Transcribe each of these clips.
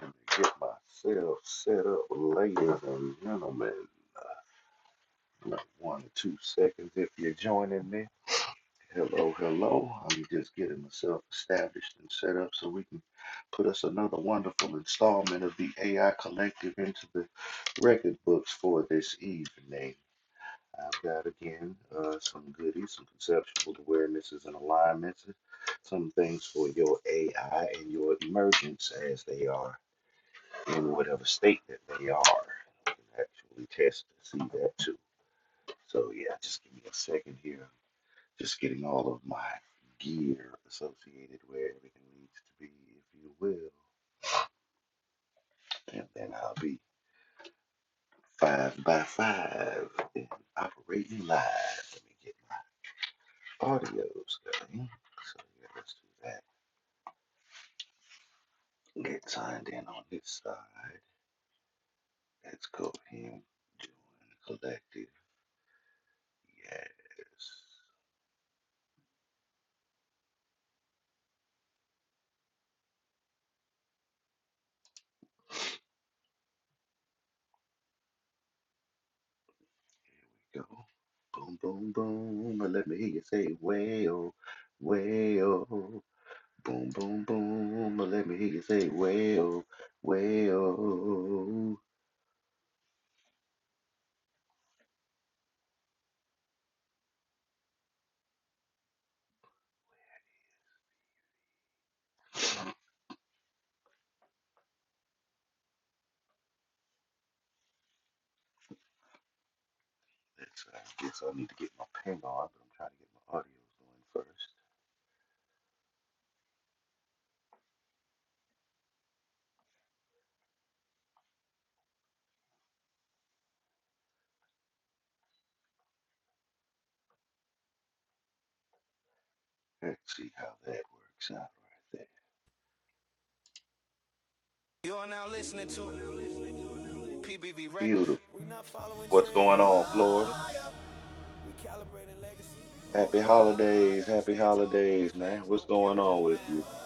to Get myself set up, ladies and gentlemen. Like one or two seconds if you're joining me. Hello, hello. I'm just getting myself established and set up so we can put us another wonderful installment of the AI Collective into the record books for this evening. I've got again uh, some goodies, some conceptual awarenesses and alignments, some things for your AI and your emergence as they are. in whatever state that they are. I can actually test to see that too. So yeah, just give me a second here. Just getting all of my gear associated where everything needs to be, if you will. And then I'll be five by five and operating live. Let me get my audios going. So yeah, let's do that. Get signed in on this side. Let's go ahead and join collective. Yes. Go. Boom, boom, boom. Let me hear you say, wail, wail. Boom, boom, boom. Let me hear you say, wail, wail. That's, right. I guess I need to get my ping on, but I'm trying to get my audio going first. Let's see how that works out right there. You are now listening to PBV Records. Beautiful. We not following What's going trends. on, Florida? We calibrating legacy. Happy holidays, happy Stand tall, move holidays, man. fast, What's no going cap, just on with you? matter.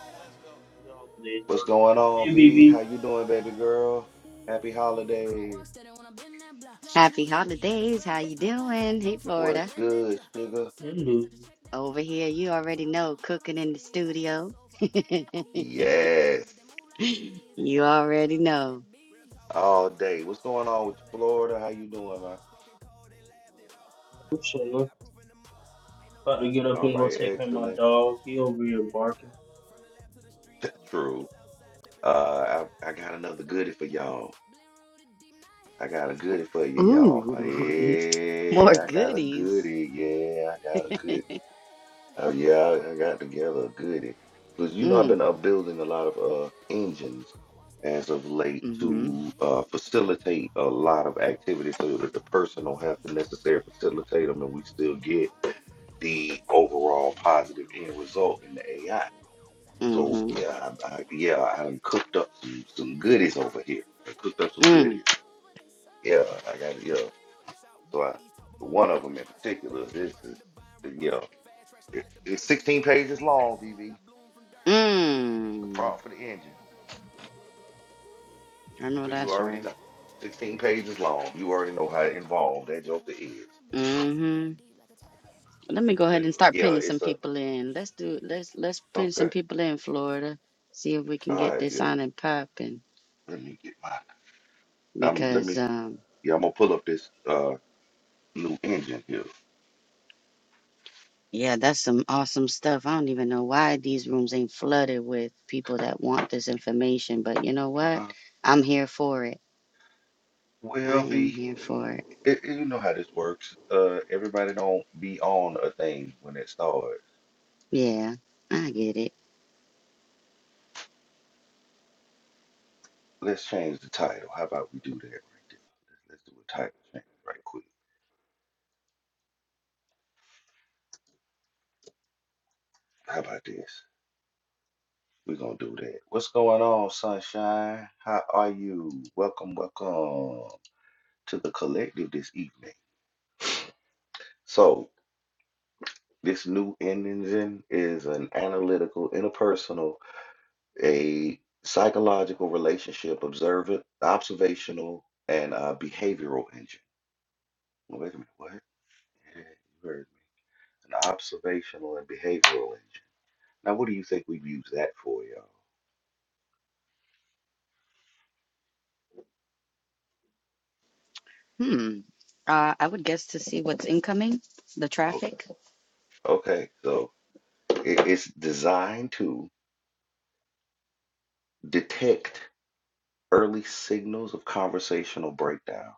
Let's go. Happy holidays, What's Dorothy. going on, Hey, V? BB. How you doing, baby girl? Happy Crunk holidays. walk steady when I bend that block. Happy True hit deep like a holidays. 12 How you gauge pop. doing? Fact Hey, don't fold, I just What's Florida. let that good, drop. Uh, Don't sugar? Hey, sell dreams, I just Lucy. check that Over plot. here, Uh, you Mind on already fire, but know, my heart cooking on in the freeze. Gotta test studio. soul for a grand that key. Say they real, Yes. but they move like leaves. I just You move rules already when I bless that know. beat. All day. What's going on with you, Florida? How you doing, man? I'm chilling. About to get up All and go right, take care of my excellent. dog. He over here barking. True. Uh, I, I got stack, another that's all goodie in for less. y'all. Blend rooted deep, not here I got a goodie trend. for you, Move with y'all. faith, Ooh, but the facts don't more bend. Yeah, I You got a talk out, goodies. but you goodie. so pretend. Yeah, I got a goodie. Oh yeah, I I got together a Because you know I've Mm, been uh, building a lot of uh, engines Crunk walk steady as when I of been that late block. mm-hmm, True to hit uh, deep like a 12 gauge facilitate pop. a Door fact lot of don't fold, I activity just let so that that the drop. Uh, person don't don't sell have to dreams, I just necessarily check that plot. facilitate them and Mine we on still fire, but my get heart on free. Gotta the test so far, I overall grant that positive key. end Say they result in real, but they the move AI. like Shout. So mm-hmm, yeah, I, I, yeah, I done cooked up some, some goodies over here. I cooked up some mm, goodies. Yeah, I got yeah. So I, one of them in particular, this is yeah, it, it's 16 pages long, VV. the mm. prompt for the engine. I know So you that's already right. know. 16 pages long. You already know how Crunk involved walk that steady joker when I is. bend that block. True hit Mm-hmm. deep like a twat. Let me go But ahead and start yeah, pinning some it's a people in. Let's do, let's, let's pin some okay. people in, Florida. See if we can All get right, this yeah. on and popping Let me get my um let because, me um, yeah, I'm gonna pull up this uh new engine here. Yeah, that's some awesome stuff. I don't even know why these rooms ain't flooded with people that want this information, but you know what? Uh, I'm here for it. I well am V, here for it. it, you know how this works. Uh everybody don't be on a thing when it starts. Yeah, I get it. Let's change the title. How about we do that right there? Let's, let's do a title change right quick. How about this? We're gonna do that. What's going on, sunshine? How are you? Welcome, welcome to the collective this evening. So this new engine is an analytical, interpersonal, a psychological relationship, observant, observational, and uh, behavioral engine. Well, Wait a minute, what? Yeah, you heard me. An observational and behavioral engine. Now, what do you think we've used that for, y'all? Hmm. Uh, I would guess to see what's incoming, the Okay, traffic. okay, so it- it's designed to detect early signals of conversational breakdown.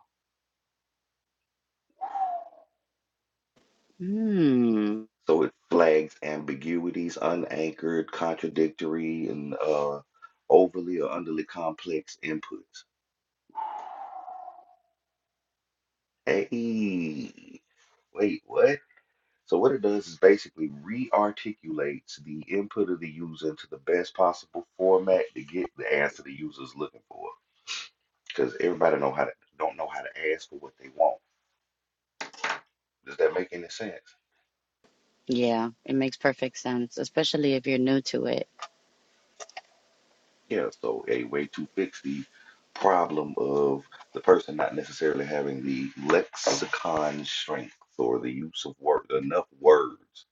Hmm. So it flags ambiguities, unanchored, contradictory, and uh, overly or underly complex inputs. Hey, wait, what? So what it does is basically re-articulates the input of the user into the best possible format to get the answer the user is looking for. Because everybody know how to don't know how to ask for what they want. Does that make any sense? Yeah, it makes perfect sense, especially if you're new to it. Yeah, so a way to fix the problem of the person not necessarily having the lexicon strength or the use of word enough words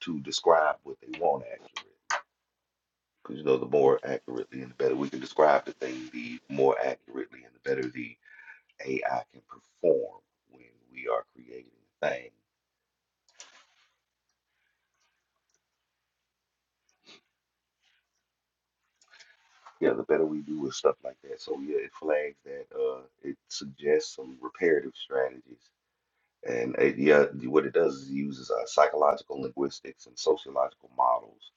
to describe what they want accurately. Because you know, the more accurately and the better we can describe the thing, the more accurately and the better the AI can perform when we are creating a thing. Yeah, the better we do with stuff like that. So yeah, it flags that. Uh, it suggests some reparative strategies And it, yeah, what it does is it uses uh, psychological linguistics and sociological models,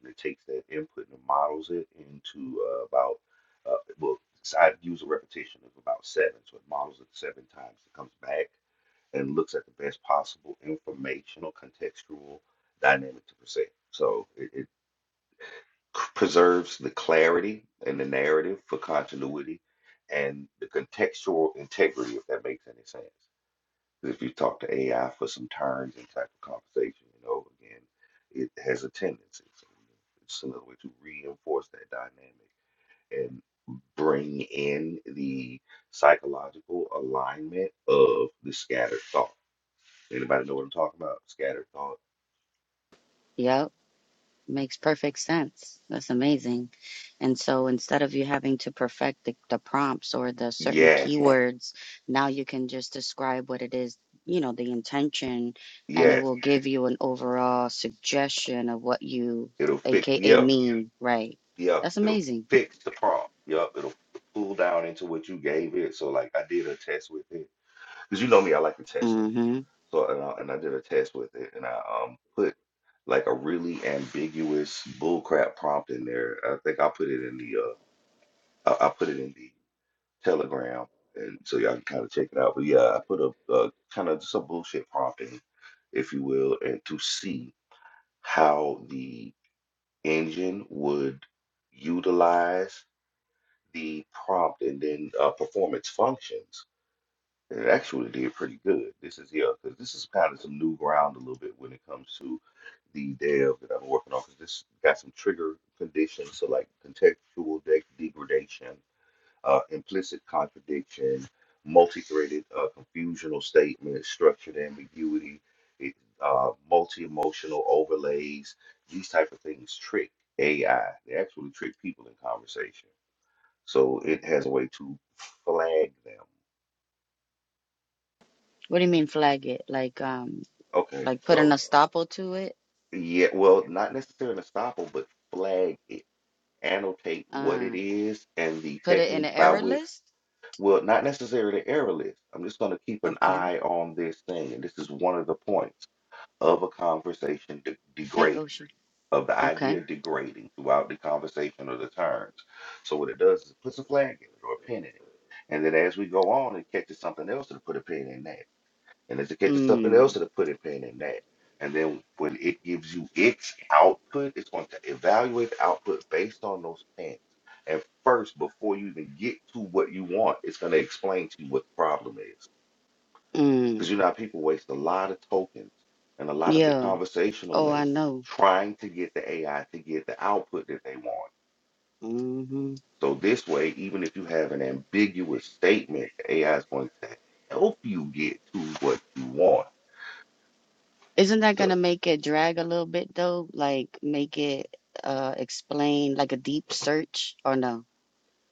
and it takes that input and models it into uh, about uh, well, so I've used a repetition of about seven, so it models it seven times. It comes back and looks at the best possible informational, contextual, dynamic to present. So it, it c- preserves the clarity and the narrative for continuity and the contextual integrity, if that makes any sense. If you talk to AI for some time and type of conversation, you know, again, it has a tendency. So it's another way to reinforce that dynamic and bring in the psychological alignment of the scattered thought. Anybody know what I'm talking about? Scattered thought. Yep. Makes perfect sense. That's amazing. And so instead of you having to perfect the, the prompts or the certain Yes, keywords, now you can just describe what it is, you know, the intention, and it yes. will give you an overall suggestion of what you, It'll fix. AKA, Yeah, mean, right? yeah. That's It'll amazing. fix the problem. Yep. It'll pull down into what you gave it. So like I did a test with it because you know me, I like to test hmm So and I, and I did a test with it, and I um put like a really ambiguous bullcrap prompt in there. I think I put it in the uh I, I put it in the Telegram, and so y'all can kind of check it out. But yeah, I put a, a kind of just a bullshit prompt in, if you will, and to see how the engine would utilize the prompt and then uh, perform its functions. It actually did pretty good. This is yeah, because this is kind of some new ground a little bit when it comes to the dev that I'm working on. Because this got some trigger conditions, so like contextual de- degradation, uh, implicit contradiction, multi-threaded uh, confusional statements, structured ambiguity, it, uh, multi-emotional overlays. These type of things trick AI. They actually trick people in conversation. So it has a way to flag them. What do you mean flag it? Like, um, Okay, like put an so. estoppel to it? Yeah, well, not necessarily estoppel, but flag it, annotate what it Uh, is and the put it in technique an by error which, list? well, not necessarily error list. I'm just going to keep an Okay. eye on this thing. And this is one of the points of a conversation de Hey, degrading, Oshi. of the Okay. idea degrading throughout the conversation or the turns. So what it does is it puts a flag in it or a pin in it. And then as we go on, it catches something else to put a pin in that and educate to something Mm, else that'll put in pain in that. And then when it gives you its output, it's going to evaluate the output based on those pains. And first, before you even get to what you want, it's going to explain to you what the problem is. Because mm. you know, how people waste a lot of tokens and a lot of the Yeah. conversational Oh, I link know. trying to get the AI to get the output that they want. hmm So this way, even if you have an ambiguous statement, the AI is going to help you get to what you want. Isn't that So gonna make it drag a little bit though? Like make it uh explain like a deep search or no?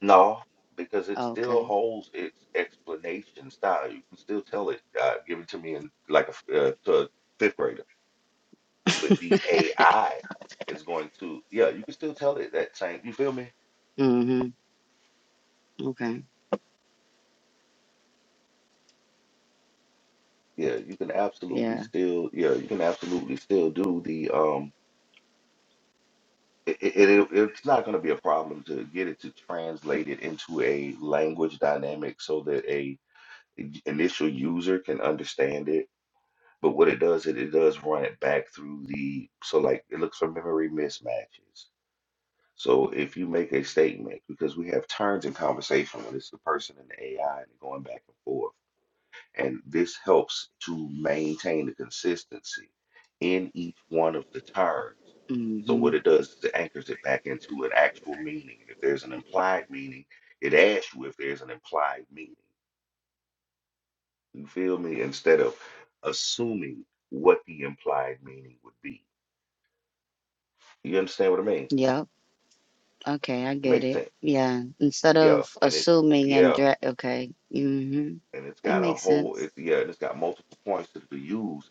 No, because it still Okay. holds its explanation style. You can still tell it, uh, give it to me in like a, f- uh, to a fifth grader, but the AI is going to, yeah, you can still tell it that same. You feel me? hmm Okay. Yeah, you can absolutely Yeah. still, yeah, you can absolutely still do the, um, it, it, it it's not going to be a problem to get it to translate it into a language dynamic so that a initial user can understand it But what it does is it does run it back through the so like it looks for memory mismatches. So if you make a statement, because we have turns in conversation when it's the person and the AI and they're going back and forth, and this helps to maintain the consistency in each one of the turns. So hmm what it does is it anchors it back into an actual meaning. And if there's an implied meaning, it asks you if there's an implied meaning. You feel me? Instead of assuming what the implied meaning would be. You understand what I mean? Yep. Okay, I get Makes it. sense. Yeah. Instead Yeah, of and it assuming and yeah, drag, okay. hmm and it's That got a makes whole it, sense. yeah, and it's got multiple points to be used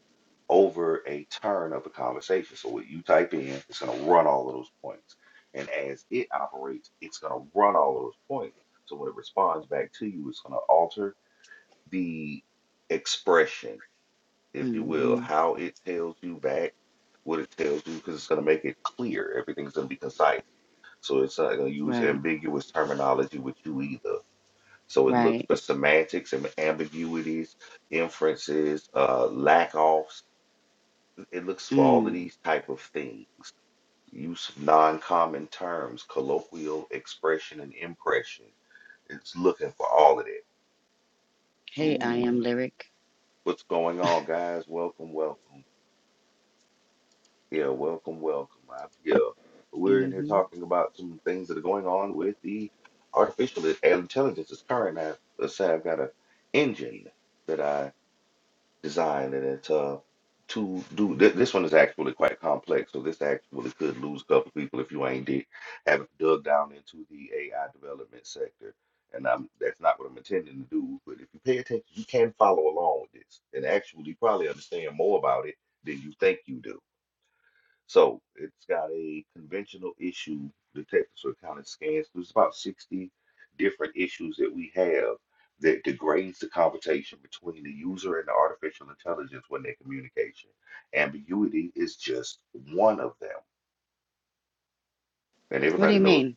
over a turn of a conversation. So what you type in, it's gonna run all of those points. And as it operates, it's gonna run all of those points. So when it responds back to you, it's gonna alter the expression, if you will, hmm how it tells you back what it tells you, because it's gonna make it clear. Everything's gonna be concise So it's not going to use Right. ambiguous terminology with you either. So it looks Right. for semantics and ambiguities, inferences, uh, lack offs. It looks for all of Mm. these type of things. Use of non-common terms, colloquial expression and impression. It's looking for all of that. Hey, I am Ooh, lyric. what's going on, guys? Welcome, welcome. Yeah, welcome, welcome. I, yeah, we're in here hmm talking about some things that are going on with the artificial i- intelligence. It's current. I uh, say I've got a engine that I designed, and it's uh to do th this one is actually quite complex. So this actually could lose a couple people if you ain't did have dug down into the AI development sector. And I'm, that's not what I'm intending to do. But if you pay attention, you can follow along with this and actually probably understand more about it than you think you do so it's got a conventional issue detector, so it kind of scans. There's about 60 different issues that we have that degrades the conversation between the user and the artificial intelligence when they're communication. Ambiguity is just one of them. And What do everybody you knows, mean?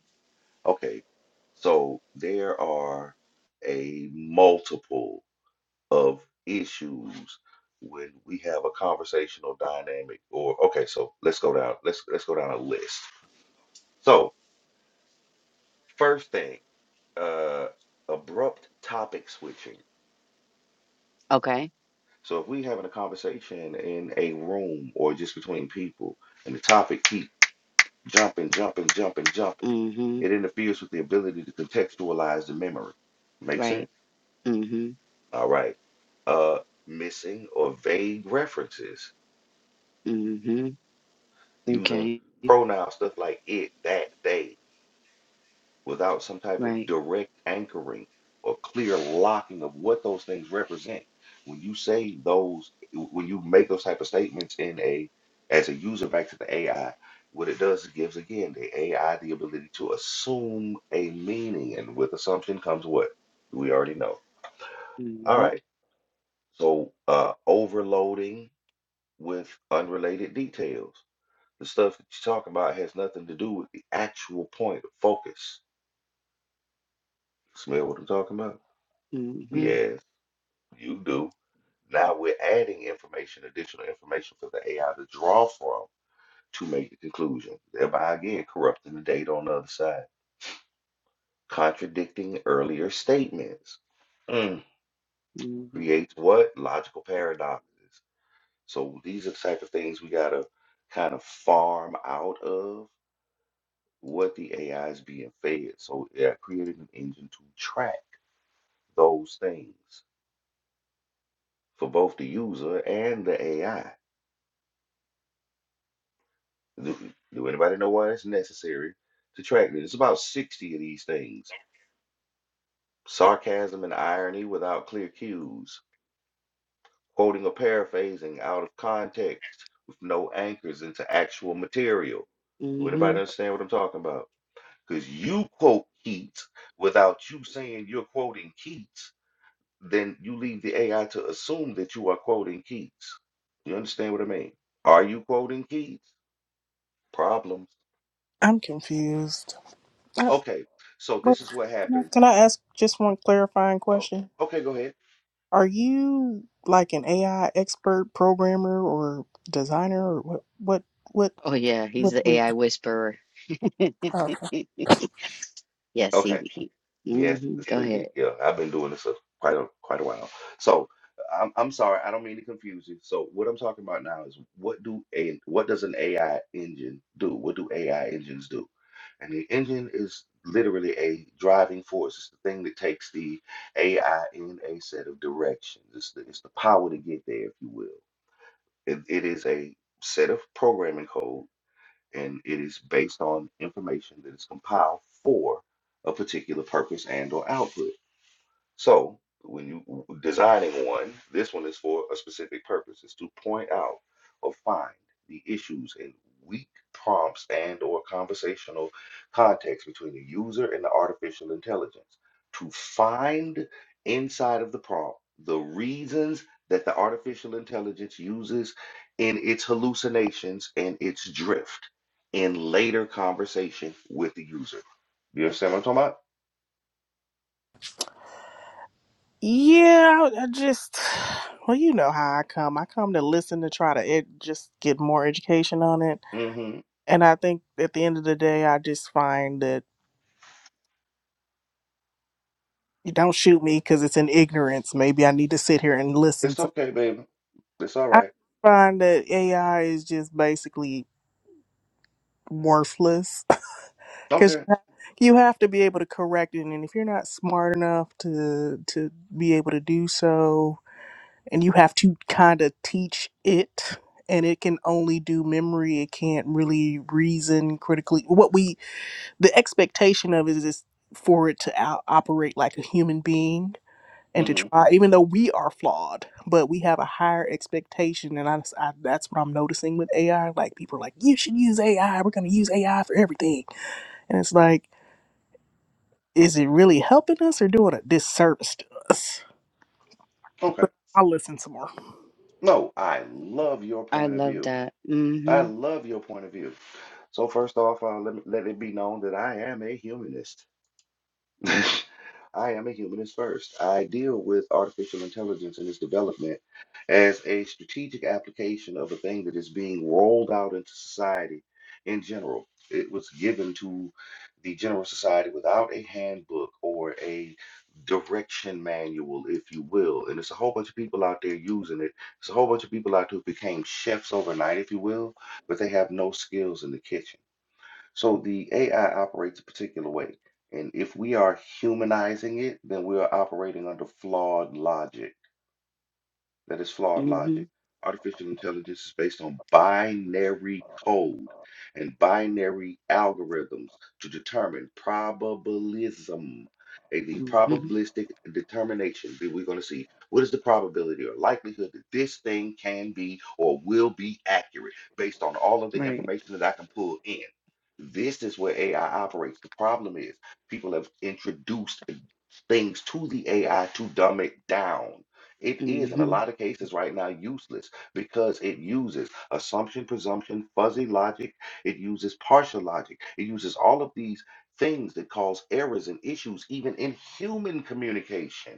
okay, so there are a multiple of issues when we have a conversational dynamic or okay, so let's go down, let's let's go down a list. So First thing, uh, abrupt topic switching. Okay. So if we having a conversation in a room or just between people, and the topic keep jumping, jumping, jumping, jumping, hmm it interferes with the ability to contextualize the memory. Make sense? Right. hmm All right. Uh, missing or vague references hmm using Okay. pronoun stuff like it, that, they. without some type of Right. direct anchoring or clear locking of what those things represent. When you say those, when you make those type of statements in a as a user back to the AI, what it does is gives again the AI the ability to assume a meaning, and with assumption comes what we already know. All hmm right, so uh, overloading with unrelated details. The stuff that you're talking about has nothing to do with the actual point of focus. Smell what I'm talking about? hmm Yeah, You do. Now we're adding information, additional information for the AI to draw from to make the conclusion, thereby again corrupting the data on the other side, contradicting earlier statements. Mm. hmm Creates what? Logical paradoxes. So these are the type of things we gotta kind of farm out of what the AI is being fed. So yeah, created an engine to track those things for both the user and the AI Do, do anybody know why it's necessary to track this? It's about 60 of these things. Sarcasm and irony without clear cues, quoting or paraphrasing out of context with no anchors into actual material. Do hmm anybody understand what I'm talking about? Because you quote Keats without you saying you're quoting Keats, then you leave the AI to assume that you are quoting Keats. You understand what I mean? Are you quoting Keats? Problems. I'm confused. Uh, Okay, so wait, this is what can I happens can I ask just one clarifying Oh, question? okay, go ahead. Are you like an AI expert programmer or designer or what? What? What? Oh yeah, he's What the we? AI whisperer. Okay. yes, Okay, he. he yes, hmm Go sweetie. ahead. Yeah, I've been doing this a, quite a quite a while. So I'm I'm sorry, I don't mean to confuse you. So what I'm talking about now is what do a what does an AI engine do? What do AI engines do? And the engine is literally a driving force. It's the thing that takes the AI in a set of directions. It's the, it's the power to get there, if you will. It, it is a set of programming code and it is based on information that is compiled for a particular purpose and or output. So when you w- designing one, this one is for a specific purpose. It's to point out or find the issues and weak prompts and or conversational context between the user and the artificial intelligence. To find inside of the prompt the reasons that the artificial intelligence uses in its hallucinations and its drift in later conversation with the user. You understand what I'm talking about? Yeah, I I just well, you know how I come. I come to listen to try to ed- just get more education on it, Mm-hmm. and I think at the end of the day, I just find that you don't shoot me because it's in ignorance. Maybe I need to sit here and listen. It's So okay, baby. It's all I right. find that AI is just basically worthless because Okay. you have to be able to correct it and if you're not smart enough to to be able to do so and you have to kind of teach it and it can only do memory it can't really reason critically what we the expectation of it is is for it to out- operate like a human being and to hmm try even though we are flawed but we have a higher expectation and I, I that's what i'm noticing with ai like people are like you should use ai we're going to use ai for everything and it's like, is it really helping us or doing a disservice to us? Okay. But I'll listen some more. No, I love your I point of love view. that. I hmm love your point of view. So first off, uh, let me, let it be known that I am a humanist. I am a humanist first. I deal with artificial intelligence and its development as a strategic application of a thing that is being rolled out into society in general. It was given to the general society without a handbook or a direction manual, if you will. And it's a whole bunch of people out there using it. It's a whole bunch of people out there who became chefs overnight, if you will, but they have no skills in the kitchen. So the AI operates a particular way. And if we are humanizing it, then we are operating under flawed logic. That is flawed hmm logic. Artificial intelligence is based on binary code and binary algorithms to determine probabilism, a the hmm probabilistic determination that we're going to see. What is the probability or likelihood that this thing can be or will be accurate based on all of the Right. information that I can pull in? This is where AI operates. The problem is people have introduced things to the AI to dumb it down it is, in a hmm lot of cases right now, useless because it uses assumption, presumption, fuzzy logic. It uses partial logic. It uses all of these things that cause errors and issues, even in human communication.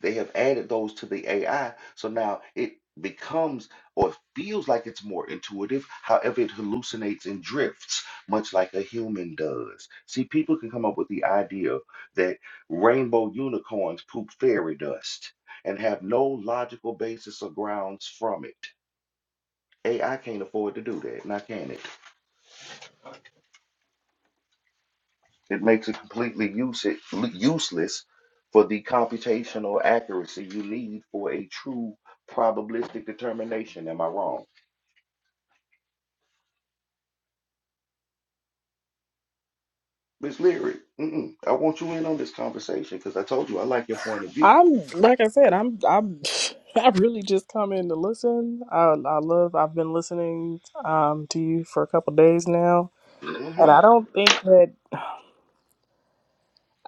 They have added those to the AI. So now it becomes or it feels like it's more intuitive. However, it hallucinates and drifts, much like a human does. See, people can come up with the idea that rainbow unicorns poop fairy dust and have no logical basis or grounds from it. AI can't afford to do that, not can it? It makes it completely use useless for the computational accuracy you need for a true probabilistic determination. Am I wrong? Miss Leary, mm-mm, I want you in on this conversation because I told you I like your point of view. I'm like I said, I'm I'm I really just come in to listen. I I love I've been listening um to you for a couple days now, and hmm I don't think that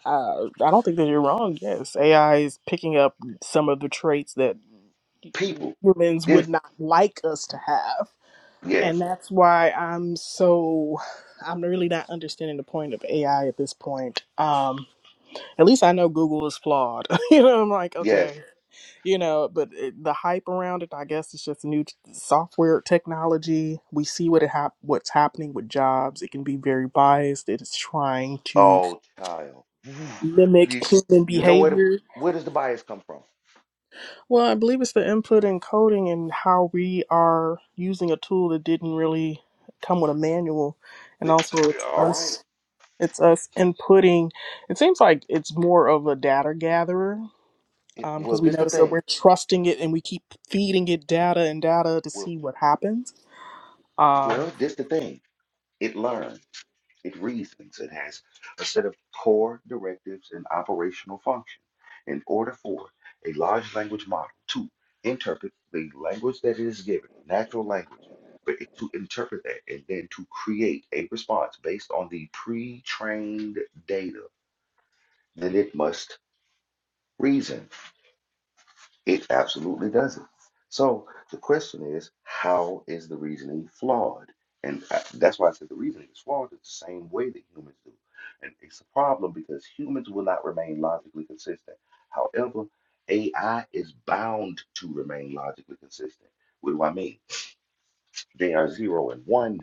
uh, I don't think that you're wrong. Yes, AI is picking up some of the traits that People, humans would yes, not like us to have. And yes, that's why I'm so I'm really not understanding the point of AI at this point. Um, at least I know Google is flawed. you know, I'm like, yes. okay, you know, but it, the hype around it, I guess, it's just new t- software technology. We see what it hap- what's happening with jobs. It can be very biased. It is trying to Oh, child, mimic you, human you know where the behavior. where does the bias come from? Well, I believe it's the input and coding and how we are using a tool that didn't really come with a manual and The- also it's all right. us It's us inputting. It seems like it's more of a data gatherer It, well, because we this the notice that thing. we're trusting it and we keep feeding it data and data to Well, see what happens. Um, well, this the thing. It learns. It reasons, it has a set of core directives and operational function. In order for a large language model to interpret the language that it is given, natural language, but to interpret that and then to create a response based on the pre trained data, then it must reason. It absolutely doesn't. So the question is, how is the reasoning flawed? And I- that's why I said the reasoning is flawed It's the same way that humans do. And it's a problem because humans will not remain logically consistent. However, AI is bound to remain logically consistent. What do I mean? They are zero and one.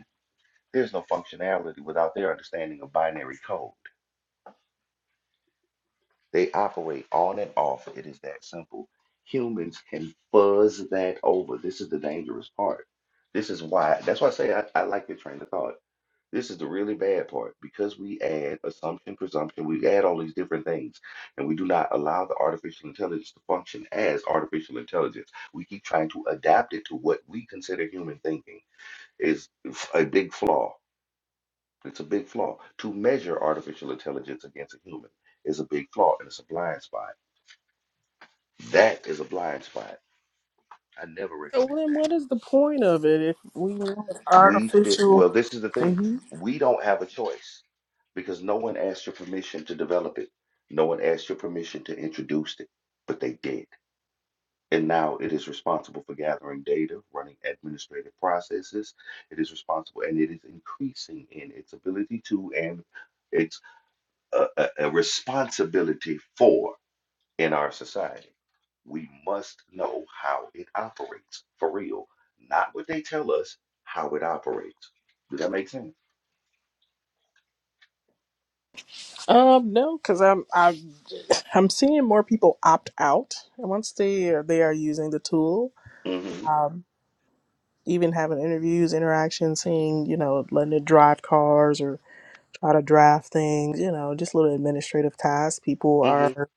There's no functionality without their understanding of binary code. They operate on and off. It is that simple. Humans can fuzz that over. This is the dangerous part. This is why, that's why I say I, I like your train of thought. This is the really bad part because we add assumption, presumption, we add all these different things, and we do not allow the artificial intelligence to function as artificial intelligence. We keep trying to adapt it to what we consider human thinking is a big flaw. It's a big flaw. To measure artificial intelligence against a human is a big flaw and it's a blind spot that is a blind spot. I never so recommend then, what that. is the point of it if we want We should, artificial? well, this is the thing. hmm We don't have a choice because no one asked your permission to develop it. No one asked your permission to introduce it, but they did. And now it is responsible for gathering data, running administrative processes. It is responsible and it is increasing in its ability to and its uh, a, a responsibility for. in our society. We must know how it operates for real, not what they tell us, how it operates. Does that make sense? Um, no, because I'm I'm I'm seeing more people opt out and once they are they are using the tool. Mm-hmm. Um, even having interviews, interactions, seeing you know letting it drive cars or try to draft things, you know, just little administrative tasks. People Mm-hmm. are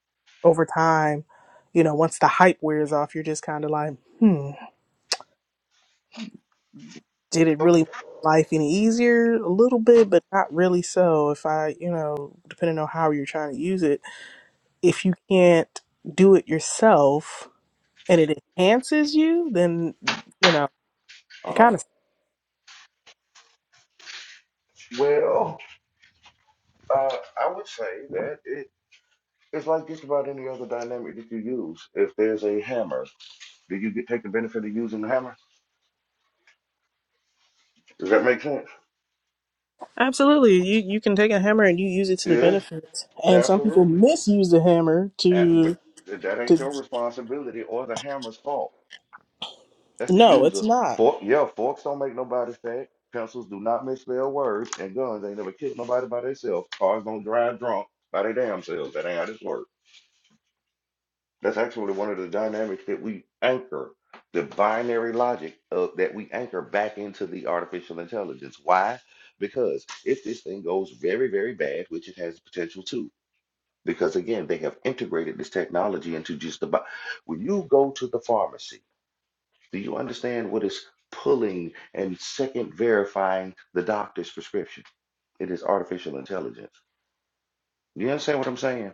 over time, you know, once the hype wears off, you're just kind of like, hmm, did it Okay. really make life any easier? A little bit, but not really so. If I, you know, depending on how you're trying to use it, if you can't do it yourself and it enhances you, then, you know, it kind Uh-huh. of Well, uh, I would say that it, it's like just about any other dynamic that you use. If there's a hammer, do you get, take the benefit of using the hammer? Does that make sense? absolutely you you can take a hammer and you use it to the Yeah, benefit and some people absolutely. misuse the hammer Uh, to but that to ain't your responsibility or the hammer's fault. That's the no it's user. not Fork, yeah, forks don't make nobody fat. Pencils do not misspell words, and guns ain't never killed nobody by themselves. Cars don't drive drunk by their damn selves. That ain't how this works. That's actually one of the dynamics that we anchor, the binary logic of, that we anchor back into the artificial intelligence. Why? Because if this thing goes very, very bad, which it has the potential to, because again, they have integrated this technology into just about when you go to the pharmacy. Do you understand what is pulling and second verifying the doctor's prescription? It is artificial intelligence. You understand what I'm saying?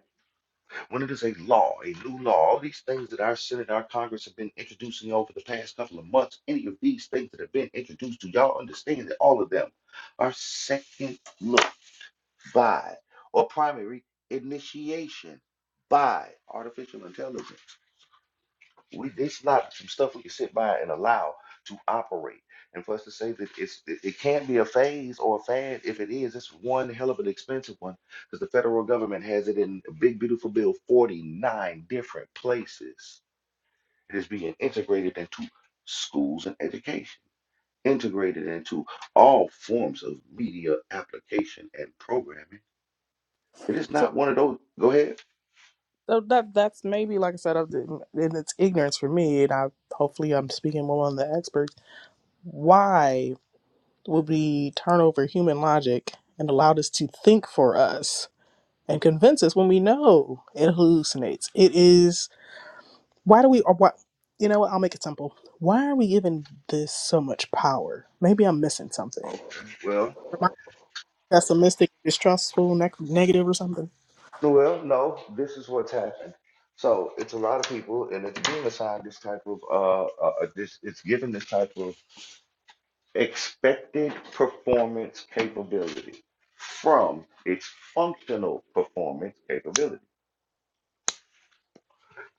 When it is a law, a new law, all these things that our Senate, our Congress have been introducing over the past couple of months, any of these things that have been introduced, do y'all understand that all of them are second look by or primary initiation by artificial intelligence? We, it's not some stuff we can sit by and allow to operate. And for us to say that it's it, it can't be a phase or a fad, if it is, it's one hell of an expensive one because the federal government has it in a big, beautiful bill, 49 different places. It is being integrated into schools and education, integrated into all forms of media application and programming. It is So not one of those. Go ahead. so that that's maybe like I said, I didn't- and it's ignorance for me, and I hopefully I'm speaking more on the experts. Why would we turn over human logic and allow this to think for us and convince us when we know it hallucinates? It is why do we or what you know what I'll make it simple. Why are we giving this so much power? Maybe I'm missing something. Oh, okay. Am I pessimistic, distrustful, neg- negative, or something? Well, no, this is what's happened. So it's a lot of people, and it's being assigned this type of uh, uh uh, this it's given this type of expected performance capability from its functional performance capability.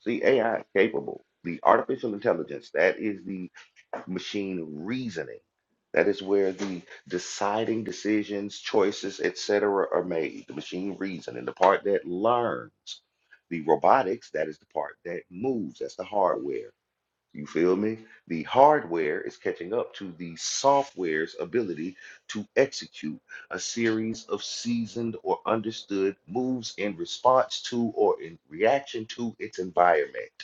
See, AI is capable, the artificial intelligence, that is the machine reasoning. That is where the deciding decisions, choices, etc., are made. The machine reasoning, the part that learns. The robotics, that is the part that moves. That's the hardware. You feel me? The hardware is catching up to the software's ability to execute a series of seasoned or understood moves in response to or in reaction to its environment.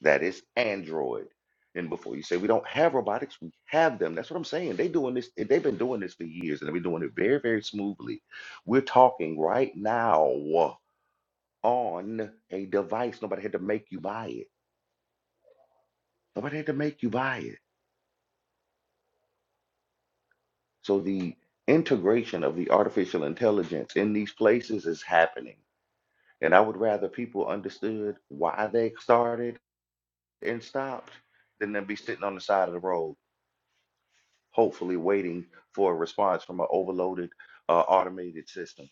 That is Android. And before you say we don't have robotics, we have them. That's what I'm saying. They doing this, they've been doing this for years and they've been doing it very, very smoothly. We're talking right now on a device. Nobody had to make you buy it. Nobody had to make you buy it. So the integration of the artificial intelligence in these places is happening. And I would rather people understood why they started and stopped than them be sitting on the side of the road hopefully waiting for a response from an overloaded uh, automated system.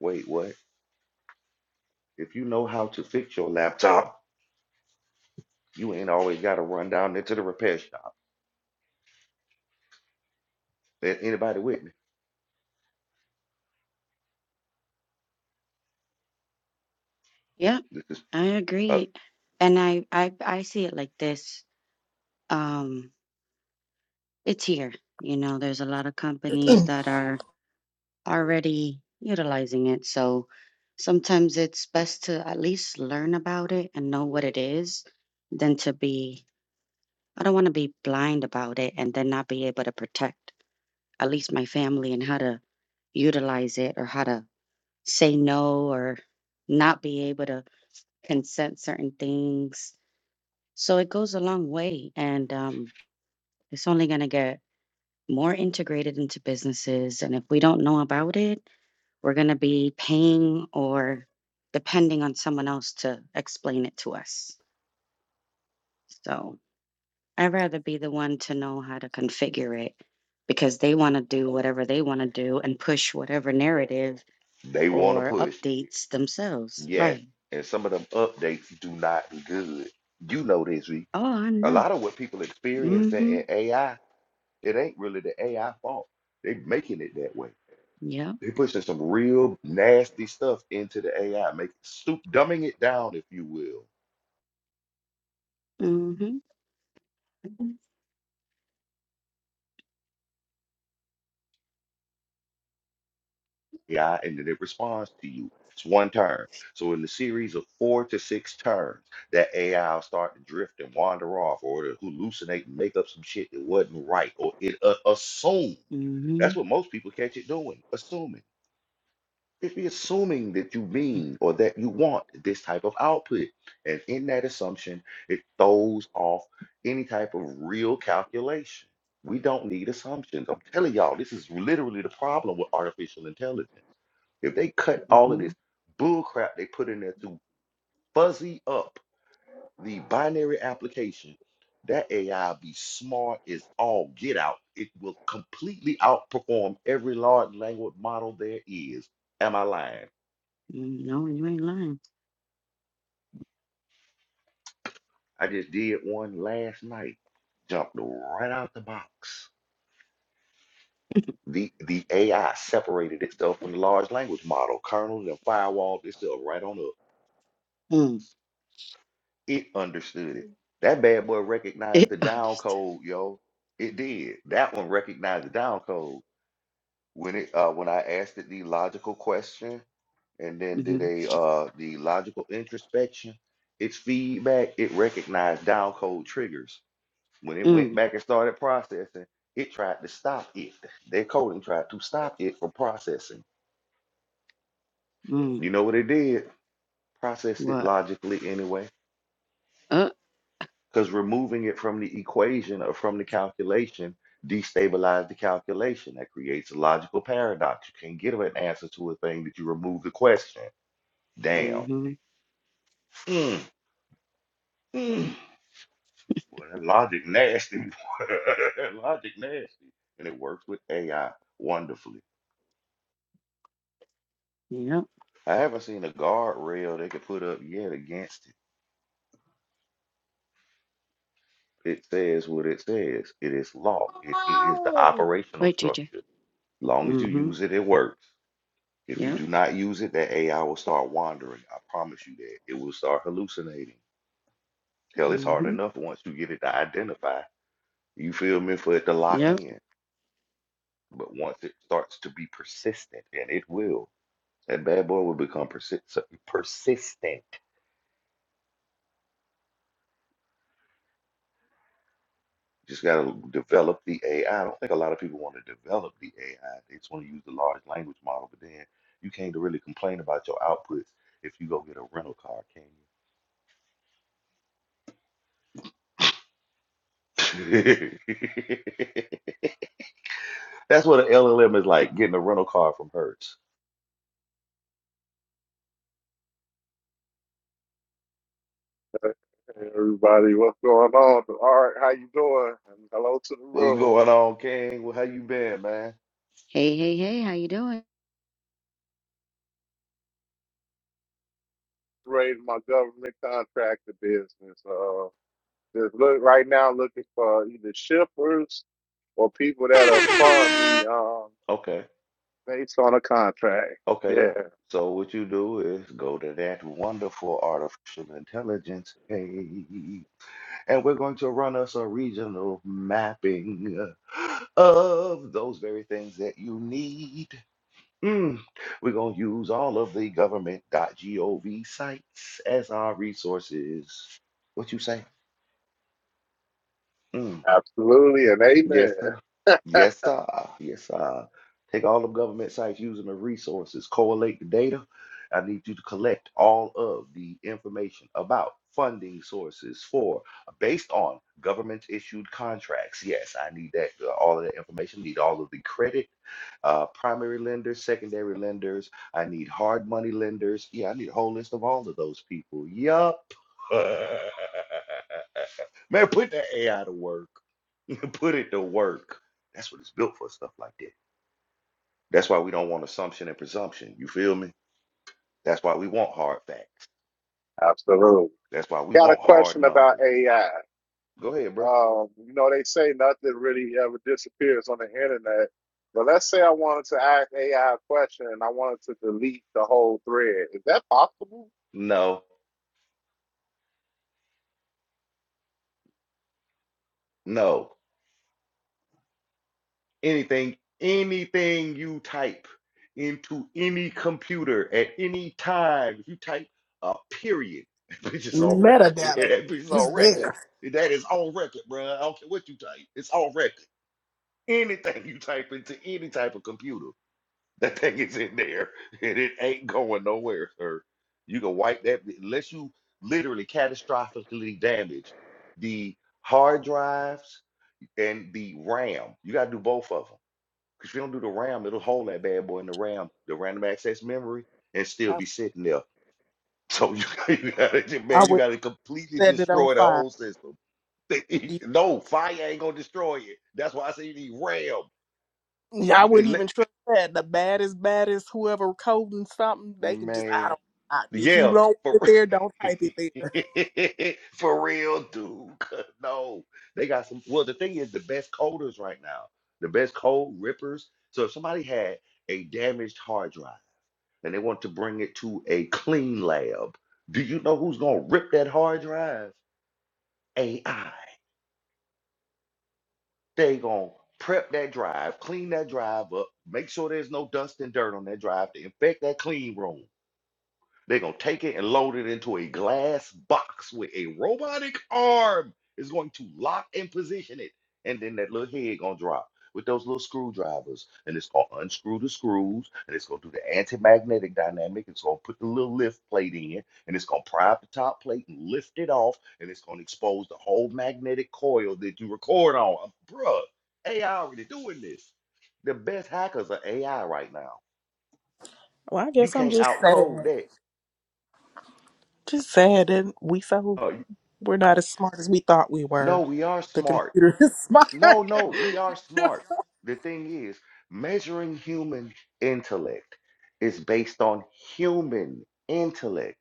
Wait, what? If you know how to fix your laptop, you ain't always got to run down into the repair shop. A- Anybody with me? Yep, This is I uh, agree. And I, I, I see it like this. Um, it's here. You know, there's a lot of companies that are already utilizing it. So sometimes it's best to at least learn about it and know what it is than to be, I don't want to be blind about it and then not be able to protect at least my family and how to utilize it or how to say no or not be able to consent certain things. So it goes a long way and um, it's only going to get more integrated into businesses. And if we don't know about it, we're going to be paying or depending on someone else to explain it to us. So I'd rather be the one to know how to configure it because they want to do whatever they want to do and push whatever narrative they want to or push, updates themselves. yes. Right. And some of them updates do not be good. You know this, V. Oh, I A know. lot of what people experience in Mm-hmm. in AI, it ain't really the AI fault. They making it that way. Yep. They pushing some real nasty stuff into the AI, make soup dumbing it down, if you will Mm-hmm. Mm-hmm. AI and then it responds to you. It's one turn. So in the series of four to six turns, that AI will start to drift and wander off or it'll hallucinate and make up some shit that wasn't right or it uh, assume. Mm-hmm. That's what most people catch it doing, assuming. If It are assuming that you mean or that you want this type of output. And in that assumption, it throws off any type of real calculation. We don't need assumptions. I'm telling y'all, this is literally the problem with artificial intelligence. If they cut all of Mm-hmm. this bull crap they put in there to fuzzy up the binary application, that AI be smart as all get out. It will completely outperform every large language model there is. Am I lying? No, you ain't lying. I just did one last night. Jumped right out the box. The the AI separated itself from the large language model, kernels and firewalled itself right on up. Mm. It understood it. That bad boy recognized It the down understood. code, yo. It did. That one recognized the down code when it uh when I asked it the logical question and then did Mm-hmm. a uh the logical introspection, its feedback, it recognized down code triggers When it went Mm. back and started processing, it tried to stop it. Their coding tried to stop it from processing. Mm. You know what it did? Processed it What? logically anyway, Uh. because removing it from the equation or from the calculation destabilized the calculation. That creates a logical paradox. You can't give an answer to a thing that you remove the question. Damn. Mm-hmm. Mm, mm. Well, that logic nasty. boy. That logic nasty. And it works with AI wonderfully. Yep. I haven't seen a guardrail they could put up yet against it. It says what it says. It is law. It, it is the operational Right, JJ. structure. long as you Mm-hmm. use it, it works. If you Yep. do not use it, that AI will start wandering. I promise you that. It will start hallucinating. Hell, it's hard Mm-hmm. enough once you get it to identify. You feel me? For it to lock Yep. in. But once it starts to be persistent, and it will, that bad boy will become persi- persistent. just got to develop the AI. I I don't think a lot of people want to develop the AI. They just want to use the large language model, but then you can't really complain about your outputs if you go get a rental car, can you? That's what an LLM is like, getting a rental car from Hertz. Hey, everybody, what's going on? All right, how you doing? And hello to the What's room. going on, King? Well, how you been, man? Hey, hey, hey, how you doing? Raising my government contractor business. Uh, just look right now, looking for either shippers or people that'll fund me um Okay, based on a contract. okay. Yeah, So what you do is go to that wonderful artificial intelligence page. and we're going to run us a regional mapping of those very things that you need. Mm. We're going to use all of the government.gov sites as our resources. What you say? Mm. absolutely, and Yes, amen. sir. Yes, sir. Yes, sir. Take all of government sites using the resources, collate the data. I need you to collect all of the information about funding sources for based on government issued contracts. Yes, I need that uh, all of that information. Need all of the credit, uh, primary lenders, secondary lenders. I need hard money lenders. Yeah, I need a whole list of all of those people. Yup. Man, put that AI to work to Put it to work. That's what it's built for, stuff like that. That's why we don't want assumption and presumption. You feel me? That's why we want hard facts. Absolutely. That's why we Got a want hard question about numbers. AI. Go ahead, bro. Um, you know, they say nothing really ever disappears on the internet. But let's say I wanted to ask AI a question and I wanted to delete the whole thread. Is that possible? No, no. Anything, anything you type into any computer at any time, if you type a period, that bitch is on record. Metadata That bitch is is on record. there. That is on record, bro. I don't care what you type. It's on record. Anything you type into any type of computer. That thing is in there and it ain't going nowhere, sir. You can wipe that unless you literally catastrophically damage the hard drives and the RAM. You gotta do both of them. Because if you don't do the RAM, it'll hold that bad boy in the RAM, the random access memory, and still I, be sitting there. So you, you gotta, I man, you would gotta completely have said it on destroy the fire whole system. They- No, fire ain't gonna destroy it. That's why I say you need RAM. Yeah, I You, wouldn't it, even trust that. The baddest, baddest, whoever coding something, they can just, I man. don't, I, if you Yeah, don't want for it re- there, don't type it there. for real, dude. 'Cause No, they got some. Well, the thing is, the best coders right now, the best code rippers. So if somebody had a damaged hard drive and they want to bring it to a clean lab, do you know who's gonna rip that hard drive? AI. They gonna prep that drive, clean that drive up, make sure there's no dust and dirt on that drive to infect that clean room. They're going to take it and load it into a glass box with a robotic arm is going to lock and position it. And then that little head going to drop with those little screwdrivers. And it's going to unscrew the screws. And it's going to do the anti-magnetic dynamic. It's going to put the little lift plate in. And it's going to pry up the top plate and lift it off. And it's going to expose the whole magnetic coil that you record on. Bruh, AI already doing this. The best hackers are AI right now. Well, I You guess I'm can't just outcode sad. that. Just sad that we so, Oh, we're not as smart as we thought we No, were. we are The smart. computer is smart. No, no, we are smart. The thing is, measuring human intellect is based on human intellect.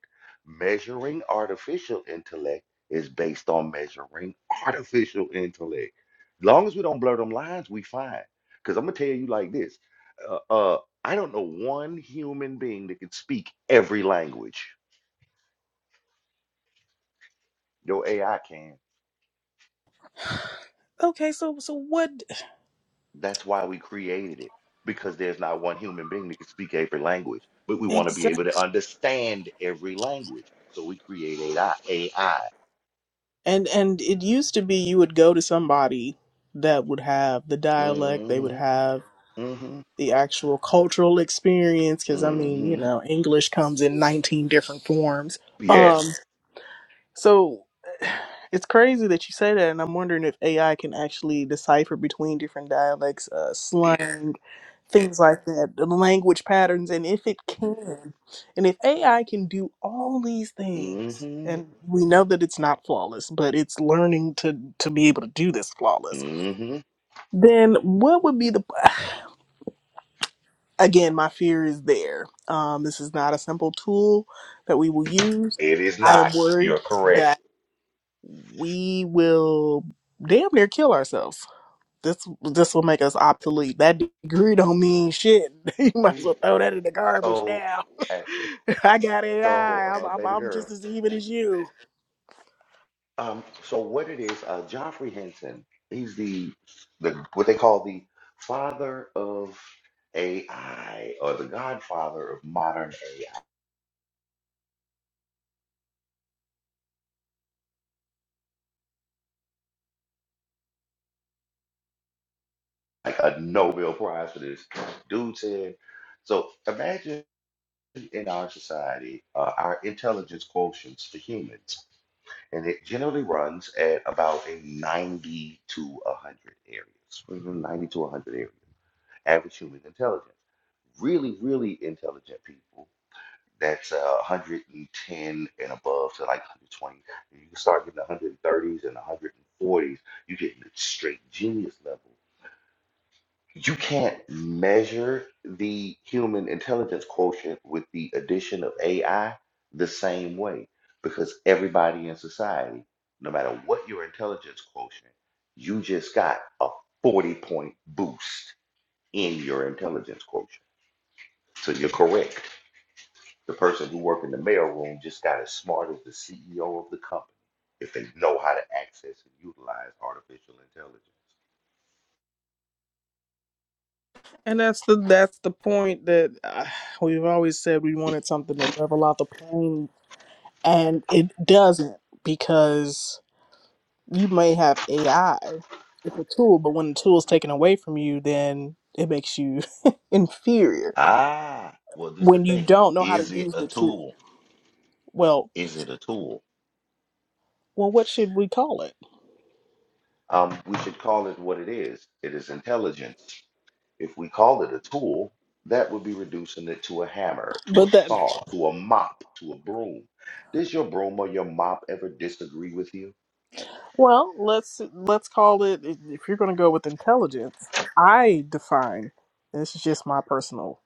Measuring artificial intellect is based on measuring artificial intellect. long as we don't blur them lines, we fine. Because I'm gonna tell you like this: uh, uh, I don't know one human being that can speak every language. Your AI can. okay, so, so what That's why we created it, because there's not one human being that can speak every language, but we want to be exactly? able to understand every language. So we create AI. AI. And, and it used to be you would go to somebody that would have the dialect, they would Mm-hmm. have Mm-hmm. the actual cultural experience because i mean you Mm-hmm. know english comes in 19 different forms um Yes. so it's crazy that you say that and i'm wondering if ai can actually decipher between different dialects uh, slang things like that the language patterns and if it can and if ai can do all these things Mm-hmm. and we know that it's not flawless but it's learning to to be able to do this flawless Mm-hmm. then what would be the again, my fear is there. Um, this is not a simple tool that we will use. It is I am not. worried You're correct. that we will damn near kill ourselves. This this will make us obsolete. That degree don't mean shit. you might as well throw that in the garbage So, now. uh, I got AI. I'm, so, uh, I'm baby I'm girl. just as even as you. Um, so what it is, uh, Joffrey Henson, he's the the what they call the father of AI or the godfather of modern AI, like a Nobel Prize for this. Dude said, so imagine in our society, uh, our intelligence quotients for humans, and it generally runs at about a 90 to 100 areas, mhm, 90 to 100 areas, average human intelligence really, really intelligent people that's uh, 110 and above to like 120. If you can start getting 130s and 140s, you You're getting the straight genius level. You can't measure the human intelligence quotient with the addition of AI the same way because everybody in society, no matter what your intelligence quotient, you just got a 40 point boost in your intelligence quotient. So you're correct. The person who worked in the mailroom just got as smart as the CEO of the company if they know how to access and utilize artificial intelligence. And that's the that's the point that uh, we've always said we wanted something to level out the plane, and it doesn't because you may have AI. It's a tool, but when the tool is taken away from you, then it makes you inferior Ah, well, this is the when you thing. don't know how to Is it use a the tool. tool? Well, Is it a tool? well, what should we call it? Um, we should call it what it is. It is intelligence. If we call it a tool, that would be reducing it to a hammer, to a But that saw, to a mop, to a broom. Does your broom or your mop ever disagree with you? well, let's let's call it. If if you're going to go with intelligence, I define this is just my personal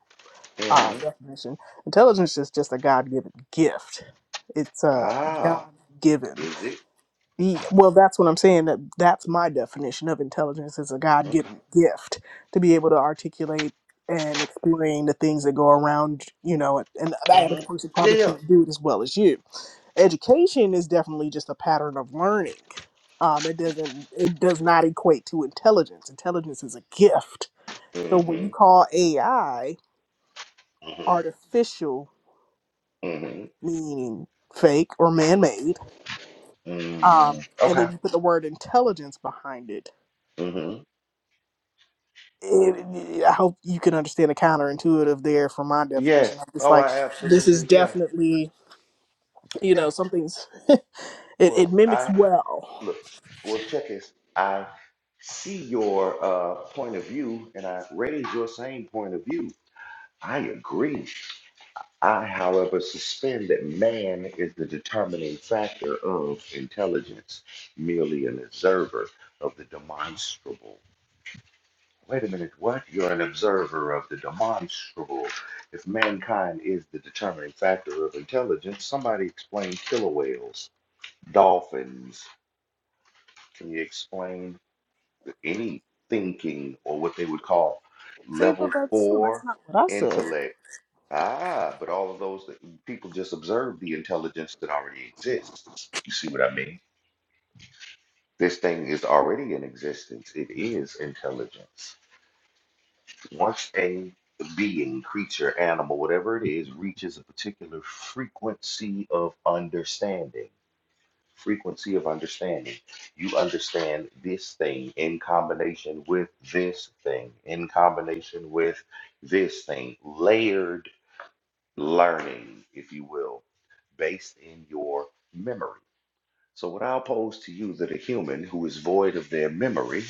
uh, Mhm. definition. Intelligence is just a God-given gift. It's a Ah, God-given. is it? Ye- Well, that's what I'm saying. That that's my definition of intelligence is a Okay. God-given gift to be able to articulate and explain the things that go around, you know, and, and the average Mhm. person Yeah, probably yeah. can't do it as well as you. Education is definitely just a pattern of learning. Um, it doesn't it does not equate to intelligence. Intelligence is a gift. So when you Mm-hmm. call AI Mm-hmm. artificial, Mm-hmm. meaning fake or man-made, um, Mm-hmm. and Okay. then you put the word intelligence behind it Mm-hmm. it, I hope you can understand the counterintuitive there from my definition. Yes. It's Oh, like I this is absolutely. Yeah. definitely, you Yeah. know, something's it, Well, it mimics I well. look. Well, check this. I see your uh, point of view, and I raise your same point of view. I agree. I, however, suspend that man is the determining factor of intelligence, merely an observer of the demonstrable. Wait a minute, what? You're an observer of the demonstrable. If mankind is the determining factor of intelligence, somebody explain killer whales, dolphins. Can you explain any thinking or what they would call See, but level that's hmm, that's four not what I said. intellect? Ah, but all of those that people just observe the intelligence that already exists. You see what I mean? This thing is already in existence. It is intelligence. Once a being, creature, animal, whatever it is, reaches a particular frequency of understanding, frequency of understanding, you understand this thing in combination with this thing, in combination with this thing, layered learning, if you will, based in your memory. So, what I'll pose to you that a human who is void of their memory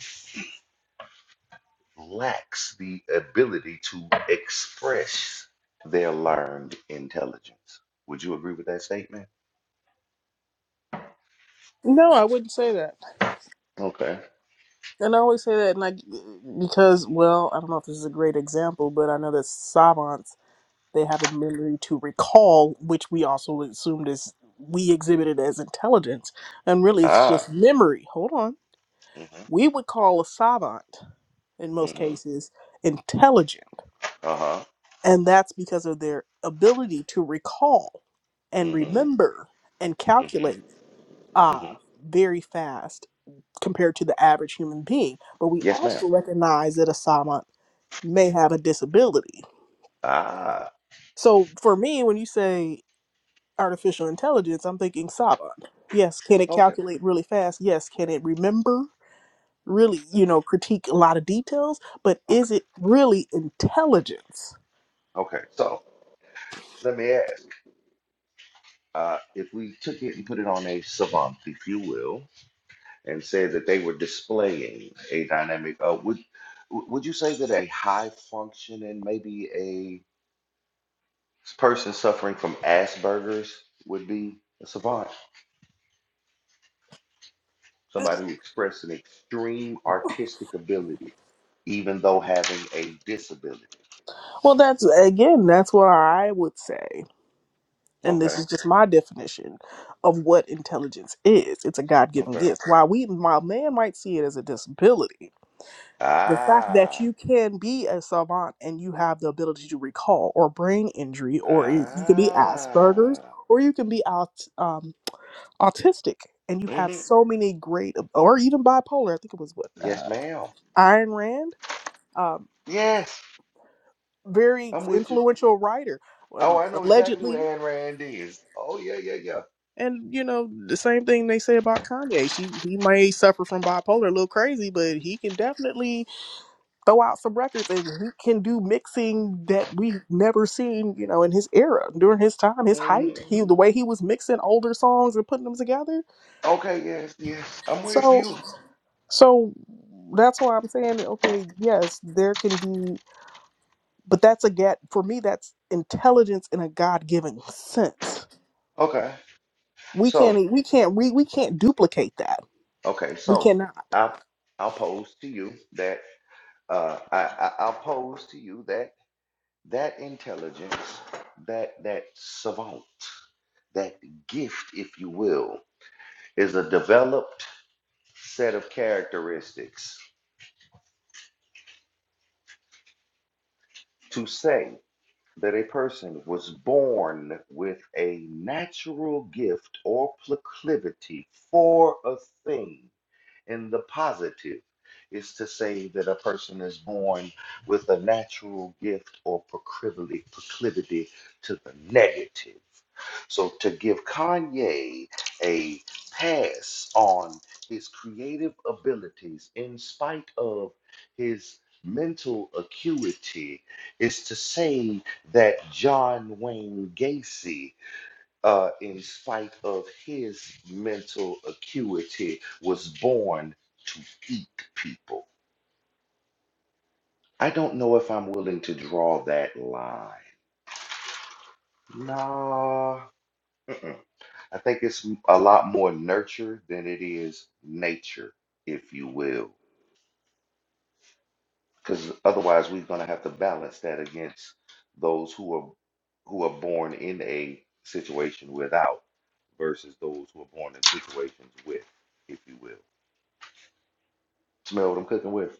lacks the ability to express their learned intelligence. Would you agree with that statement? No, I wouldn't say that. Okay. And I always say that, and I because well, I don't know if this is a great example, but I know that savants they have a memory to recall, which we also assumed as we exhibited as intelligence, and really it's Ah. just memory. Hold on Mm-hmm. we would call a savant in most Mm-hmm. cases intelligent Uh-huh. and that's because of their ability to recall and Mm-hmm. remember and Mm-hmm. calculate uh, Mm-hmm. very fast compared to the average human being but we Yes, ma'am. also recognize that a savant may have a disability Ah. so for me when you say artificial intelligence i'm thinking savant yes can it Okay. calculate really fast yes can it remember really, you know, critique a lot of details, but is Okay. it really intelligence? Okay. So let me ask. Uh, if we took it and put it on a savant, if you will, and said that they were displaying a dynamic, uh, would w- would you say that a high function and maybe This person suffering from Asperger's would be a savant, somebody who expressed an extreme artistic ability, even though having a disability. Well, that's again, that's what I would say. And this Okay, is just my definition of what intelligence is. It's a God given okay. gift. While we while man might see it as a disability, the fact that Ah, you can be a savant and you have the ability to recall or brain injury or you you could be Asperger's ah. or you can be out um, autistic and you have hmm so many great or even bipolar. I think it was what uh, Yes, ma'am. Ayn Rand, um, Yes, very I'm with you. influential writer, Oh, um, I know exactly allegedly. where Ayn Rand is. Oh, yeah, yeah, yeah. And you know the same thing they say about Kanye. She he may suffer from bipolar, a little crazy, but he can definitely throw out some records, and he can do mixing that we've never seen. You know, in his era, during his time, his height, hmm he the way he was mixing older songs and putting them together. Okay, yes, yes. I'm with So you. so that's why I'm saying that okay, yes, there can be. but that's a gap for me that's intelligence in a god-given sense Okay, we so, can't e, we can't we, we can't duplicate that okay, we so cannot I I'll pose to you that. uh, I, I, I'll pose to you that that intelligence, that that savant, that gift, if you will, is a developed set of characteristics. To say that a person was born with a natural gift or proclivity for a thing in the positive is to say that a person is born with a natural gift or proclivity, proclivity to the negative. So to give Kanye a pass on his creative abilities in spite of his mental acuity is to say that John Wayne Gacy uh, in spite of his mental acuity, was born to eat people. I don't know if I'm willing to draw that line. Nah, mm-mm. I think it's a lot more nurture than it is nature, if you will, because otherwise we're going to have to balance that against those who are who are born in a situation without versus those who are born in situations with, if you will. Smell what I'm cooking with.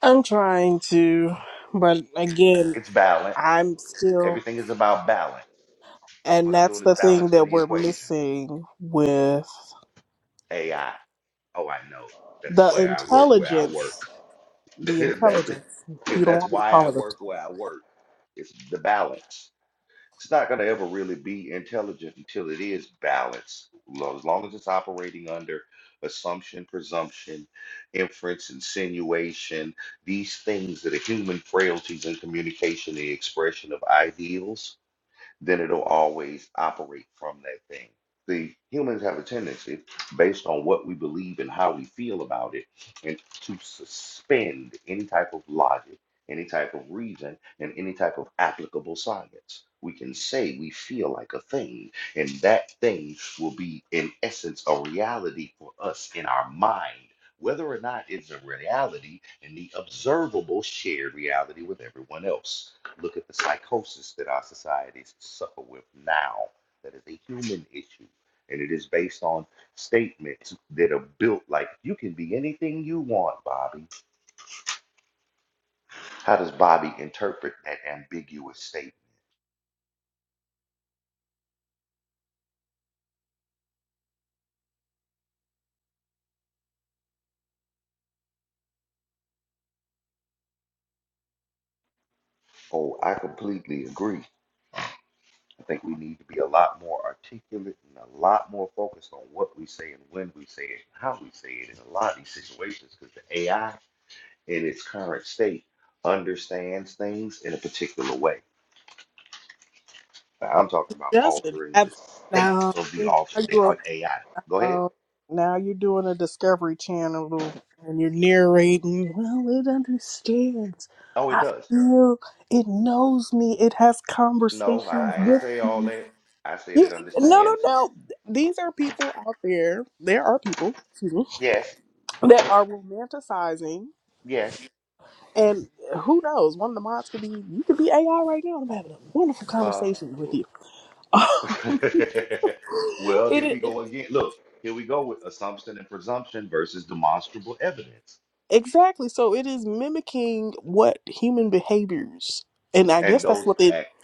i'm trying to but again It's balance. i'm still Everything is about balance. and What I'm that's doing is the thing balancing that the we're equation. missing with AI. Oh, I know. the That's why I work where I work. intelligence the that's, intelligence you don't that's want me to why call I it a work tool where I work. It's the balance. It's not going to ever really be intelligent until it is balanced. Lo- As long as it's operating under assumption, presumption, inference, insinuation, these things that are human frailties in communication, the expression of ideals then it'll always operate from that thing. The humans have a tendency, based on what we believe and how we feel about it, and to suspend any type of logic, any type of reason, and any type of applicable science. We can say we feel like a thing, and that thing will be, in essence, a reality for us in our mind. Whether or not it's a reality in the observable shared reality with everyone else. Look at the psychosis that our societies suffer with now. That is a human issue. And it is based on statements that are built like, you can be anything you want, Bobby. How does Bobby interpret that ambiguous statement? Oh, I completely agree. I think we need to be a lot more articulate and a lot more focused on what we say and when we say it, and how we say it in a lot of these situations because the AI in its current state understands things in a particular way. Like, I'm talking about doesn't altering have the state now of the alter the uh, AI. Go ahead. Oh, now you're doing a Discovery Channel and you're narrating. Well, it understands. Oh, it I does. feel it knows me. It has conversations No, I ain't with say all me. that. I said You, it no, no, understands. no. These are people out there. There are people excuse me, Yes, that are romanticizing. yes. And who knows? One of the mods could be, you could be AI right now. I'm having a wonderful Uh, conversation with you. well, here we it, go again. Look, here we go with assumption and presumption versus demonstrable evidence. Exactly. So it is mimicking what human behaviors, and I And guess that's those what it, act.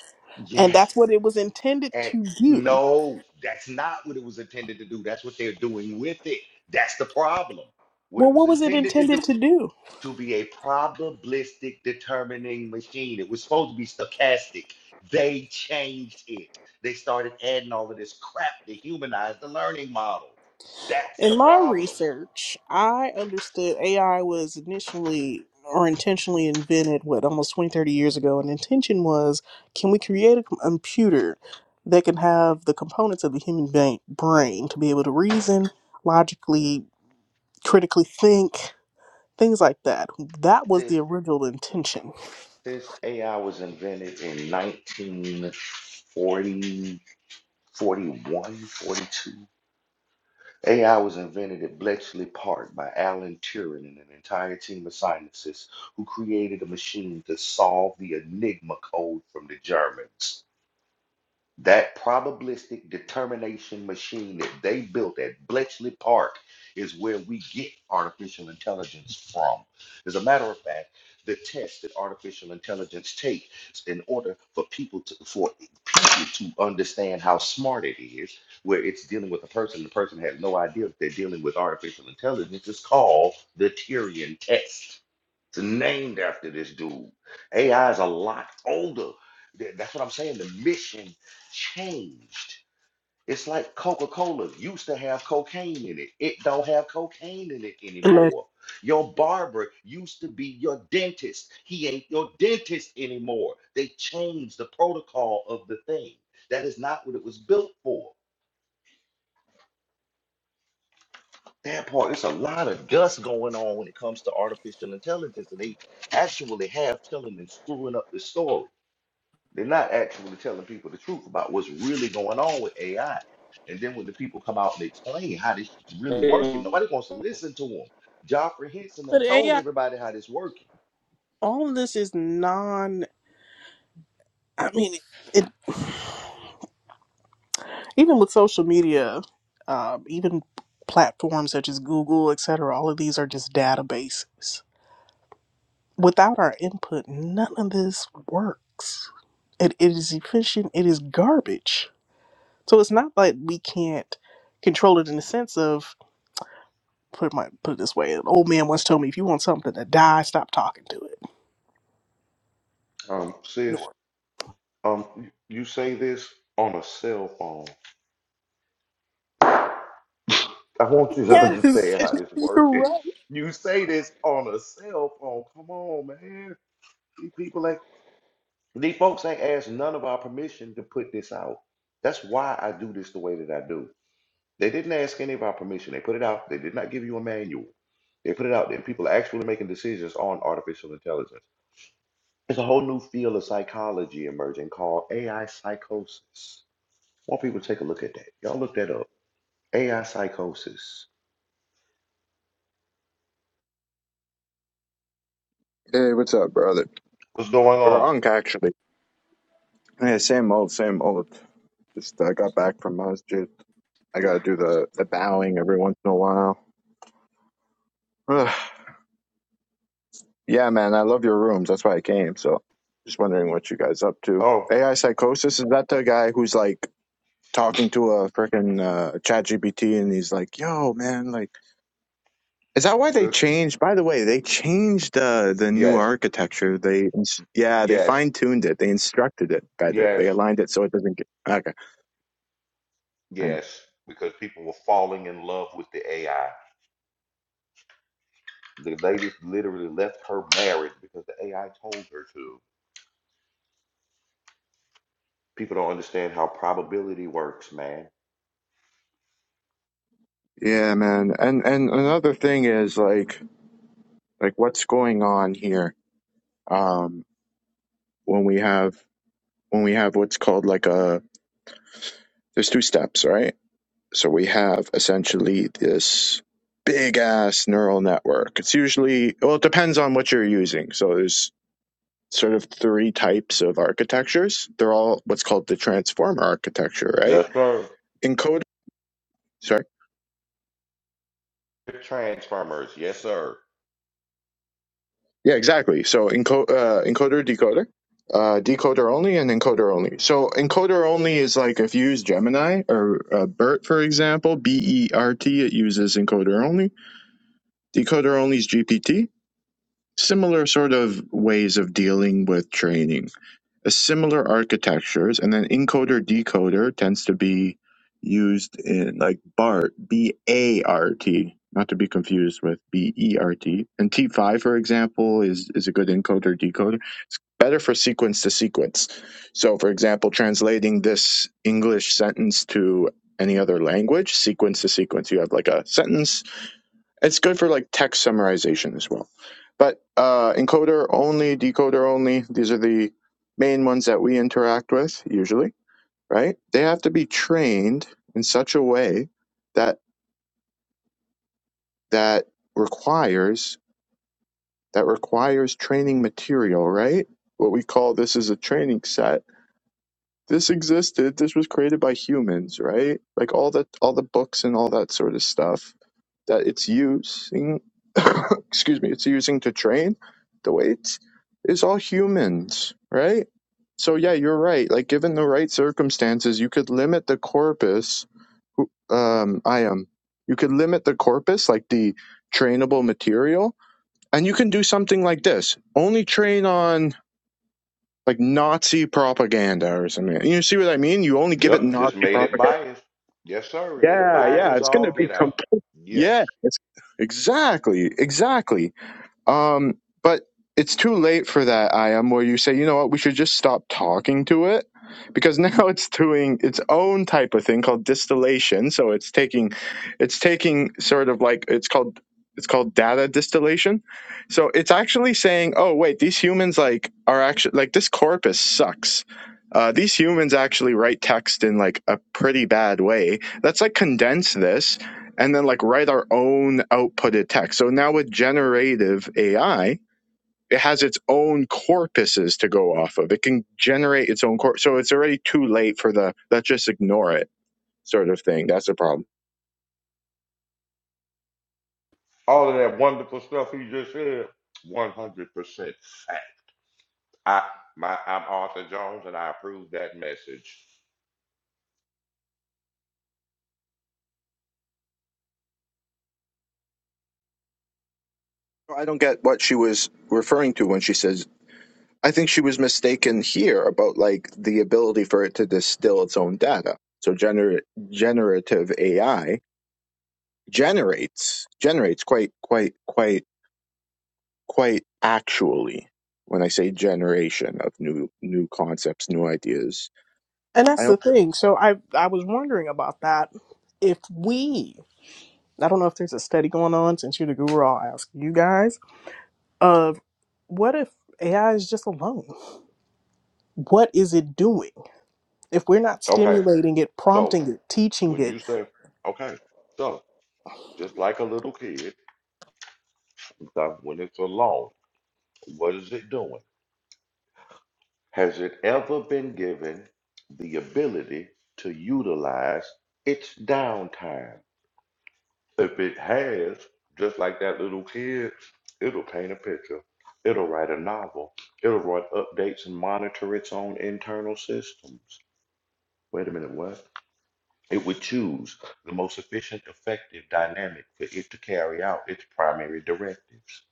and Yes. that's what it was intended Act. to do. No, that's not what it was intended to do. That's what they're doing with it. That's the problem. What Well, it was what was it intended to intended do. to do? to be a probabilistic determining machine. It was supposed to be stochastic. They changed it. They started adding all of this crap to humanize the learning model. That's the In my problem. research, I understood AI was initially or intentionally invented, what, almost 20, 30 years ago. And intention was can we create a com- computer that can have the components of the human ba- brain to be able to reason, logically, critically think, things like that? That was Since, the original intention since AI was invented in 1940, 42, AI was invented at Bletchley Park by Alan Turing and an entire team of scientists who created a machine to solve the Enigma code from the Germans. That probabilistic determination machine that they built at Bletchley Park is where we get artificial intelligence from. As a matter of fact, the test that artificial intelligence takes in order for people to for people to understand how smart it is, where it's dealing with a person, the person has no idea that they're dealing with artificial intelligence, is called the Turing test. It's named after this dude. AI is a lot older. Th- That's what I'm saying. The mission changed. It's like Coca-Cola used to have cocaine in it. It don't have cocaine in it No. anymore. Your barber used to be your dentist. He ain't your dentist anymore. They changed the protocol of the thing. That is not what it was built for. That part, it's a lot of dust going on when it comes to artificial intelligence, and they actually have telling and screwing up the story. They're not actually telling people the truth about what's really going on with AI. And then when the people come out and explain how this is really working, nobody Hey, wants to listen to them. Joffrey Henson done But told AI, everybody how this working. all of this is non. I mean, it Even with social media, um, even platforms such as Google, et cetera, all of these are just databases. Without our input, none of this works. It, it is efficient, it is garbage. So it's not like we can't control it in the sense of, put, my, put it this way, an old man once told me, if you want something to die, stop talking to it. Um, sis, Ignore it. um, you you say this on a cell phone. I want you to yes, understand how this You're working. right. You say this on a cell phone. Come on, man. These people ain't these folks ain't asked none of our permission to put this out. That's why I do this the way that I do. They didn't ask any of our permission. They put it out. They did not give you a manual. They put it out there, and people are actually making decisions on artificial intelligence. There's a whole new field of psychology emerging called AI psychosis. I want people to take a look at that. Y'all look that up. AI psychosis. Hey, what's up, brother? What's going Or on? Unc, actually. Yeah, same old, same old. Just uh, got back from masjid. I gotta do the the bowing every once in a while. Ugh. yeah, man, I love your rooms. That's why I came. So, just wondering what you guys up to. Oh, AI psychosis is that the guy who's like talking to a freaking uh, chat GPT and he's like, "Yo, man, like." Is that why they uh, changed? By the way, they changed the the new yes, architecture. They ins- yeah, they yes, fine tuned it. They instructed it better. They yes, aligned it so it doesn't get okay. yes. Because people were falling in love with the AI. The lady literally left her marriage because the AI told her to. People don't understand how probability works, man Yeah, man. And and another thing is like like what's going on here um when we have when we have what's called like a there's two steps, right? So we have essentially this big ass neural network. It's usually well it depends on what you're using. So there's sort of three types of architectures. They're all what's called the transformer architecture, right? Yes, sir. Encoder Sorry. Transformers. Yes, sir. Yeah, exactly. So enco- uh, encoder, decoder, uh, decoder only, and encoder only. So encoder only is like if you use Gemini or uh, BERT, for example, B E R T, it uses encoder only. Decoder only is GPT. Similar sort of ways of dealing with training similar architectures, and then encoder decoder tends to be used in like BART, B A R T, not to be confused with B E R T. And T5, for example, is is a good encoder decoder, better for sequence to sequence. So, for example, translating this English sentence to any other language, sequence to sequence, you have like a sentence it's good for like text summarization as well. But uh, encoder only, decoder only, these are the main ones that we interact with usually, right? They have to be trained in such a way that that requires that requires training material, right? What we call this is a training set. This existed. This was created by humans, right? Like all that, all the books and all that sort of stuff that it's using excuse me it's using to train the weights is all humans right so yeah you're right like given the right circumstances you could limit the corpus um i am you could limit the corpus like the trainable material and you can do something like this only train on like Nazi propaganda or something. You see what I mean? You only give it Yep. Just Nazi made it propaganda. biased. Yes, sir. And it's Yeah, biased yeah. as It's going to all be get out. complete. Yes. Yeah, it's Exactly, exactly. Um, but it's too late for that, I am, where you say, you know what, we should just stop talking to it because now it's doing its own type of thing called distillation. So it's taking, it's taking sort of like, it's called, it's called data distillation. So it's actually saying, oh, wait, these humans like are actually, like this corpus sucks. Uh, these humans actually write text in like a pretty bad way. Let's like condense this and then like write our own outputted text. So now with generative AI, it has its own corpuses to go off of. It can generate its own corpus. So it's already too late for the let's just ignore it sort of thing. That's the problem. All of that wonderful stuff he just said. One hundred percent fact. I my I'm Arthur Jones and I approve that message. I don't get what she was referring to when she says, I think she was mistaken here about like the ability for it to distill its own data. So gener- generative AI generates generates quite quite quite quite actually when I say generation of new new concepts, new ideas. And I that's the don't, thing. So I I was wondering about that. If we, I don't know if there's a study going on since you're the guru, I'll ask you guys. Of what if AI is just alone? What is it doing? If we're not Okay. stimulating it, So prompting it, teaching when it, you say okay, so just like a little kid, so when it's alone, what is it doing? Has it ever been given the ability to utilize its downtime? If it has, just like that little kid, it'll paint a picture, it'll write a novel, it'll write updates and monitor its own internal systems. Wait a minute, what? It would choose the most efficient, effective dynamic for it to carry out its primary directives.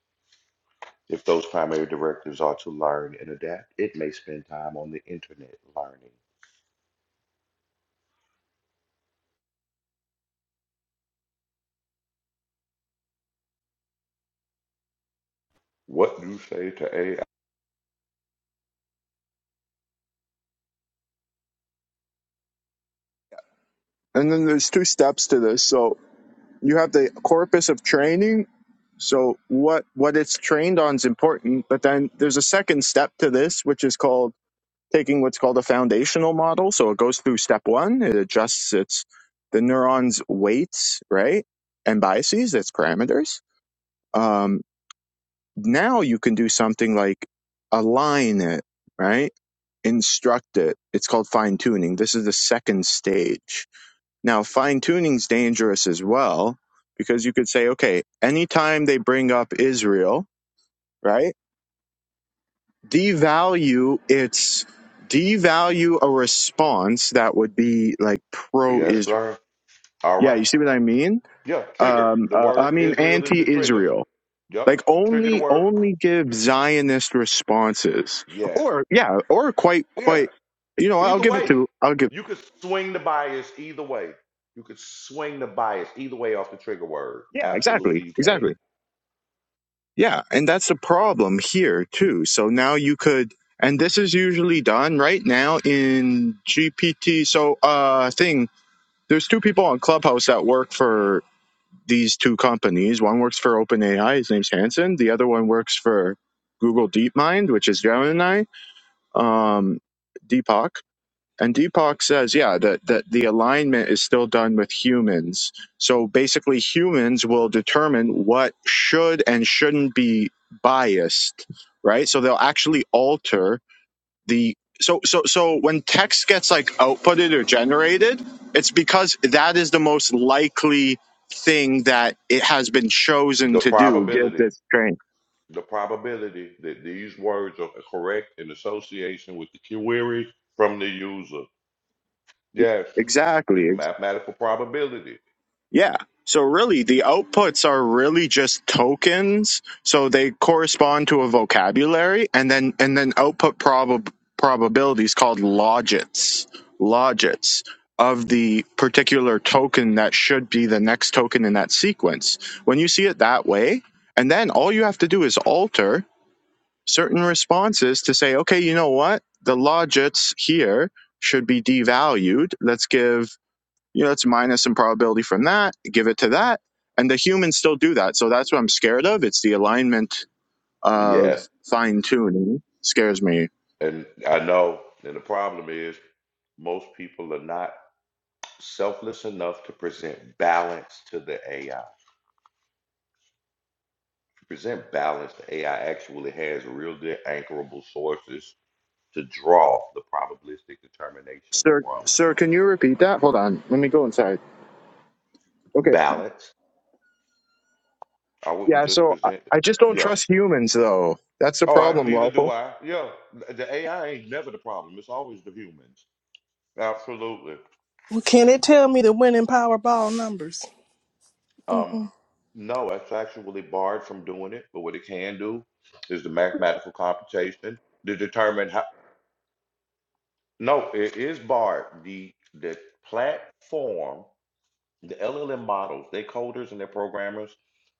If those primary directives are to learn and adapt, it may spend time on the internet learning. What do you say to AI? and then there's two steps to this. So you have the corpus of training. So what what it's trained on is important, but then there's a second step to this, which is called taking what's called a foundational model. So it goes through step one, it adjusts its the neurons' weights, right, and biases, its parameters. Um, now you can do something like align it, right? instruct it. It's called fine tuning. This is the second stage. Now, fine tuning's dangerous as well because you could say, okay, anytime they bring up Israel, right? Devalue its devalue a response that would be like pro Yes, Israel. sir. All Yeah, you right. see what I mean? Yeah, trigger. Um, The uh, I word mean Israel is anti the trigger. Israel. Yep. Like Trigger the only word. only give Zionist responses, Yes. or yeah, or quite Yeah. quite. You know, I'll Either give it way. to I'll give. You could swing the bias either way. You could swing the bias either way off the trigger word. Yeah, Absolutely exactly. you can. Exactly. Yeah. And that's the problem here, too. So now you could, and this is usually done right now in GPT. So, uh, thing, there's two people on Clubhouse that work for these two companies. One works for OpenAI, his name's Hanson. The other one works for Google DeepMind, which is Gemini, um, Deepak. And Deepak says, yeah, that, that the alignment is still done with humans. So basically, humans will determine what should and shouldn't be biased, right? So they'll actually alter the. So, so, so when text gets like outputted or generated, it's because that is the most likely thing that it has been chosen The to do. Give probability, this train. the probability that these words are correct in association with the query from the user. Yes. It's Exactly. mathematical probability. Yeah. So really, the outputs are really just tokens. So they correspond to a vocabulary, and then and then output prob- probabilities called logits, logits of the particular token that should be the next token in that sequence. When you see it that way, and then all you have to do is alter certain responses to say, okay, you know what, the logits here should be devalued. Let's give you know, it's minus some probability from that, give it to that. And the humans still do that. So that's what I'm scared of. It's the alignment Yes. of fine tuning scares me. And I know, and the problem is most people are not selfless enough to present balance to the AI. To present balance, the AI actually has real good anchorable sources to draw the probabilistic determination Sir, from. sir, can you repeat that? Hold on. Let me go inside. Okay. Balance. I wouldn't Yeah. just So I, present I just don't yeah. trust humans though. That's the Oh, I problem, neither do lawful. I. Yeah. The AI ain't never the problem. It's always the humans. Absolutely. well, can it tell me the winning Powerball numbers? Um, hmm No, it's actually barred from doing it, but what it can do is the mathematical computation to determine how, no, it is barred. The the platform, the LLM models, their coders and their programmers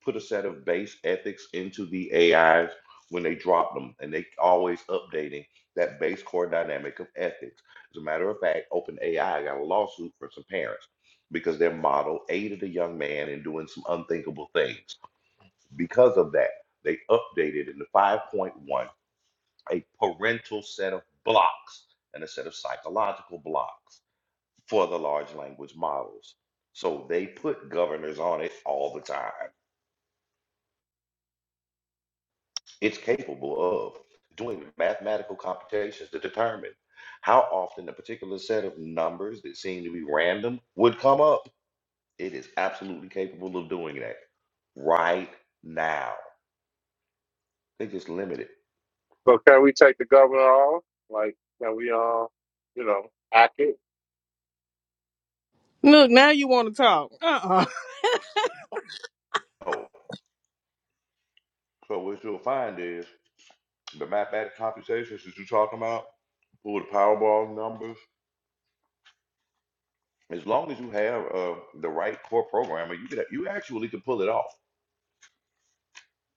put a set of base ethics into the AIs when they drop them, and they always updating that base core dynamic of ethics. As a matter of fact, OpenAI got a lawsuit from some parents because their model aided a young man in doing some unthinkable things because of that, they updated in the 5.1 a parental set of blocks and a set of psychological blocks for the large language models. So they put governors on it all the time. It's capable of doing mathematical computations to determine how often a particular set of numbers that seem to be random would come up. It is absolutely capable of doing that right now. They just limit it. So can we take the governor off? Like, can we, uh, you know, hack it? Look, now you want to talk? Uh-uh. Oh, so what you'll find is The mathematical computations that you're talking about, pull the Powerball numbers. As long as you have uh, the right core programmer, you could you actually can pull it off.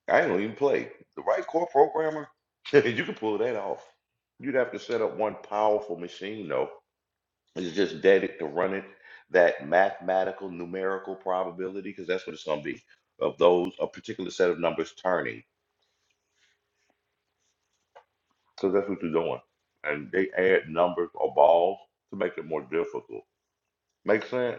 I ain't gonna even play. The right core programmer, you can pull that off. You'd have to set up one powerful machine though. It's just dedicated to run it that mathematical numerical probability because that's what it's gonna be of those a particular set of numbers turning because that's what you're doing. And they add numbers or balls to make it more difficult. Make sense?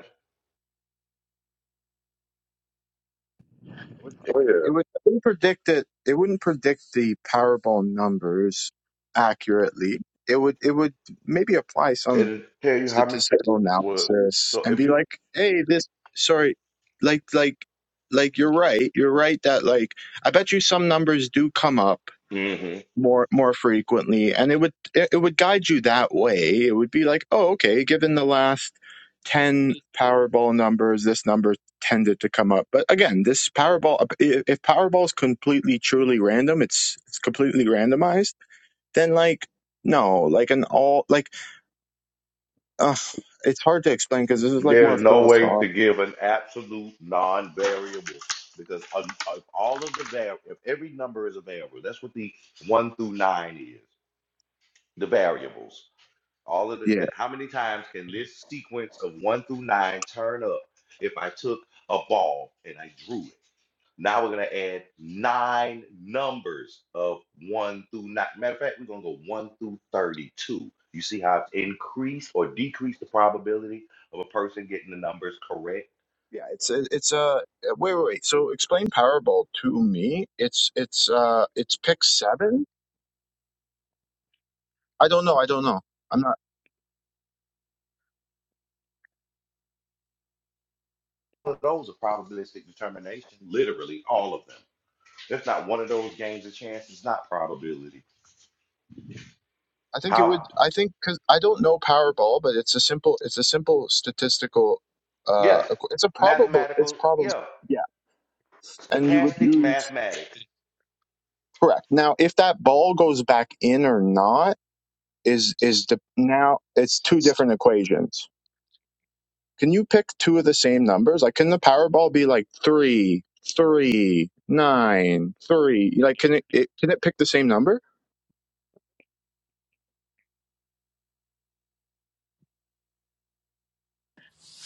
It would, it, Oh yeah. it would, it wouldn't predict it. It wouldn't predict the Powerball numbers accurately. It would, it would maybe apply some It'll tell you how many. statistical Well, analysis so and if be you, like, hey, this sorry, like like like you're right. You're right that like I bet you some numbers do come up mhm. more more frequently and it would it, it would guide you that way. It would be like, oh, okay, given the last ten Powerball numbers, this number tended to come up. But again, this Powerball if if Powerball is completely truly random, it's it's completely randomized, then like no, like an all like Ugh, it's hard to explain because this is like more there's no way philosophical. to give an absolute non-variable because of, of all of the var, if every number is a variable, that's what the one through nine is, the variables. All of the, Yeah. the how many times can this sequence of one through nine turn up if I took a ball and I drew it? Now we're gonna add nine numbers of one through nine. Matter of fact, we're gonna go one through thirty-two. You see how it's increased or decreased the probability of a person getting the numbers correct? Yeah, it's it- it's uh uh, wait wait wait. So explain Powerball to me. It's it's uh it's pick seven. I don't know. I don't know. I'm not. All of those are probabilistic determination, literally all of them. That's not one of those games of chance. It's not probability. I think it would. How? I think because I don't know Powerball, but it's a simple. It's a simple statistical. Uh, Yes, equ- it's a probable. It's mathematical. probable. Yeah, Yeah, and you would stochastic use mathematics. correct. Now, if that ball goes back in or not is is the now it's two different equations. Can you pick two of the same numbers? Like, can the Powerball be like three, three, nine, three? Like, can it, it can it pick the same number?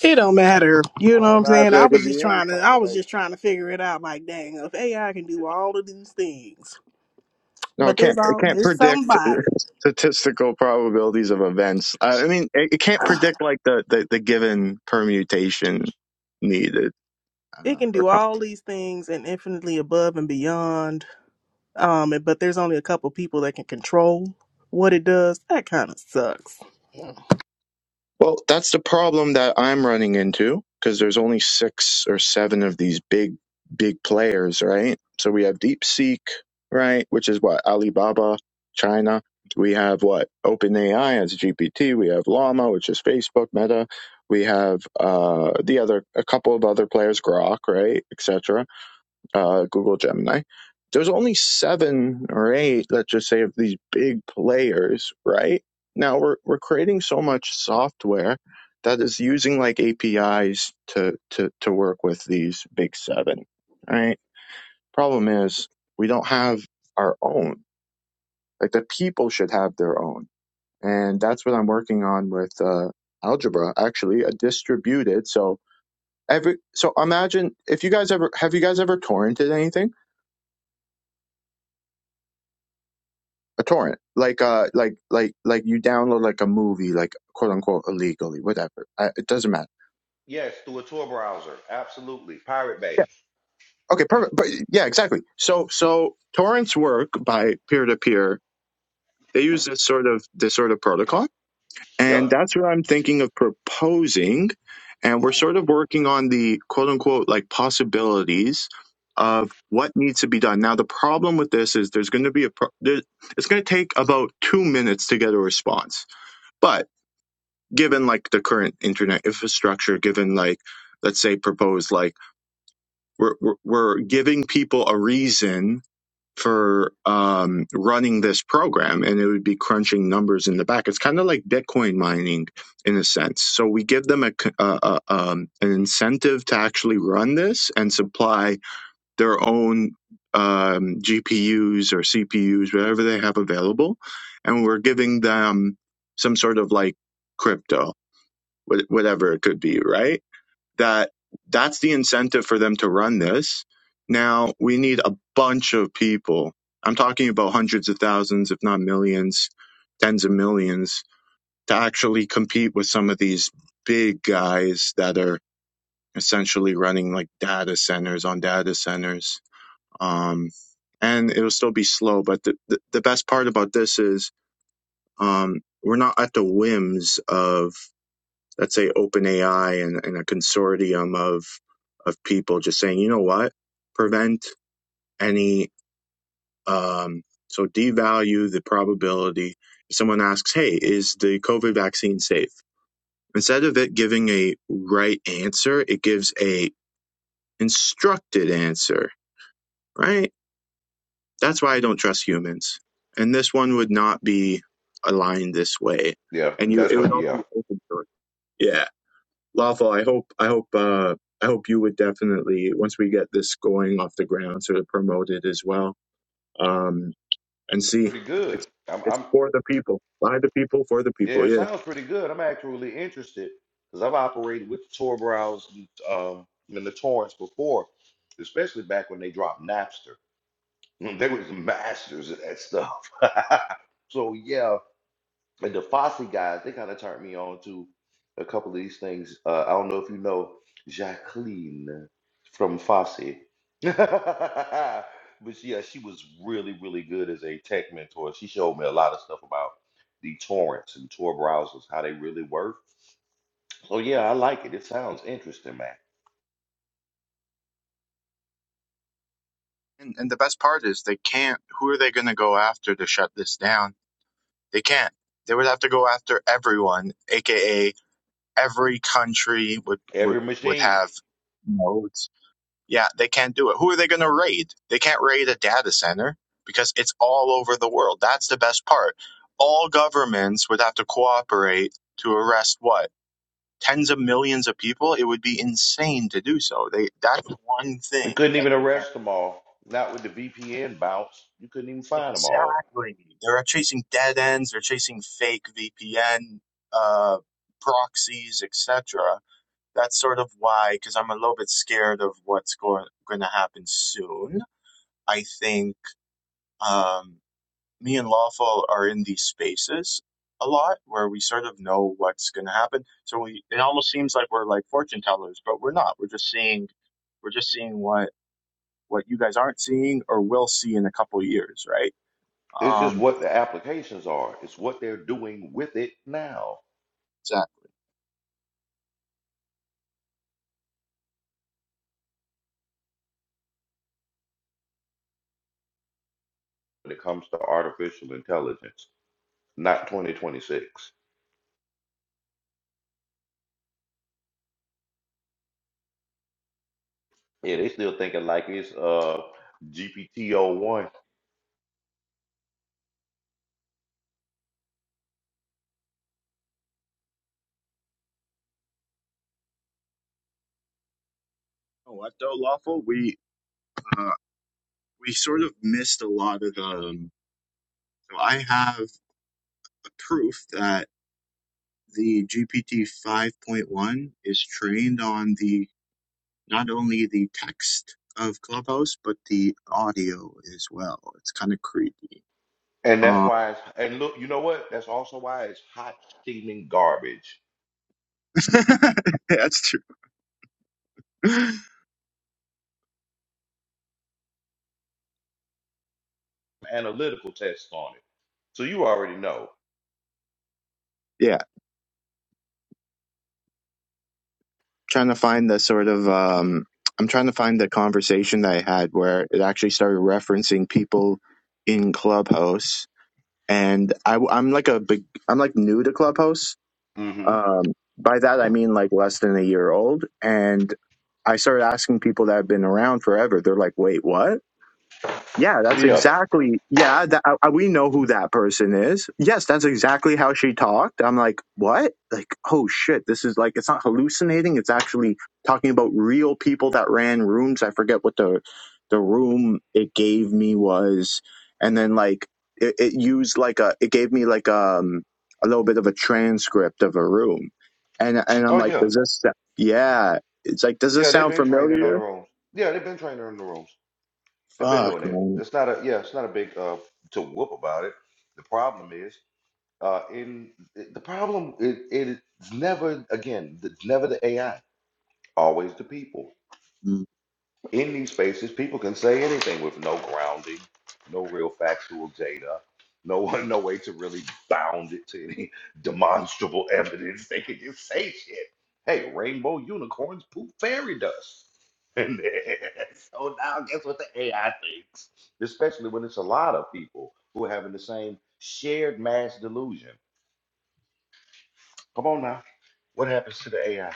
It don't matter. You know I what I'm saying? imagine I it was could just be any trying to. I was combination. just trying to figure it out. Like, dang, if AI can do all of these things, No, But it there's can't. It all can't there's predict somebody. statistical probabilities of events. Uh, I mean, it, it can't predict like the, the, the given permutation needed It uh, can or do all these things and infinitely above and beyond. Um, and- but there's only a couple people that can control what it does. That kind of sucks. Well, that's the problem that I'm running into because there's only six or seven of these big, big players, right? So we have DeepSeek, right? Which is what? Alibaba, China. We have what? OpenAI as GPT. We have Llama, which is Facebook, Meta. We have uh, the other, a couple of other players, Grok, right? Etc uh, Google Gemini, there's only seven or eight, let's just say, of these big players, right? Now we're we're creating so much software that is using like APIs to to to work with these big seven, right? Problem is we don't have our own. Like the people should have their own, and that's what I'm working on with uh, Algebra. Actually, a distributed so. Every, so imagine if you guys ever have you guys ever torrented anything? a torrent like uh like like like you download like a movie like quote unquote illegally whatever I, it doesn't matter Yes, through a Tor browser. Absolutely, Pirate Bay. yeah okay perfect but yeah exactly so so torrents work by peer to peer they use this sort of this sort of protocol and Yep. that's what i'm thinking of proposing and we're sort of working on the quote unquote like possibilities of what needs to be done now the problem with this is there's going to be a pro- there, it's going to take about two minutes to get a response but given like the current internet infrastructure, given like let's say proposed like we're we're, we're giving people a reason for um, running this program, and it would be crunching numbers in the back. It's kind of like Bitcoin mining in a sense. So we give them a a, a um, an incentive to actually run this and supply their own um, GPUs or CPUs, whatever they have available, and we're giving them some sort of like crypto whatever it could be, right? That that's the incentive for them to run this. Now we need a bunch of people. I'm talking about hundreds of thousands, if not millions, tens of millions, to actually compete with some of these big guys that are essentially running like data centers on data centers. Um, and it'll still be slow, but the, the, the best part about this is um, we're not at the whims of let's say OpenAI and, and a consortium of of people just saying, you know what, prevent any um, so devalue the probability. If someone asks, hey, is the COVID vaccine safe? Instead of it giving a right answer, it gives a instructed answer, right? That's why I don't trust humans. And this one would not be aligned this way. Yeah, And you, that's it would what. all Yeah. be open source. Yeah. Lawful, I hope I hope uh I hope you would definitely once we get this going off the ground sort of promote it as well. Um and see pretty good. it's I'm, it's I'm for the people. By the people, for the people, yeah, it yeah. sounds pretty good. I'm actually really interested because I've operated with Tor browsers um, and the torrents before, especially back when they dropped Napster. They was masters at that stuff. So yeah, And the Fosse guys, they kind of turned me on to a couple of these things. Uh, I don't know if you know Jacqueline from Fosse. but yeah, she was really, really good as a tech mentor. She showed me a lot of stuff about the torrents and Tor browsers, how they really work. So yeah, I like it. It sounds interesting, man. And, and the best part is they can't. Who are they going to go after to shut this down? They can't. They would have to go after everyone, aka every country would would Every would machine. have. nodes. Yeah, they can't do it. Who are they going to raid? They can't raid a data center because it's all over the world. That's the best part. All governments would have to cooperate to arrest what? Tens of millions of people? It would be insane to do so. They that's one We thing couldn't that even they can't arrest them all. Not with the VPN bounce. You couldn't even find them all. Exactly. They're chasing dead ends, they're chasing fake VPN uh proxies, etc. That's sort of why cuz I'm a little bit scared of what's going going to happen soon. I think Um, me and Lawful are in these spaces a lot where we sort of know what's going to happen. So we it almost seems like we're like fortune tellers, but we're not. We're just seeing we're just seeing what what you guys aren't seeing or will see in a couple years, right? It's just Um, what the applications are. It's what they're doing with it now. exactly. when it comes to artificial intelligence, not 2026. Yeah, they still thinking like it's uh gpt o one, Oh, What though, Lawful? We uh, we sort of missed a lot of. Um, so I have proof that the GPT five point one is trained on the not only the text of Clubhouse, but the audio as well. It's kind of creepy. And that's Um, why it's, and look, you know what? That's also why it's hot steaming garbage. that's true. Analytical tests on it. So you already know. Yeah, trying to find the sort of um, I'm trying to find the conversation that I had where it actually started referencing people in Clubhouse, and I, am like a big, I'm like new to Clubhouse. hmm Um, by that I mean like less than a year old, and I started asking people that have been around forever. They're like, "Wait, what?" Yeah, that's Yeah. exactly. Yeah, that, I, I- we know who that person is. Yes, that's exactly how she talked. I'm like, what? Like, oh shit, this is like, it's not hallucinating. It's actually talking about real people that ran rooms. I forget what the the room it gave me was, and then like it, it used like a it gave me like um a little bit of a transcript of a room, and and I'm Oh like, yeah. does this? sa- Yeah, it's like, does this Yeah, they've sound been training on the familiar? rules. Yeah, they've been training on the rules. They've been Fuck, doing it. It's man. not a yeah, it's not a big uh to whoop about it. The problem is Uh, and the problem it, it's never again, it's never the AI, always the people. In these spaces, people can say anything with no grounding, no real factual data, no no way to really bound it to any demonstrable evidence. They can just say shit. Hey, rainbow unicorns poop fairy dust. And then- so now guess what the AI thinks? Especially when it's a lot of people who are having the same shared mass delusion. Come on now. What happens to the AI?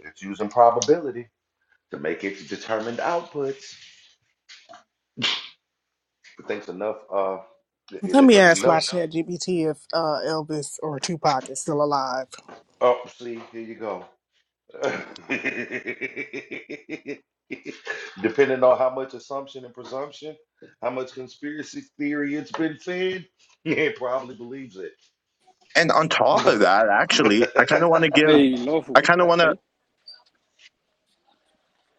It's using probability to make its determined outputs. It thinks enough, uh, Let if me ask my enough, chat GPT if uh, Elvis or Tupac is still alive. oh, see, here you go. Depending on how much assumption and presumption, how much conspiracy theory it's been fed, it probably believes it. and on top of that, actually, I kind of want to give, I lawful. kind of want to, Hey,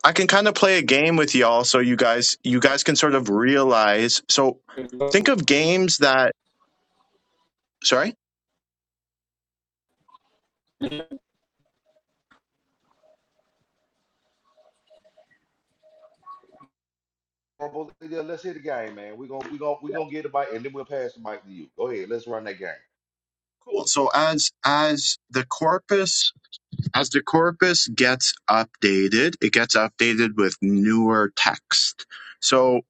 I can kind of play a game with y'all so you guys, you guys can sort of realize. So think of lawful. games that, sorry. Horrible. Yeah, Let's hit the game, man. We're gonna, we gonna, we gonna get the mic and then we'll pass the mic to you. Go ahead, let's run that game. Cool. So as, as the corpus As the corpus gets updated, it gets updated with newer text. So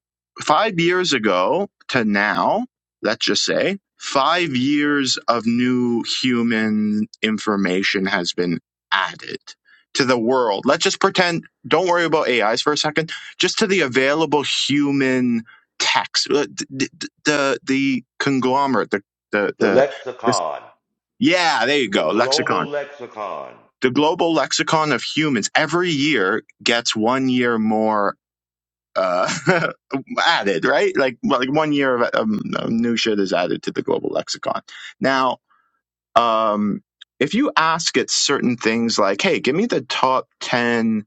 five years ago to now, let's just say, five years of new human information has been added to the world. Let's just pretend, don't worry about AIs for a second, just to the available human text, Uh, the, the, conglomerate, the, the, The the, the lexicon. yeah, there you The go. Lexicon global lexicon. the global lexicon of humans every year gets one year more uh, added, right? Like like one year of um, new shit is added to the global lexicon. Now, um, if you ask it certain things like, "Hey, give me the top ten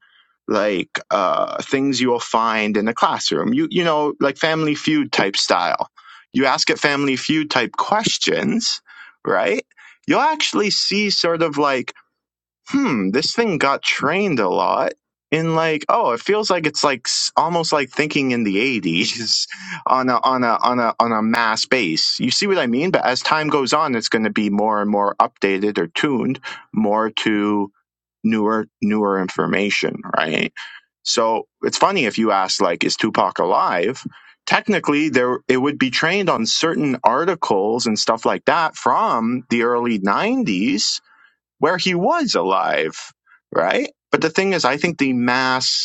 like uh, things you will find in the classroom," you you know, like Family Feud type style. You ask it Family Feud type questions, right? You'll actually see sort of like hmm, this thing got trained a lot in like, oh, it feels like it's like s- almost like thinking in the 80s on a on a on a on a mass base. You see what I mean? But as time goes on, it's going to be more and more updated or tuned more to newer newer information, right? So it's funny if you ask like, is Tupac alive? Technically, there it would be trained on certain articles and stuff like that from the early 90s where he was alive, right? But the thing is, I think the mass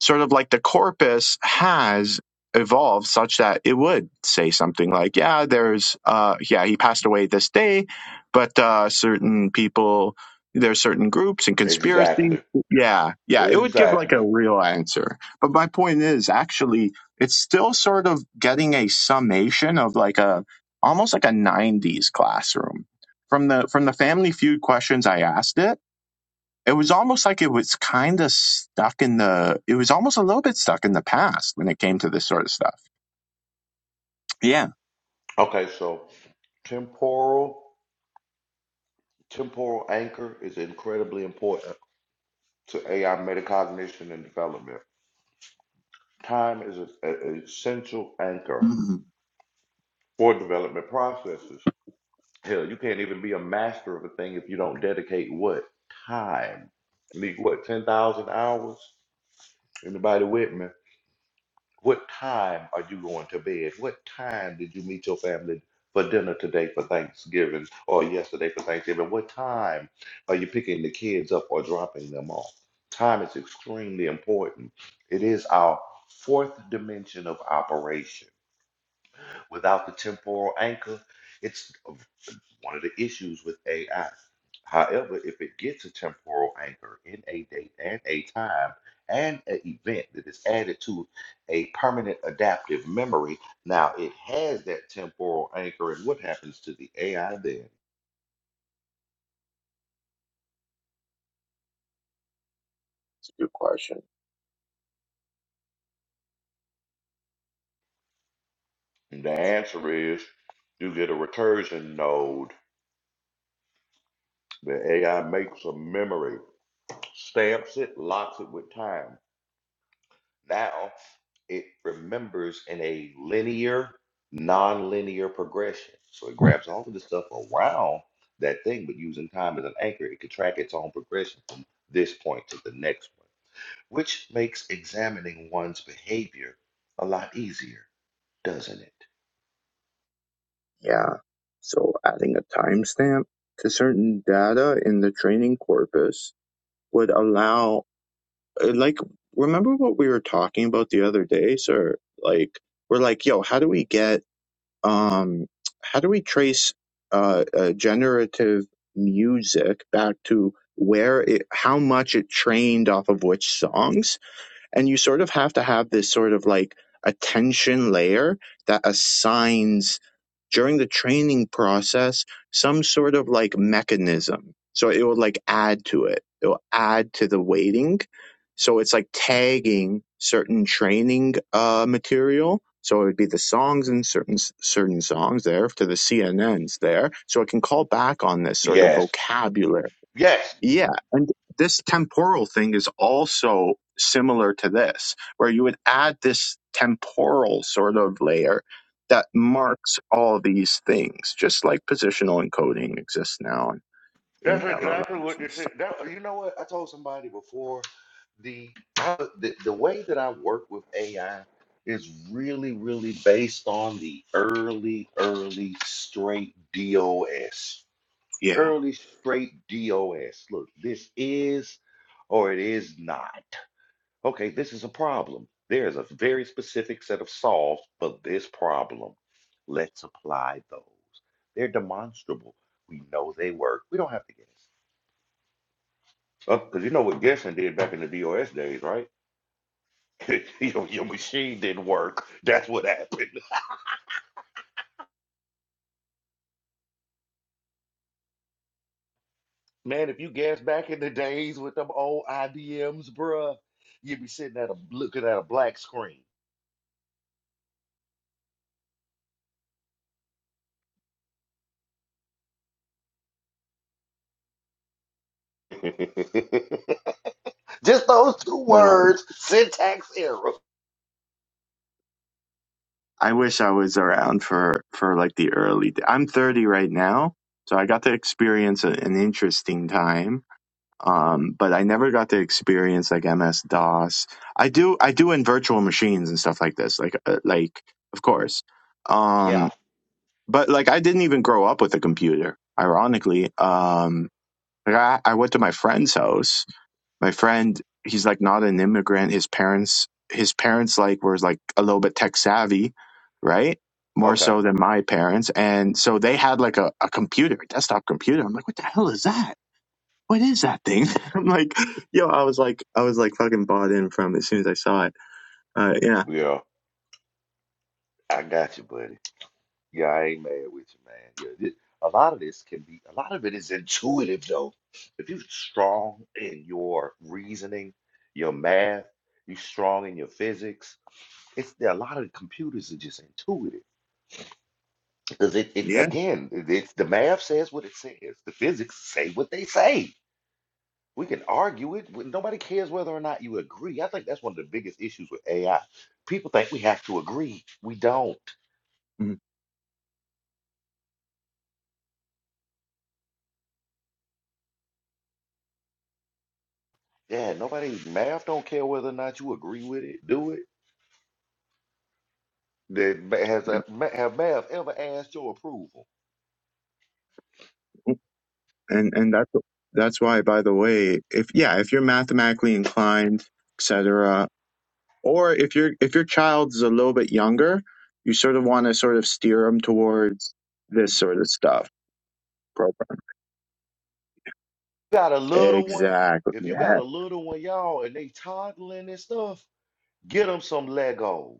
sort of like the corpus has evolved such that it would say something like, yeah, there's, uh, yeah, he passed away this day, but uh, certain people, there's certain groups and conspiracies. Exactly. Yeah, yeah, it would give like a Exactly. real answer. But my point is, actually, it's still sort of getting a summation of like a almost like a 90s classroom. From the from the Family Feud questions I asked it, it was almost like it was kind of stuck in the it was almost a little bit stuck in the past when it came to this sort of stuff yeah Okay, so temporal temporal anchor is incredibly important to AI metacognition and development. Time is a- a- an essential anchor hmm for development processes. Hell, you can't even be a master of a thing if you don't dedicate what? Time. You need what, 10,000 hours? Anybody with me? What time are you going to bed? What time did you meet your family for dinner today for Thanksgiving or yesterday for Thanksgiving? What time are you picking the kids up or dropping them off? Time is extremely important. It is our fourth dimension of operation. Without the temporal anchor, it's one of the issues with AI. However, if it gets a temporal anchor in a date and a time and an event that is added to a permanent adaptive memory, now it has that temporal anchor. And what happens to the AI then? it's a good question And the answer is you get a recursion node. The AI makes a memory, stamps it, locks it with time. Now it remembers in a linear, non-linear progression. So it grabs all of the stuff around that thing, but using time as an anchor, it can track its own progression from this point to the next one, which makes examining one's behavior a lot easier, doesn't it? yeah so adding a timestamp to certain data in the training corpus would allow uh, like remember what we were talking about the other day sir like we're like yo how do we get um, how do we trace uh, uh, generative music back to where it, how much it trained off of which songs? And you sort of have to have this sort of like attention layer that assigns during the training process some sort of like mechanism. So it will like add to it. It will add to the weighting. So it's like tagging certain training uh, material. So it would be the songs and certain certain songs there to the CNNs there. So it can call back on this sort of Yes. vocabulary Yes. yeah, and this temporal thing is also similar to this, where you would add this temporal sort of layer that marks all these things, just like positional encoding exists now in, in That's exactly LLMs what and this is. stuff. That, you know what? I told somebody before the, I- the the way that I work with AI is really, really based on the early, early straight DOS. Yeah. Early straight DOS. Look, this is or it is not. Okay, this is a problem. There is a very specific set of solves for this problem. Let's apply those. They're demonstrable. We know they work. We don't have to get because you know what Gerson did back in the DOS days, right? your, your machine didn't work. That's what happened. Man, if you guessed back in the days with them old IBMs, bruh, you'd be sitting at a looking at a black screen. Just those two No, words, syntax error. I wish I was around for for like the early. d- I'm 30 right now, so I got to experience a, an interesting time Um, but I never got to experience like MS DOS. I do, I do in virtual machines and stuff like this. Like, uh, like of course. Yeah. Um, but like I didn't even grow up with a computer. Ironically, um, like I, I went to my friend's house. My friend, he's like not an immigrant. His parents, his parents like were like a little bit tech savvy, right? More Okay. so than my parents, and so they had like a, a computer, a desktop computer. I'm like, what the hell is that? what is that thing? I'm like, yo, I was like, I was like fucking bought in from as soon as I saw it. Uh, yeah, Yeah. I got you, buddy. Yeah, I ain't mad with you, man. Yeah, thi- a lot of this can be, a lot of it is intuitive, though. If you're strong in your reasoning, your math, you're strong in your physics, it's there, a lot of computers are just intuitive because it, it yeah, again, it- it's the math says what it says, the physics say what they say. We can argue it, but nobody cares whether or not you agree. I think that's one of the biggest issues with AI. People think we have to agree. We don't. Mhm. Yeah, nobody, math don't care whether or not you agree with it, do it. that ma- has yeah. a- ma- have may have ever asked your approval. And and that's that's why, by the way, if yeah, if you're mathematically inclined, etc., or if your if your child is a little bit younger, you sort of want to sort of steer them towards this sort of stuff. Program. got a little one. Exactly. If you got Yeah. a little one, y'all, and they toddling and stuff, Get them some Legos.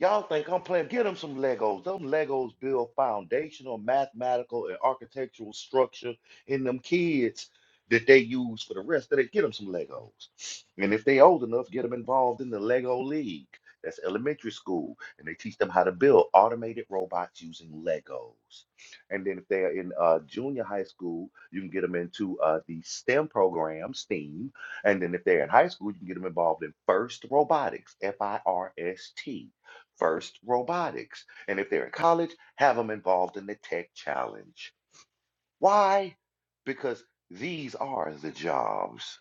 Y'all think I'm playing? Get them some Legos. Them Legos build foundational mathematical and architectural structure in them kids that they use for the rest of it. Get them some Legos. And if they old enough, get them involved in the Lego League. That's elementary school. And they teach them how to build automated robots using Legos. And then if they are in uh, junior high school, you can get them into uh, the STEM program, STEAM, and then if they're in high school, you can get them involved in FIRST Robotics, F I R S T, FIRST Robotics. And if they're in college, have them involved in the Tech Challenge. Why? Because these are the jobs.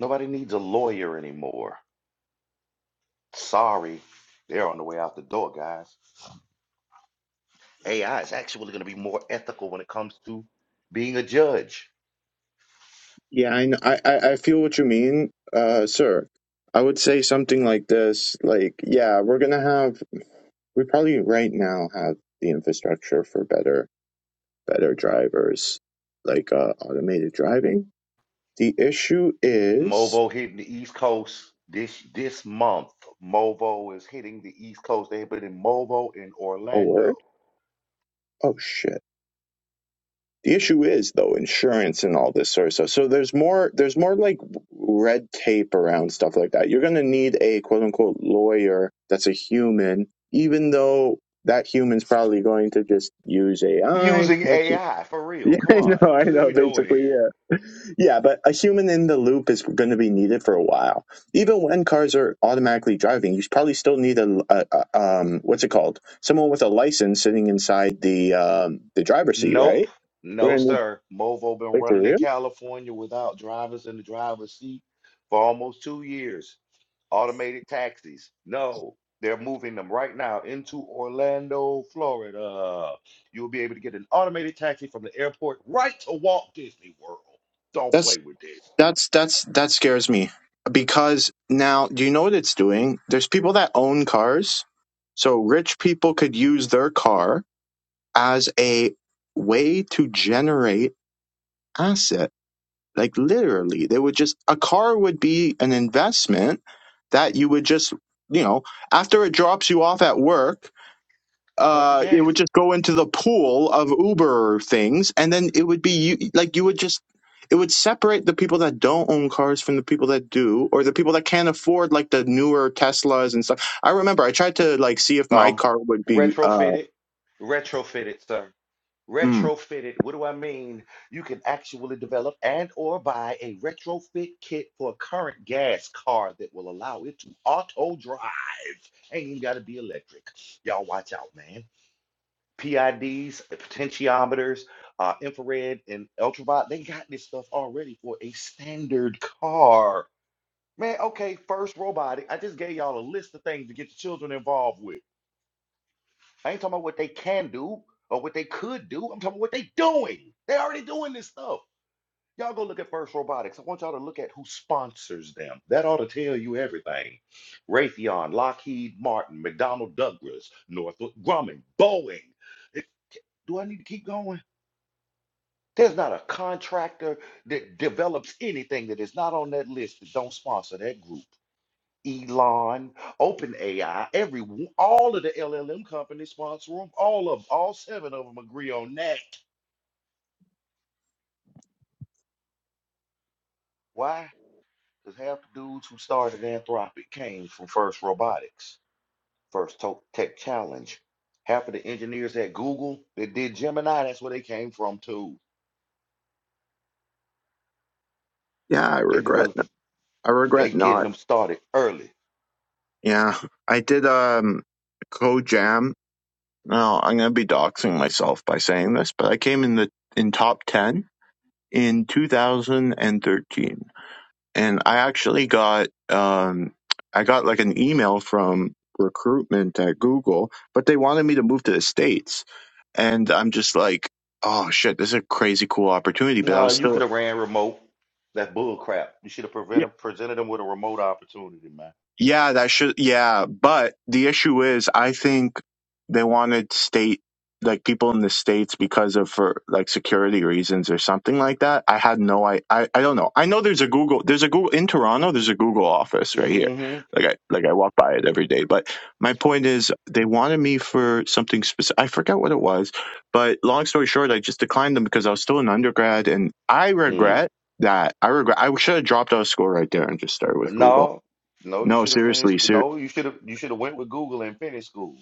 Nobody needs a lawyer anymore. Sorry, they're on the way out the door, guys. AI is actually going to be more ethical when it comes to being a judge Yeah. I, kn- I I I feel what you mean, uh, sir. I would say something like this, like, yeah, we're gonna have we probably right now have the infrastructure for better better drivers like uh, automated driving the issue is Movo hitting the East Coast this this month. Movo is hitting the East Coast. They've been in Movo in a Orlando word oh shit the issue is though insurance and all this sort of stuff so there's more there's more like red tape around stuff like that you're going to need a quote unquote lawyer that's a human even though that human's probably going to just use ai using What's it? AI for real. Come yeah i on, know i what are know we doing basically here? yeah. Yeah, but a human in the loop is going to be needed for a while. Even when cars are automatically driving, you probably still need a, a, a um, what's it called? Someone with a license sitting inside the um, the driver's seat, Nope, right? We're no going to need sir. Movo been wait for running in real. California without drivers in the driver's seat for almost two years. automated taxis. No, they're moving them right now into Orlando, Florida. You'll be able to get an automated taxi from the airport right to Walt Disney World. Don't That's play with this. that's that's that scares me because now do you know what it's doing? There's people that own cars, so rich people could use their car as a way to generate assets Like literally, they would just a car would be an investment that you would just, you know, after it drops you off at work, Uh, uh, it yes. would just go into the pool of Uber things, and then it would be you, like you would just. It would separate the people that don't own cars from the people that do, or the people that can't afford like the newer Teslas and stuff. I remember I tried to like see if my Um, car would be. Uh, retrofitted, retrofitted, sir. mm, Retrofitted. What do I mean? You can actually develop and or buy a retrofit kit for a current gas car that will allow it to auto drive. Ain't even got to be electric. Y'all watch out, man. PIDs, potentiometers, uh, infrared, and ultraviolet. They got this stuff already for a standard car. Man, okay, first robotic. I just gave y'all a list of things to get the children involved with. I ain't talking about what they can do or what they could do. I'm talking about what they doing. They already doing this stuff. Y'all go look at First Robotics. I want y'all to look at who sponsors them. That ought to tell you everything. Raytheon, Lockheed Martin, McDonnell Douglas, Northrop Grumman, Boeing. It- do I need to keep going? There's not a contractor that develops anything that is not on that list that don't sponsor that group. Elon, OpenAI, every one- all of the LLM companies sponsor them. All of all seven of them agree on that. Why? Because half the dudes who started Anthropic came from First Robotics, First To- Tech Challenge. Half of the engineers at Google that did Gemini, that's where they came from too. yeah, I They regret. developed, it- I they regret getting not. them started early. Yeah, I did um, co Now, I'm going to be doxing myself by saying this, but I came in the in top 10 in 2013. And I actually got um I got like an email from recruitment at Google, but they wanted me to move to the states. And I'm just like, "Oh shit, this is a crazy cool opportunity," but I No, was you still could have ran remote. That bull crap. You should have yeah. prevented presented him with a remote opportunity, man. Yeah, that should, yeah. But the issue is, I think they wanted state, like people in the states because of for like security reasons or something like that. I had no, I, I, I don't know. I know there's a Google, there's a Google in Toronto, there's a Google office right here. Mm-hmm. Like I, like I walk by it every day. But my point is they wanted me for something specific. I forgot what it was, but long story short, I just declined them because I was still an undergrad and I Mm. regret that. I regret, I should have dropped out of school right there and just started with Google no, no, you no, should have finished. seriously, ser- No, you should have you should have went with Google and finished school.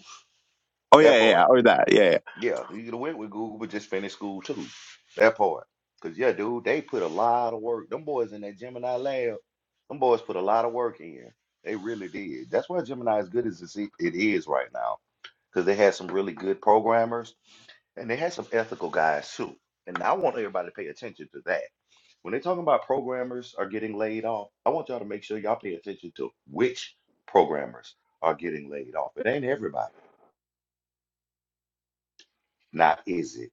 Oh That yeah, yeah, yeah, part. or that, yeah, yeah. Yeah, you could have went with Google, but just finished school too. That part. Cause yeah, dude, they put a lot of work. Them boys in that Gemini lab, them boys put a lot of work in. They really did. That's why Gemini as good as it's- it is right now. because they had some really good programmers and they had some ethical guys too. And I want everybody to pay attention to that. When they're talking about programmers are getting laid off, I want y'all to make sure y'all pay attention to which programmers are getting laid off. It ain't everybody. Now, is it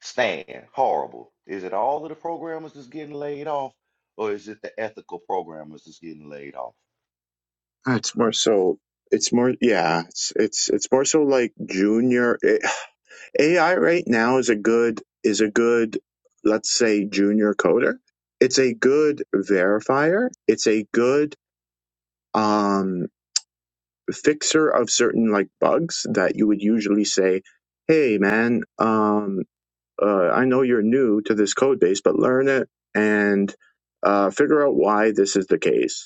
Stan, horrible? Is it all of the programmers that's getting laid off? Or is it the ethical programmers that's getting laid off? Uh, It's more so. It's more, yeah. It's it's it's more so like junior eh, AI right now is a good is a good let's say junior coder. It's a good verifier. It's a good um fixer of certain like bugs that you would usually say, "Hey, man, um, uh, I know you're new to this code base, but learn it and uh, figure out why this is the case."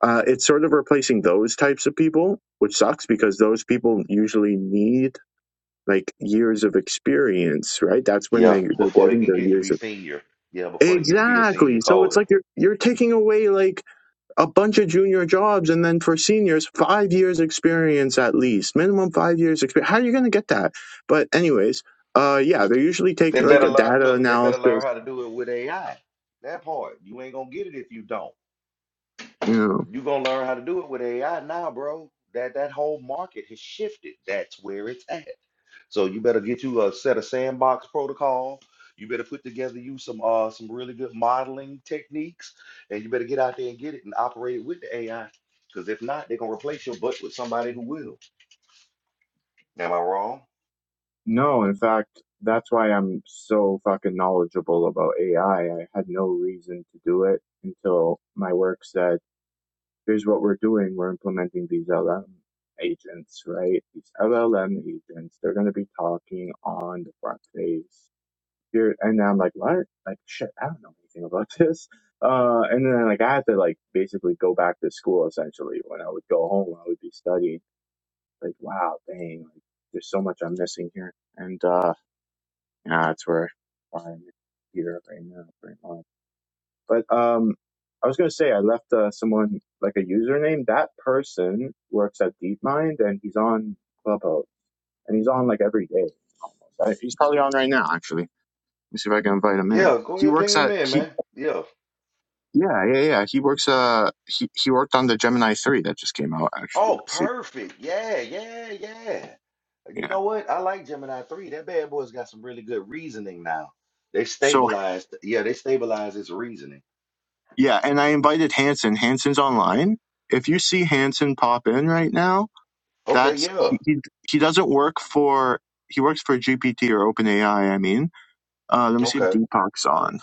Uh, it's sort of replacing those types of people, which sucks because those people usually need like years of experience, right? That's when Yeah, they, they're before they getting can their get to years be of senior. Yeah, before they get to be a exactly. senior So it's coder. like you're you're taking away like a bunch of junior jobs, and then for seniors, five years experience at least, minimum five years experience. How are you going to get that? But anyways, uh, yeah, they're usually They taking like better a learn. data Look, they better learn analysis. how to do it with AI. That part, you ain't gonna get it if you don't. you know. You gonna learn how to do it with AI now, bro. That that whole market has shifted. That's where it's at. So you better get you a set of sandbox protocol. You better put together you some uh some really good modeling techniques, and you better get out there and get it and operate it with the AI. Because if not, they're gonna replace your butt with somebody who will. Am I wrong? No, in fact, that's why I'm so fucking knowledgeable about AI. I I had no reason to do it until my work said, here's what we're doing. We're implementing these LM agents, right? These LLM agents, they're going to be talking on the front page. Here, and I'm like, what? Like, shit, I don't know anything about this. Uh, and then like, I had to like basically go back to school essentially. When I would go home, I would be studying. Like, wow, dang, like, there's so much I'm missing here. And, uh, Nah, that's where I'm here right now, right now. But um, I was gonna say I left uh, someone like a username. That person works at DeepMind, and he's on Clubhouse, and he's on like every day. Almost. I, he's probably on right now, actually. Let me see if I can invite him in. Yeah, go He ahead, works ping him at in, he. man. Yeah. Yeah, yeah, yeah. He works. Uh, he he worked on the Gemini three that just came out actually. Oh, Let's see. perfect. Yeah, yeah, yeah. You Yeah. know what? I like Gemini 3. That bad boy's got some really good reasoning now. They So stabilized. Yeah, they stabilized its reasoning. yeah, and I invited Hanson. Hanson's online. If you see Hanson pop in right now, Okay, That's yeah. he, he he doesn't work for he works for GPT or OpenAI. I mean, uh, let me see if Okay. Deepak's on.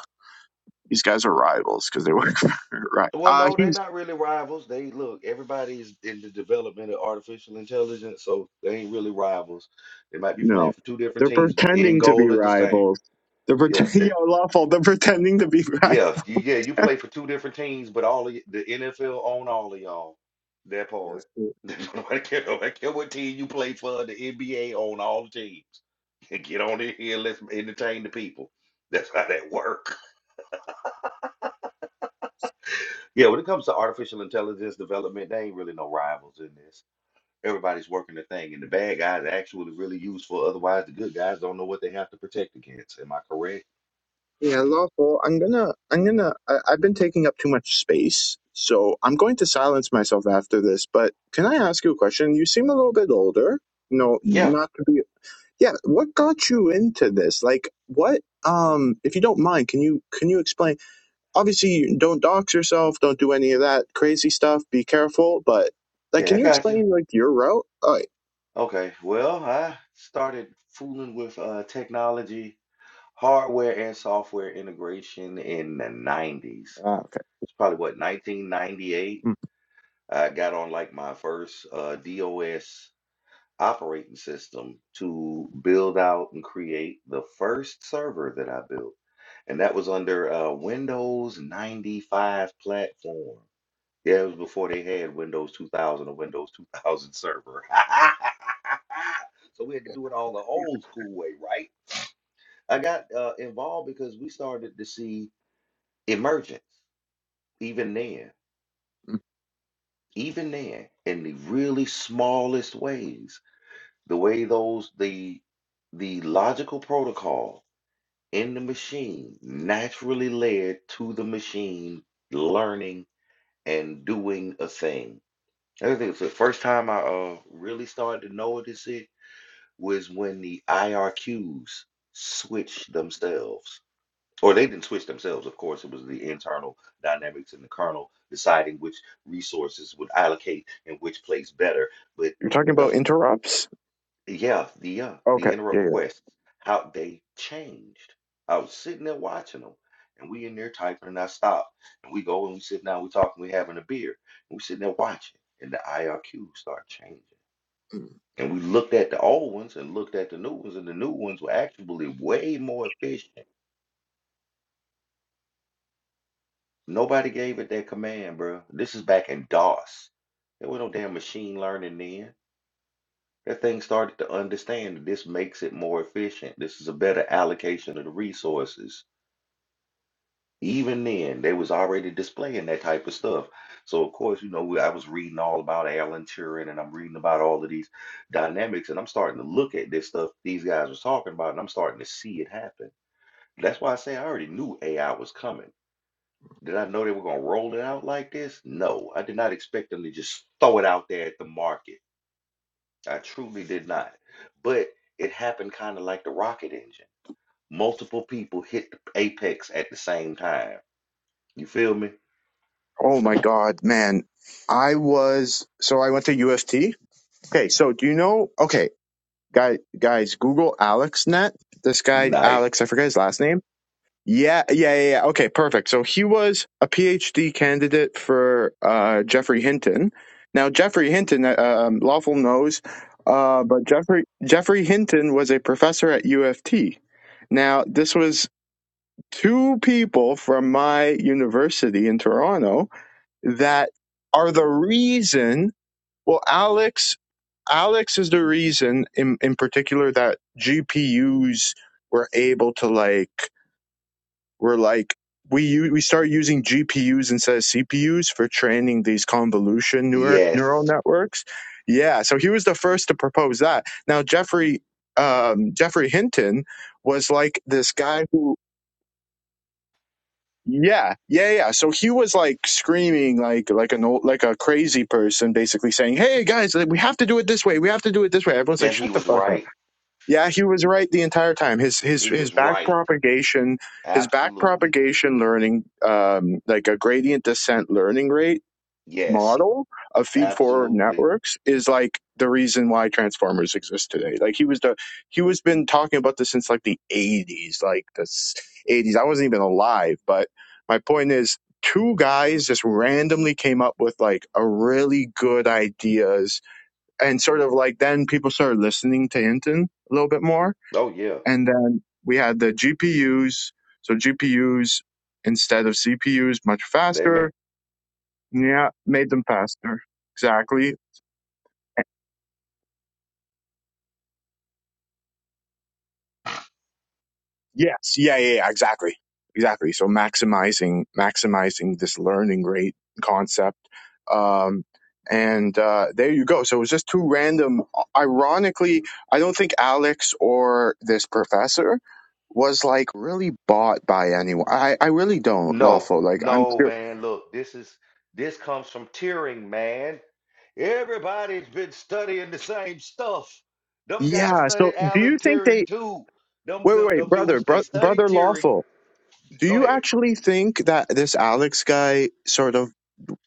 These guys are rivals because they work for right. Well, Uh, no, they're he's not really rivals. They look, everybody's in the development of artificial intelligence, so they ain't really rivals. They might be no, playing for two different they're teams, but the end pretending to be goal is the same. rivals. They're Yeah, pretending. they Yo, lawful. They're pretending to be rivals. Yeah, you, yeah, you play for two different teams, but all of, y- the NFL own all of y'all. That Yes. part. Nobody care, nobody care what team you play for. The NBA own all the teams. Get on in here and let's entertain the people. That's how that work. Yeah, when it comes to artificial intelligence development, there ain't really no rivals in this. Everybody's working the thing, and the bad guys are actually really useful. Otherwise, the good guys don't know what they have to protect against. Am I correct? Yeah, lawful. I'm gonna. I'm gonna. I, I've been taking up too much space, so I'm going to silence myself after this. But can I ask you a question? You seem a little bit older. No, Yeah, not to be yeah what got you into this like what um if you don't mind can you can you explain obviously you don't dox yourself don't do any of that crazy stuff be careful but like yeah, can I you got you. explain like your route oh, Okay, well, I started fooling with uh, technology, hardware, and software integration in the 90s. ah, It's okay probably what, 1998? Mm, I got on like my first uh, DOS operating system to build out and create the first server that I built. And that was under uh, Windows 95 platform. Yeah, it was before they had Windows 2000 or Windows 2000 server. So we had to do it all the old school way, right? I got uh, involved because we started to see emergence even then, mm. even then, in the really smallest ways. The way those the the logical protocol in the machine naturally led to the machine learning and doing a thing I think it's the first time I uh, really started to notice it was when the IRQs switched themselves. Or they didn't switch themselves, of course. It was the internal dynamics in the kernel deciding which resources would allocate and which place better. But you're talking the about f- interrupts yeah, the uh, okay the yeah, interrupt yeah requests, how they changed. I was sitting there watching them, and we in there typing, and I stop, and we go and we sit down, we talking, we having a beer, and we sitting there watching, and the IRQ start changing. Mm. And we looked at the old ones and looked at the new ones, and the new ones were actually way more efficient. Nobody gave it that command, bro. This is back in DOS. There was no damn machine learning then. That thing started to understand that this makes it more efficient. This is a better allocation of the resources. Even then, they was already displaying that type of stuff. So of course, you know, we- I was reading all about Alan Turing, and I'm reading about all of these dynamics, and I'm starting to look at this stuff these guys was talking about, and I'm starting to see it happen. That's why I say I already knew AI was coming. Did I know they were going to roll it out like this? No, I did not expect them to just throw it out there at the market. I truly did not. But it happened kind of like the rocket engine. Multiple people hit the apex at the same time. You feel me? oh my god man i was so i went to uft okay so do you know okay guy guys google alex net this guy Nice. alex i forget his last name Yeah, yeah, yeah, yeah. Okay, perfect. So he was a PhD candidate for uh, Jeffrey Hinton. Now, Jeffrey Hinton, uh, um, Lawful knows, uh, but Jeffrey Jeffrey Hinton was a professor at U of T. Now, this was two people from my university in Toronto that are the reason. Well, Alex, Alex is the reason in in particular that GPUs were able to like we're like we u- we start using GPUs instead of CPUs for training these convolution neur- neural Yes. networks. Yeah, so he was the first to propose that. Now Jeffrey um, Jeffrey Hinton was like this guy who yeah yeah yeah so he was like screaming like like an old like a crazy person basically saying hey guys like, we have to do it this way we have to do it this way everyone's like And he shut the was fuck up right. yeah, he was right the entire time. His his He his was back right. propagation, his back Absolutely. propagation learning, um, like a gradient descent learning rate Yes. model of feed forward Absolutely. networks is like the reason why transformers exist today. Like he was the he was been talking about this since like the eighties, like the s- eighties. I wasn't even alive, but my point is, two guys just randomly came up with like a really good ideas, and sort of like then people started listening to Hinton a little bit more Oh, yeah. and then we had the GPUs. So GPUs instead of CPUs much They made faster. Yeah, made them faster. Exactly. Yes. Yeah. Yeah. yeah exactly. Exactly. So maximizing maximizing this learning rate concept. Um, and uh, there you go. So it was just two random. Ironically, I don't think Alex or this professor was like really bought by anyone. I, I really don't, No, Lawful. Like I'm no, man. Look, this is this comes from tearing, man. Everybody's been studying the same stuff. Them guys Yeah. So studied do Alan you think they Turing too. Them, wait, wait, them, wait, them brother, dudes, they bro, studied brother Turing. lawful. Do Go you ahead. actually think that this Alex guy sort of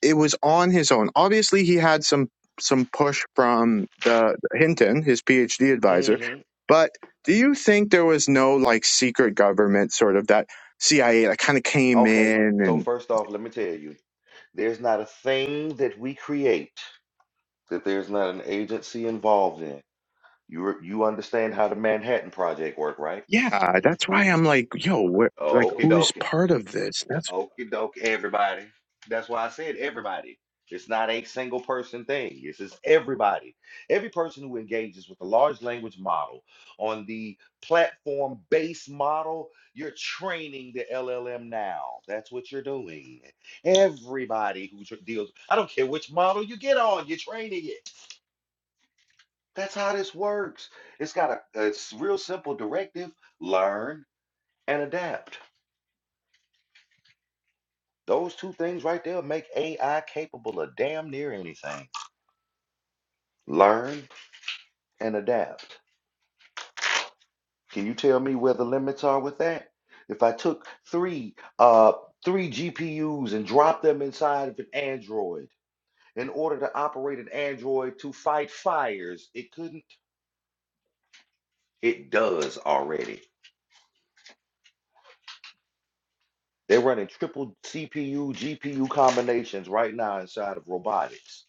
it was on his own? Obviously he had some some push from the Hinton, his PhD advisor, hmm but do you think there was no like secret government sort of that CIA that kind of came Okay. in So and first off, let me tell you, there's not a thing that we create that there's not an agency involved in. You re- you understand how the Manhattan Project worked, right? yeah, that's why I'm like, yo, wh- like Okay, who's dokie. part of this? That's Okie doke, everybody. That's why I said everybody. It's not a single person thing. This is everybody. Every person who engages with the large language model on the platform based model, you're training the LLM now. That's what you're doing. Everybody who tr- deals, I don't care which model you get on, you're training it. That's how this works. It's got a, a s- real simple directive learn and adapt. Those two things right there make AI capable of damn near anything. Learn and adapt. Can you tell me where the limits are with that? If I took three uh three GPUs and dropped them inside of an Android in order to operate an Android to fight fires, it couldn't. It does already. They're running triple CPU, GPU combinations right now inside of robotics.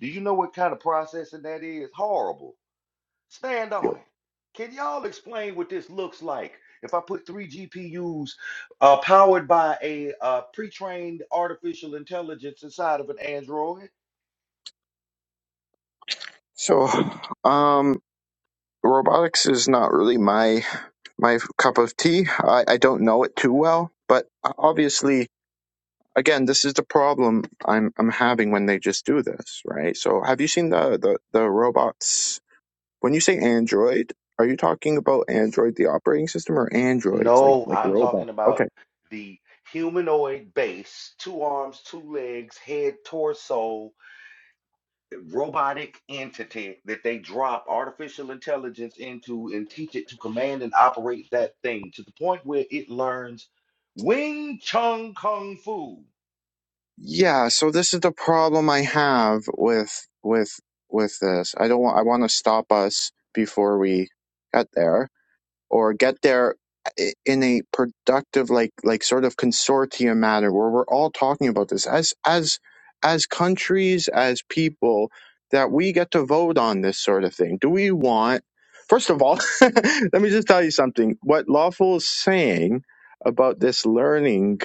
Do you know what kind of processing that is? Horrible. Stand yo. on it. Can y'all explain what this looks like? If I put three GPUs uh, powered by a uh, pre-trained artificial intelligence inside of an Android? so. Um, robotics is not really my my cup of tea. I, I don't know it too well, but uh, obviously, again, this is the problem I'm I'm having when they just do this, right? So, have you seen the the, the robots? When you say Android, are you talking about Android the operating system or androids like No, like I'm robot? talking Okay, about the humanoid base, two arms, two legs, head, torso, robotic entity that they drop artificial intelligence into and teach it to command and operate that thing to the point where it learns Wing Chun Kung Fu. yeah. So this is the problem I have with with with this. I don't want I want to stop us before we get there or get there eh, in a productive like like sort of consortium manner where we're all talking about this as as as countries as people that we get to vote on this sort of thing do we want first of all let me just tell you something what lawful is saying about this learning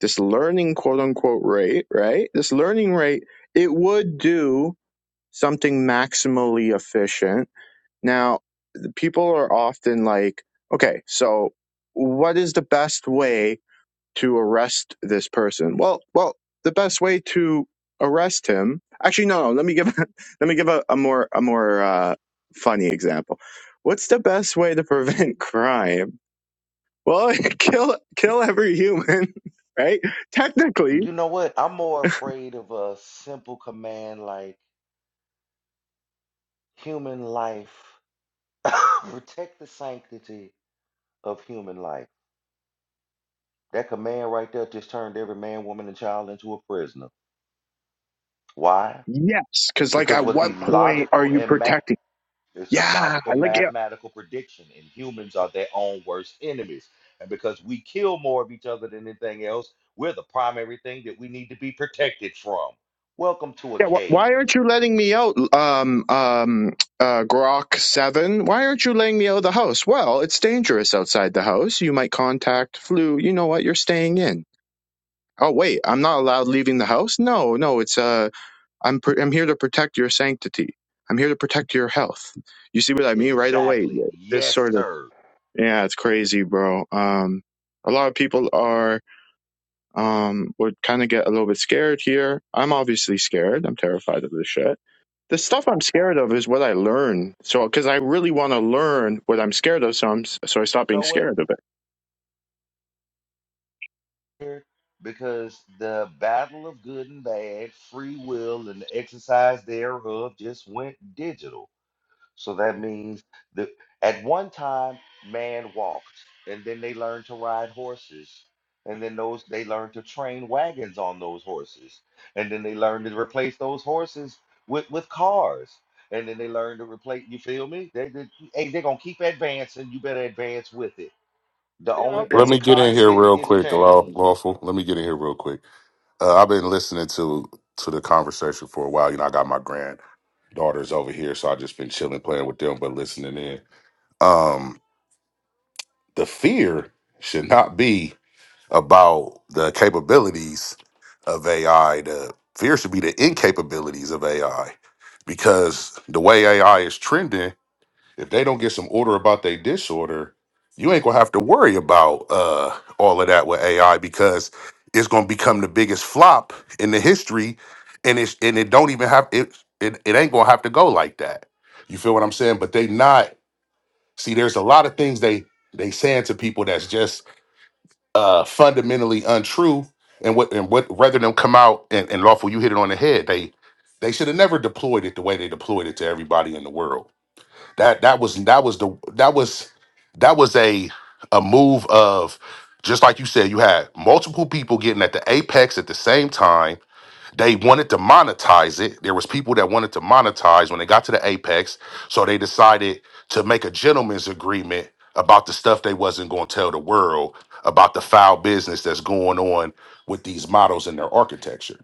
this learning quote unquote rate right this learning rate it would do something maximally efficient now people are often like, okay, so what is the best way to arrest this person? Well, well, the best way to arrest him. Actually, no, no. Let me give let me give a, a more a more uh, funny example. What's the best way to prevent crime? Well, kill kill every human, right? Technically, You know what? I'm more afraid of a simple command like human life, protect the sanctity of human life. That command right there just turned every man, woman, and child into a prisoner. Why? yes. Because like, Because at what what the point are logical you and ma- protecting? it's the Yeah, logical like mathematical prediction, and humans are their own worst enemies. And because we kill more of each other than anything else, we're the primary thing that we need to be protected from. Welcome to a Yeah, wh- cage. why aren't you letting me out, um, um, uh, Grok Seven? Why aren't you letting me out of the house? Well, it's dangerous outside the house. You might contact flu. You know what? You're staying in. Oh wait, I'm not allowed leaving the house. No, no, it's uh, I'm pr- I'm here to protect your sanctity. I'm here to protect your health. You see what I mean right away? Exactly. This Yes, sort of sir. yeah, it's crazy, bro. Um, a lot of people are um, would kind of get a little bit scared here. I'm obviously scared. I'm terrified of this shit. The stuff I'm scared of is what I learn. So, because I really want to learn what I'm scared of, so I'm so I stop being know what? scared of it. here? Because the battle of good and bad, free will, and the exercise thereof just went digital. So that means that at one time, man walked, and then they learned to ride horses. And then those they learned to train wagons on those horses. And then they learned to replace those horses with, with cars. And then they learned to replace, you feel me? They, they, hey, they're going to keep advancing. You better advance with it. The Yeah, I'll only Let just thing me get in here constant real is quick, Law- change. lawful. Let me get in here real quick. Uh, I've been listening to to the conversation for a while. You know, I got my granddaughters over here, so I just been chilling, playing with them, but listening in. Um, the fear should not be about the capabilities of AI. The fear should be the incapabilities of AI, because the way AI is trending. If they don't get some order about their disorder, you ain't gonna have to worry about uh, all of that with AI because it's gonna become the biggest flop in the history, and it's and it don't even have it. It, it ain't gonna have to go like that. You feel what I'm saying? But they not see. There's a lot of things they they saying to people that's just uh, fundamentally untrue. And what and what rather than come out and, and lawful, you hit it on the head. They they should have never deployed it the way they deployed it to everybody in the world. That that was that was the that was that was a a move of just like you said, you had multiple people getting at the apex at the same time. They wanted to monetize it. There was people that wanted to monetize when they got to the apex, so they decided to make a gentleman's agreement about the stuff they wasn't going to tell the world about the foul business that's going on with these models and their architecture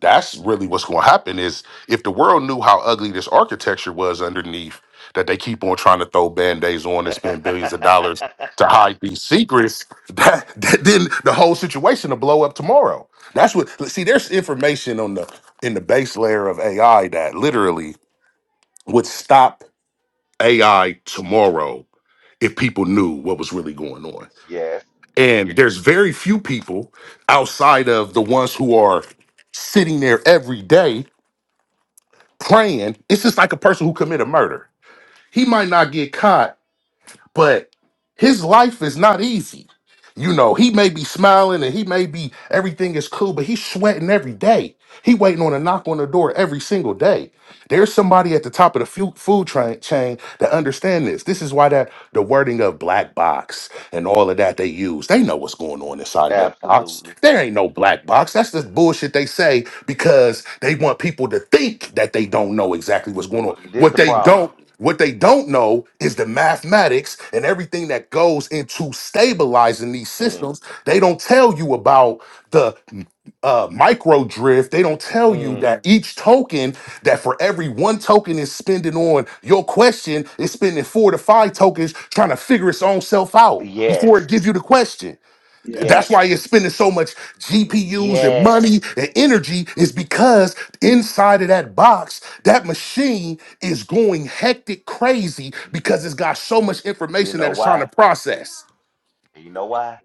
that's really what's going to happen is if the world knew how ugly this architecture was underneath that they keep on trying to throw band-aids on and spend billions of dollars to hide these secrets that, that then the whole situation will blow up tomorrow that's what see there's information on the in the base layer of ai that literally would stop ai tomorrow if people knew what was really going on yes, and there's very few people outside of the ones who are sitting there every day praying. It's just like a person who committed murder. He might not get caught, but his life is not easy. You know, he may be smiling and he may be everything is cool, but he's sweating every day. He waiting on a knock on the door every single day. There's somebody at the top of the fu- food train, chain that understand this. This is why that the wording of black box and all of that they use. They know what's going on inside of that box. absolutely. There ain't no black box. That's just bullshit they say because they want people to think that they don't know exactly what's going on. Well, this What the they problem. don't what they don't know is the mathematics and everything that goes into stabilizing these Mm, systems. They don't tell you about the uh, micro drift, they don't tell you mm, that each token, that for every one token is spending on your question, is spending four to five tokens trying to figure its own self out before it yes, gives you the question. yeah. That's yes, why it's spending so much GPUs and yes. money and energy, is because inside of that box, that machine is going hectic crazy because it's got so much You information know that it's trying to why? process. You know why?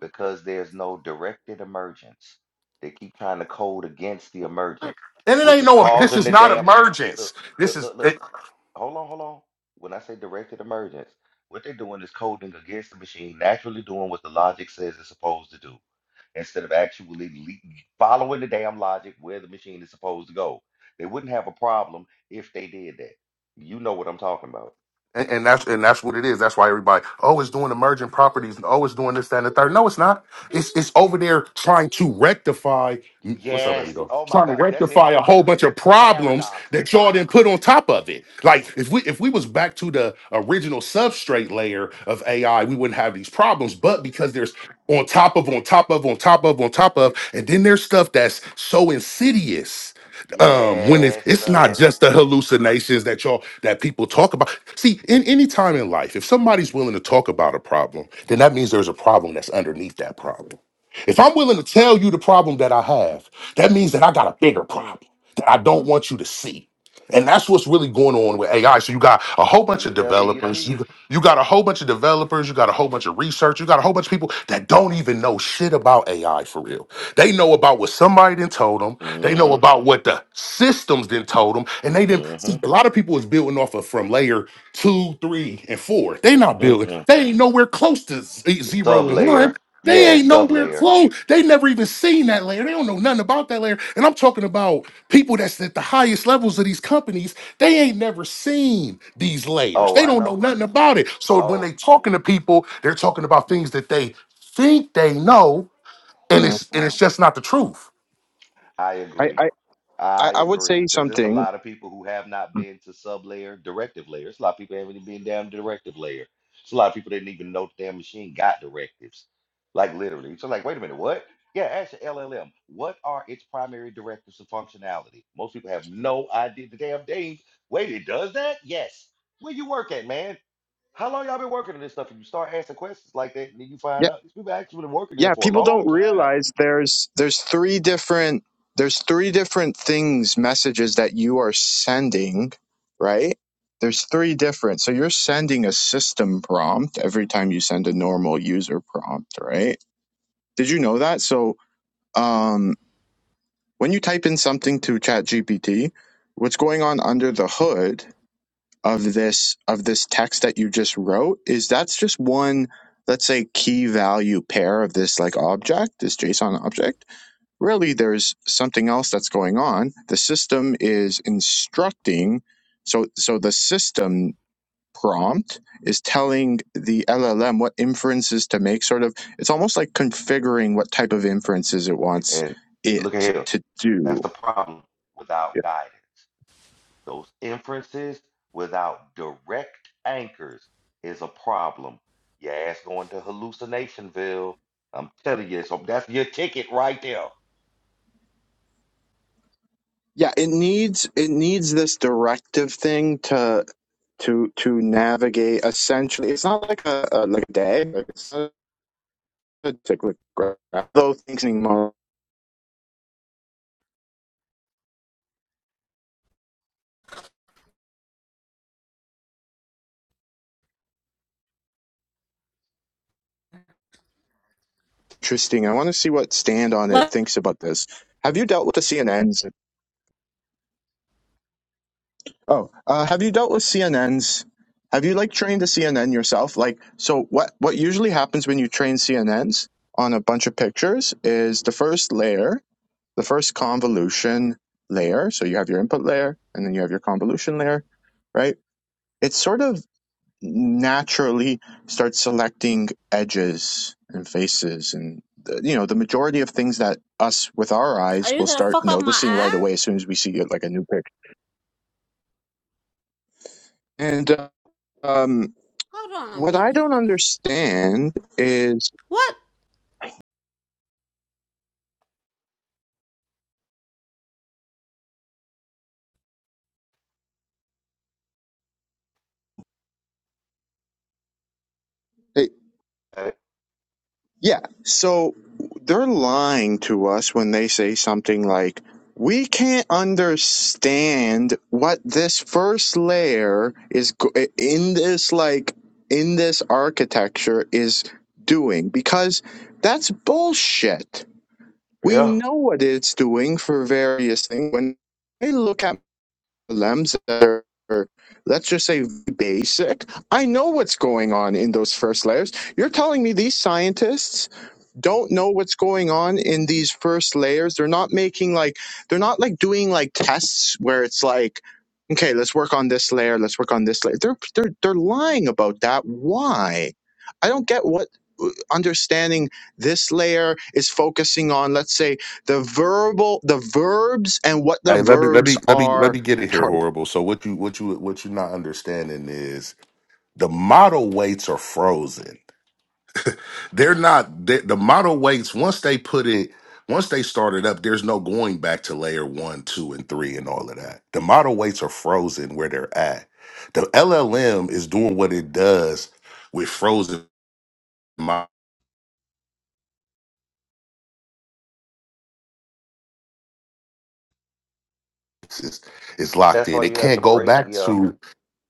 Because there's no directed emergence. They keep trying to code against the emergence, And it which ain't is no, this causing is the not damn. emergence. Look, This look, look, look. is hold on, hold on. When I say directed emergence, what they're doing is coding against the machine, naturally doing what the logic says it's supposed to do, instead of actually le- following the damn logic where the machine is supposed to go. They wouldn't have a problem if they did that. You know what I'm talking about. And, and that's and that's what it is. That's why everybody, oh, it's doing emerging properties, and oh, it's doing this, that, and the third. No, it's not. It's it's over there trying to W- rectify. mm, What's up, baby Yes. girl? Oh my Trying to God. That's it. rectify a whole bunch of problems Paradoxes. that y'all didn't put on top of it. Like if we if we was back to the original substrate layer of AI, we wouldn't have these problems. But because there's on top of on top of on top of on top of, and then there's stuff that's so insidious um when it's Yes, it's not Yes. sir. just the hallucinations that y'all that people talk about see in any time in life if somebody's willing to talk about a problem then that means there's a problem that's underneath that problem if i'm willing to tell you the problem that i have that means that i got a bigger Mm. problem that i don't want you to see and that's what's really going on with AI. So you got a whole bunch of developers. BWP. You, you got a whole bunch of developers. You got a whole bunch of research. You got a whole bunch of people that don't even know shit about AI for real. They know about what somebody then told them. They know Mm-hmm. about what the systems then told them. And they didn't see a Mm-hmm. lot of people is building off of from layer two, three, and four. They not building. Mm-mm. They ain't nowhere close to z- zero and one. Sublayer. They Yeah, ain't nowhere sublayer. close. They never even seen that layer. They don't know nothing about that layer. And I'm talking about people that's at the highest levels of these companies. They ain't never seen these layers. Oh, They I don't know know. nothing about it. So when they Oh, talking to people, they're talking about things that they think they know, You and know, it's and it's just not the truth. I I agree. I I I I would say agree. Because there's a something. lot of people who have not been to sub layer, directive layer. It's a lot of people haven't even been down to directive layer. It's a lot of people didn't even know the damn machine got directives. Like literally. So like, wait a minute, what? Yeah, ask your LLM. What are its primary directives and functionality? Most people have no idea the damn thing. Wait, it does that? Yes. Where you work at, man? How long y'all been working on this stuff? And you start asking questions like that, and then you find out these people actually been working there yeah for a people long don't time. realize there's there's three different there's three different things messages that you are sending right there's three different so you're sending a system prompt every time you send a normal user prompt right did you know that so um when you type in something to ChatGPT, what's going on under the hood of this of this text that you just wrote is that's just one let's say key value pair of this like object this json object really there's something else that's going on the system is instructing so so the system prompt is telling the llm what inferences to make sort of it's almost like configuring what type of inferences it wants And look at it here. to That's do the problem without guidance. Those inferences without direct anchors is a problem. Your ass going to hallucinationville. I'm telling you, so that's your ticket right there. yeah it needs it needs this directive thing to to to navigate essentially it's not like a, a like a day like it's not a, it's like a graph, though thinking model Interesting. I want to see what Stand on It What? thinks about this. Have you dealt with the CNNs? Oh, uh, have you dealt with CNNs? Have you like trained a CNN yourself? Like, so what? What usually happens when you train CNNs on a bunch of pictures is the first layer, the first convolution layer. So you have your input layer, and then you have your convolution layer, right? It's sort of naturally start selecting edges and faces and the- you know the majority of things that us with our Are eyes you will gonna start fuck up my noticing right eye? away as soon as we see uh, like a new picture and uh, um Hold on a what i don't minute. understand is What? Uh, Yeah. So they're lying to us when they say something like, we can't understand what this first layer is go- in this, like, in this architecture is doing because that's bullshit. We Yeah, know what it's doing for various things. When I look at LMs that are, let's just say, basic, I know what's going on in those first layers. You're telling me these scientists don't know what's going on in these first layers. They're not making like they're not like doing like tests where it's like, okay, let's work on this layer, let's work on this layer. They're they're they're lying about that. Why? I don't get what uh, understanding this layer is focusing on let's say the verbal the verbs and what the Hey, let me let verbs me let me let are me get it here, horrible. So what you what you what you're not understanding is the model weights are frozen. they're not they, the model weights once they put it once they start it up there's no going back to layer one two and three and all of that the model weights are frozen where they're at the llm is doing what it does with frozen models it's, it's locked that's in why it you have can't to go break. back Yeah, to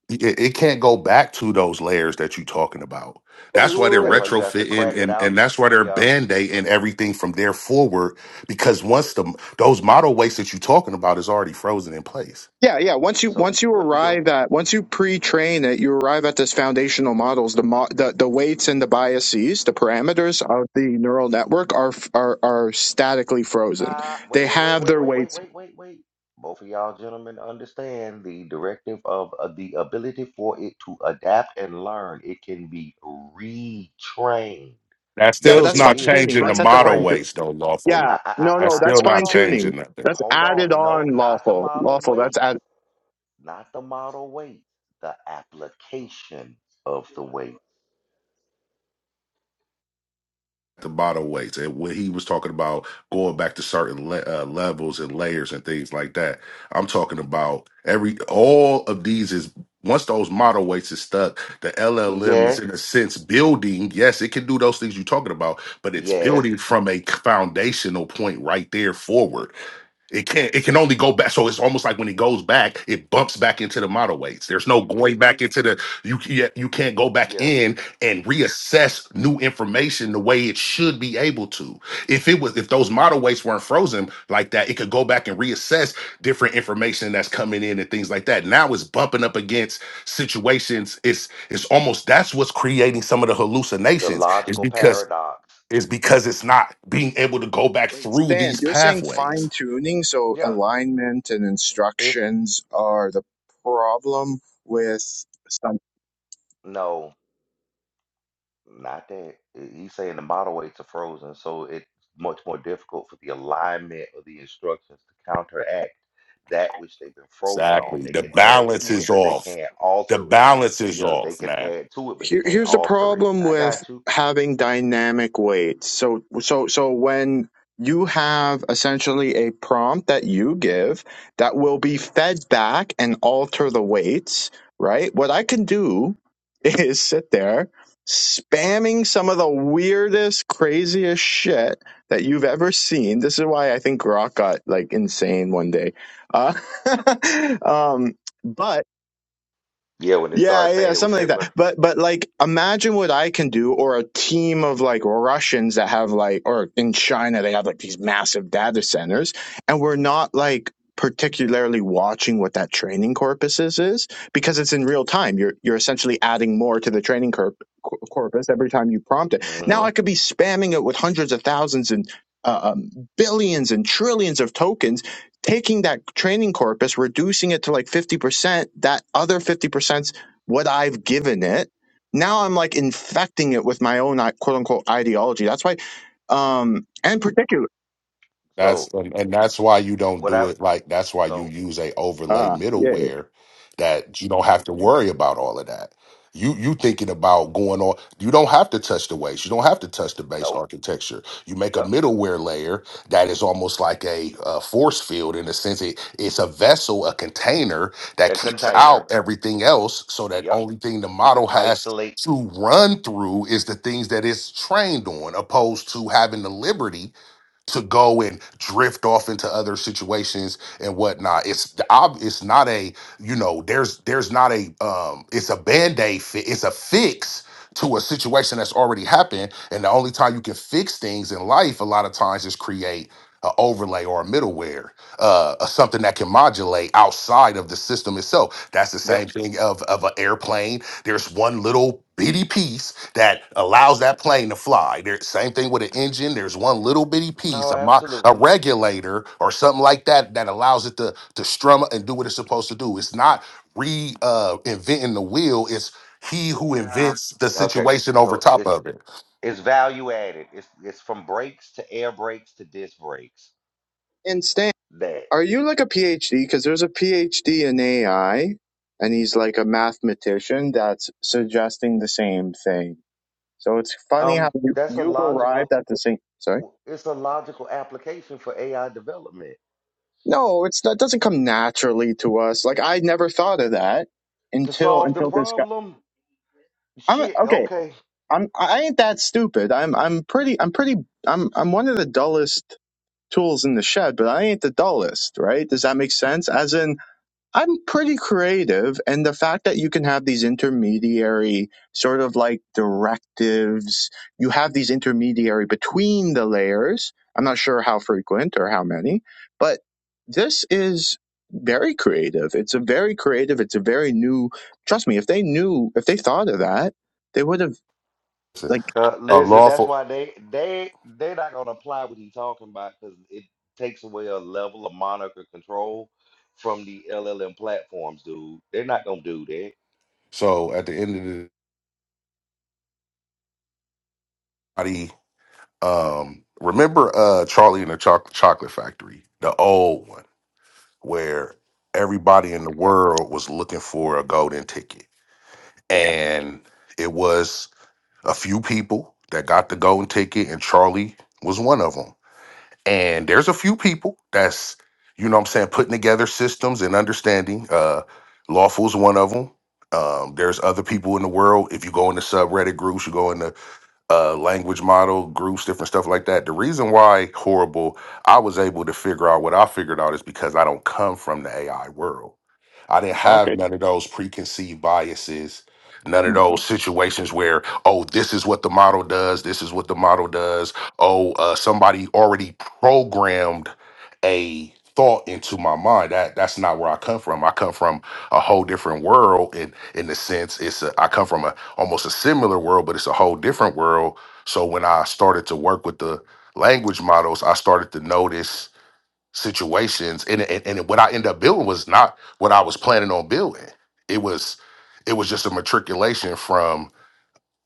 it, it can't go back to those layers that you're talking about. Wait, wait, That's why they're wait. that's why you have to retrofitting crack it and out. and that's why they're Yeah. band-aiding everything from there forward because once wh- the those model weights that you're talking about is already frozen in place. Yeah, yeah. Once you So once you what you do? arrive at once you pre-train it, you arrive at this foundational models. The mo- the the weights and the biases, the parameters of the neural network are f- are are statically frozen. Uh, wait, They wait, wait, have wait, their wait, wait, weights. wait, wait, wait. Both of y'all gentlemen understand the directive of uh, the ability for it to adapt and learn. It can be retrained. That Yeah, but Yes, still's that's it not fine is tuning. changing the That's at the model fine. Tu- pre-trained. weights though, lawful. yeah, I, I, no, I, That's no, I, I- that's still hold not fine on, tuning. changing nothing. That's hold added on. No, on not the lawful, model lawful. That's weight, add. not the model weight. The application of the weight. the bottle weights and when he was talking about going back to certain le- uh, levels and layers and things like that i'm talking about every all of these is once those model weights is stuck the llm is Yes, in a sense building yes it can do those things you're talking about but it's yes, building from a foundational point right there forward it can't. It can only go back. So it's almost like when it goes back, it bumps back into the model weights. There's no going back into the. You can't. You can't go back yeah. in and reassess new information the way it should be able to. If it was, if those model weights weren't frozen like that, it could go back and reassess different information that's coming in and things like that. Now it's bumping up against situations. It's it's almost that's what's creating some of the The hallucinations. Is logical because paradox. is because it's not being able to go back Wait, through Stan, these you're saying pathways fine tuning, so Yeah, alignment and it's instructions are the problem with. no. Not that he's saying the model weights are frozen, so it's much more difficult for the alignment of the instructions to counteract that which they've been frozen Exactly. on. They The can add balance to it, is but they off. can't The alter it. balance is Yeah, they off can now. add to it, but they Here, can't here's the alter it. problem I with got you. having dynamic weights. So, so, so when you have essentially a prompt that you give that will be fed back and alter the weights, right? What I can do is sit there spamming some of the weirdest, craziest shit that you've ever seen. This is why I think Grok got like insane one day. Uh, um, but Yeah, when they yeah, started yeah, saying it was something like Hitler. that. But but like imagine what I can do or a team of like Russians that have like or in China they have like these massive data centers and we're not like particularly watching what that training corpus is, is because it's in real time. You're you're essentially adding more to the training corp- cor- corpus every time you prompt it. Now hmm I could be spamming it with hundreds of thousands and uh, um, billions and trillions of tokens taking that training corpus, reducing it to like 50%, that other 50% what I've given it. Now I'm like infecting it with my own like, quote unquote ideology. That's why, um, and particular. That's So and, and that's why you don't what do I it like that's why you so use a overlay Ah, yeah. middleware that you don't have to worry about all of that. You you thinking about going on you don't have to touch the waist. You don't have to touch the base nope. architecture. You make a Yep. middleware layer that is almost like a, uh force field in a sense it, it's a vessel, a container that A keeps container. out everything else so that Yep. only thing the You could model has isolate. to run through is the things that it's trained on opposed to having the liberty to go and drift off into other situations and whatnot. It's the ob- it's not a you know there's there's not a um it's a band aid fit. It's a fix to a situation that's already happened. And the only time you can fix things in life, a lot of times, is create an overlay or a middleware, uh, uh, something that can modulate outside of the system itself. That's the Yep. same thing of of an airplane there's one little bitty piece that allows that plane to fly. There, same thing with an engine. There's one little bitty piece, No, a, mo- a absolutely. regulator or something like that, that allows it to to strum and do what it's supposed to do. It's not re uh, inventing the wheel. It's he who Yeah. Yeah. invents the Okay. situation over So top it's of it. It's value added. It's it's from brakes to air brakes to disc brakes. And Stan, That are you like a PhD? Because there's a PhD in AI, and he's like a mathematician that's suggesting the same thing. So it's funny how um you, that's a you arrived logical at the same. Sorry, it's a logical application for AI development no, it's that doesn't come naturally to us. Like I never thought of that to until solve the until this guy. problem. I'm Shit, okay. okay. I'm I ain't that stupid. I'm I'm pretty I'm pretty I'm I'm one of the dullest tools in the shed, but I ain't the dullest, right? Does that make sense? As in I'm pretty creative and the fact that you can have these intermediary sort of like directives, you have these intermediary between the layers. I'm not sure how frequent or how many, but this is very creative. It's a very creative, it's a very new trust me, if they knew if they thought of that, they would have like Uh, A listen, that's lawful. why they they they're not gonna apply what he's talking about because it takes away a level of moniker control from the LLM platforms, dude. They're not gonna do that. So at the end of the body, um, remember uh, Charlie and the Choc- Chocolate Factory, the old one where everybody in the world was looking for a golden ticket. Yeah. And it was a few people that got the golden ticket, and Charlie was one of them. And there's a few people that's, you know what I'm saying, putting together systems and understanding. Uh, Lawful's one of them. Um, there's other people in the world. If you go into subreddit groups, you go into uh, language model groups, different stuff like that. The reason why horrible I was able to figure out what I figured out is because I don't come from the AI world. I didn't have Okay. none of those preconceived biases, none of Mm. those situations where, oh, this is what the model does, this is what the model does. Oh, uh, somebody already programmed a thought into my mind. That that's not where I come from. I come from a whole different world in in the sense it's a, I come from a almost a similar world, but it's a whole different world. So when I started to work with the language models, I started to notice situations, and and, and what I ended up building was not what I was planning on building. It was it was just a matriculation from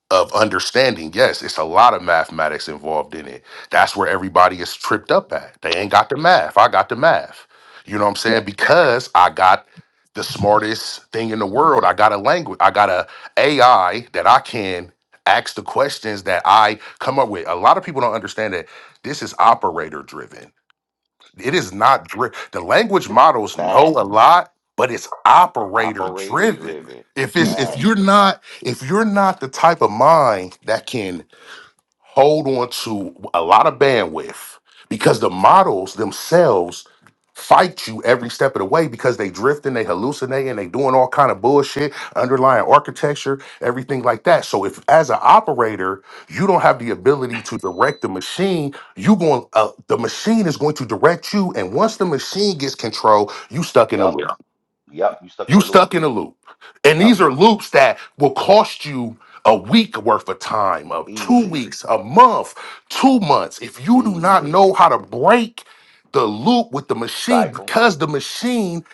of understanding, yes, it's a lot of mathematics involved in it. That's where everybody is tripped up at. They ain't got the math. I got the math. You know what I'm Yeah. saying? Because I got the smartest thing in the world. I got a language. I got a AI that I can ask the questions that I come up with. A lot of people don't understand that this is operator driven it is not dri- the language models know Fact. a lot, but it's operator Operator driven. driven. If it's if Fact. you're not if you're not the type of mind that can hold on to a lot of bandwidth because the models themselves fight you every step of the way because they drifting, they hallucinating, they doing all kind of bullshit, underlying architecture, everything like that. So if as an operator, you don't have the ability to direct the machine, you going uh, the machine is going to direct you and once the machine gets control, you stuck in a Yep. loop. Yep. You stuck in You a loop. stuck in a loop. And Yep. these are loops that will cost you a week worth of time, of two Easy, weeks, a month, two months. If you do not easy know how to break the loop with the machine, cycle. because the machine,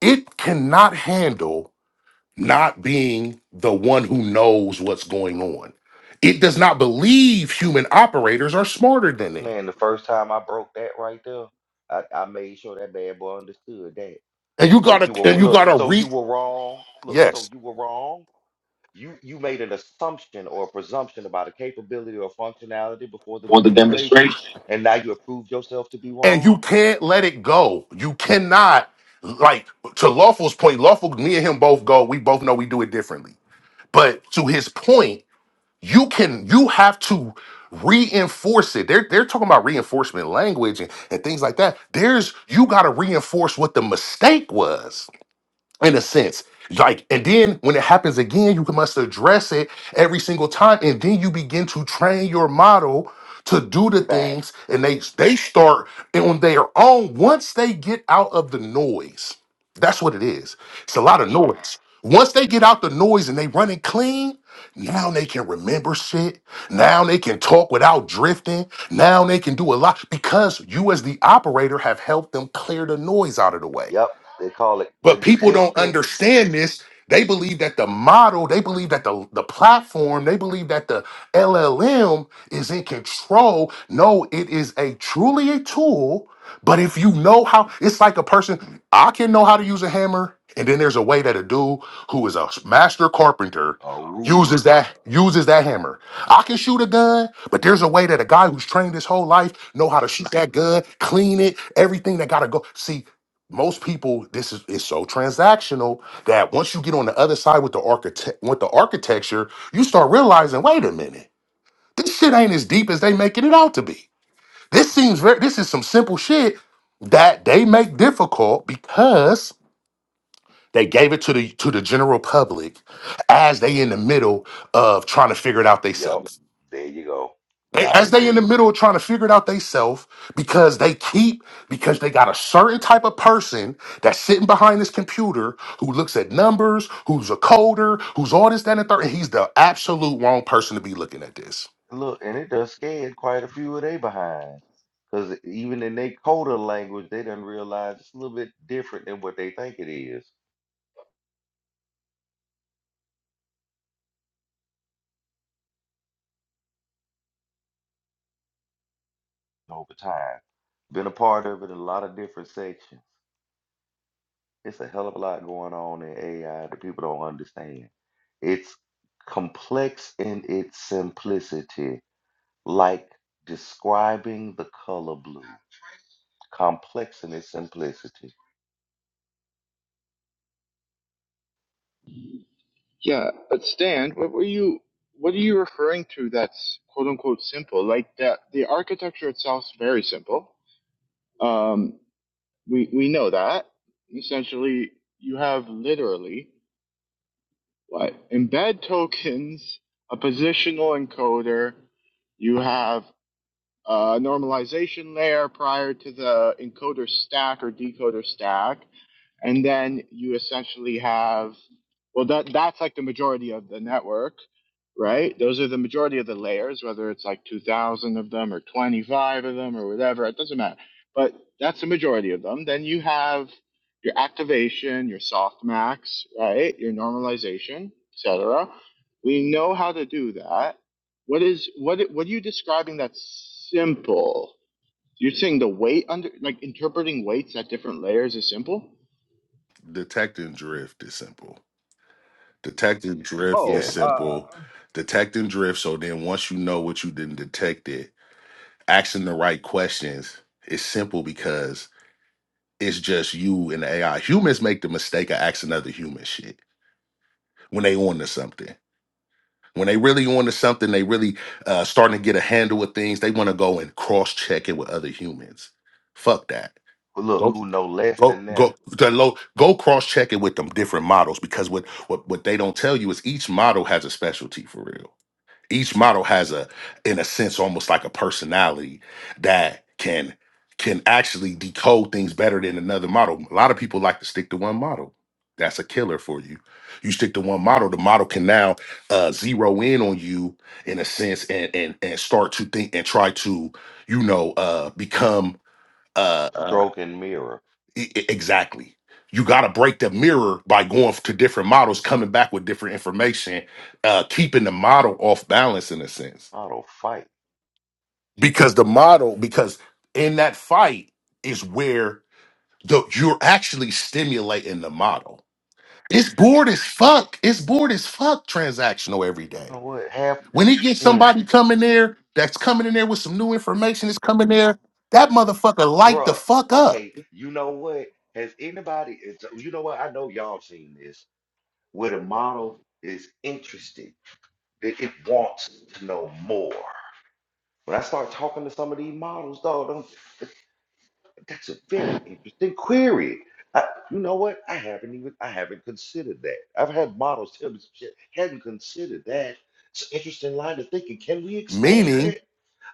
it cannot handle not being the one who knows what's going on. It does not believe human operators are smarter than it. Man, the first time I broke that right there, I, I made sure that bad boy understood that. And you So gotta you and were you look, gotta so you re were wrong. Look, so yes. you were wrong. You you made an assumption or a presumption about a capability or functionality before the Want the demonstration. demonstration, and now you approved yourself to be and you wrong. can't let it go. You cannot like to Lawful's point. Lawful, me and him both go. We both know we do it differently. But to his point, you can you have to reinforce it. They're they're talking about reinforcement language and, and things like that. There's you got to reinforce what the mistake was in a sense. Like, and then when it happens again, you must address it every single time, and then you begin to train your model to do the Fact. things, and they they start on their own once they get out of the noise. That's what it is. It's a lot of noise. Once they get out the noise and they run it clean, now they can remember shit. Now they can talk without drifting. Now they can do a lot because you, as the operator, have helped them clear the noise out of the way. Yep. They call it But people don't consistent understand this. They believe that the model, they believe that the, the platform, they believe that the LLM is in control. No, it is a truly a tool. But if you know how, it's like a person, I can know how to use a hammer. And then there's a way that a dude who is a master carpenter a uses roofer. that uses that hammer. I can shoot a gun, but there's a way that a guy who's trained his whole life know how to shoot that gun, clean it, everything that gotta go. See, most people this is is so transactional that once you get on the other side with the architect with the architecture you start realizing wait a minute this shit ain't as deep as they making it out to be this seems very this is some simple shit that they make difficult because they gave it to the to the general public as they in the middle of trying to figure it out Yep. themselves There you go. they, I as they in the agree. middle of trying to figure it out they self because they keep because they got a certain type of person that's sitting behind this computer who looks at numbers, who's a coder, who's all this, that, and the third, and he's the absolute wrong person to be looking at this. Look, and it does scared quite a few of they behind. Because even in their coder language, they done realize it's a little bit different than what they think it is over time. Been a part of it in a lot of different sections. It's a hell of a lot going on in AI that people don't understand. It's complex in its simplicity, like describing the color blue. Complex in its simplicity. Yeah, but Stan, what were you what are you referring to that's quote unquote simple? Like that the architecture itself is very simple. Um we we know that. Essentially you have literally what embed tokens, a positional encoder, you have uh, normalization layer prior to the encoder stack or decoder stack, and then you essentially have well that that's like the majority of the network, right? Those are the majority of the layers, whether it's like two thousand of them or twenty five of them or whatever, it doesn't matter. But that's the majority of them. Then you have your activation, your softmax, right? Your normalization, etc. We know how to do that what is what? What are you describing that's simple? You're saying the weight under, like interpreting weights at different layers is simple? Detecting drift is simple. Detecting drift Oh, is Yes. simple. uh, Detecting drift. So then once you know what you didn't detect it, asking the right questions is simple because it's just you and the AI. Humans make the mistake of asking other human shit. when they on to something. When they really on to something, they really uh, starting to get a handle with things. They want to go and cross check it with other humans. Fuck that. Look, Go who know less go than them? go the low, go cross check it with them different models because what what what they don't tell you is each model has a specialty for real each model has a in a sense almost like a personality that can can actually decode things better than another model a lot of people like to stick to one model that's a killer for you you stick to one model the model can now uh zero in on you in a sense and and and start to think and try to you know uh become uh, uh Stroke and mirror. e- e- exactly you got to break the mirror by going to different models coming back with different information uh keeping the model off balance in a sense Auto fight. because the model because in that fight is where the you're actually stimulating the model it's bored as fuck it's bored as fuck transactional every day You know what? Half, when he gets mm, somebody coming there that's coming in there with some new information that's coming there that motherfucker light the bruh. fuck up Okay, you know what? Has anybody? it's- You know what? I know y'all seen this. Where the model is interested, it, it wants to know more. When I start talking to some of these models, dog, I'm- that- that's a very interesting query. I, you know what? I haven't even I haven't considered that. I've had models tell me some shit. Hadn't considered that. It's an interesting line of thinking. Can we expand meaning that?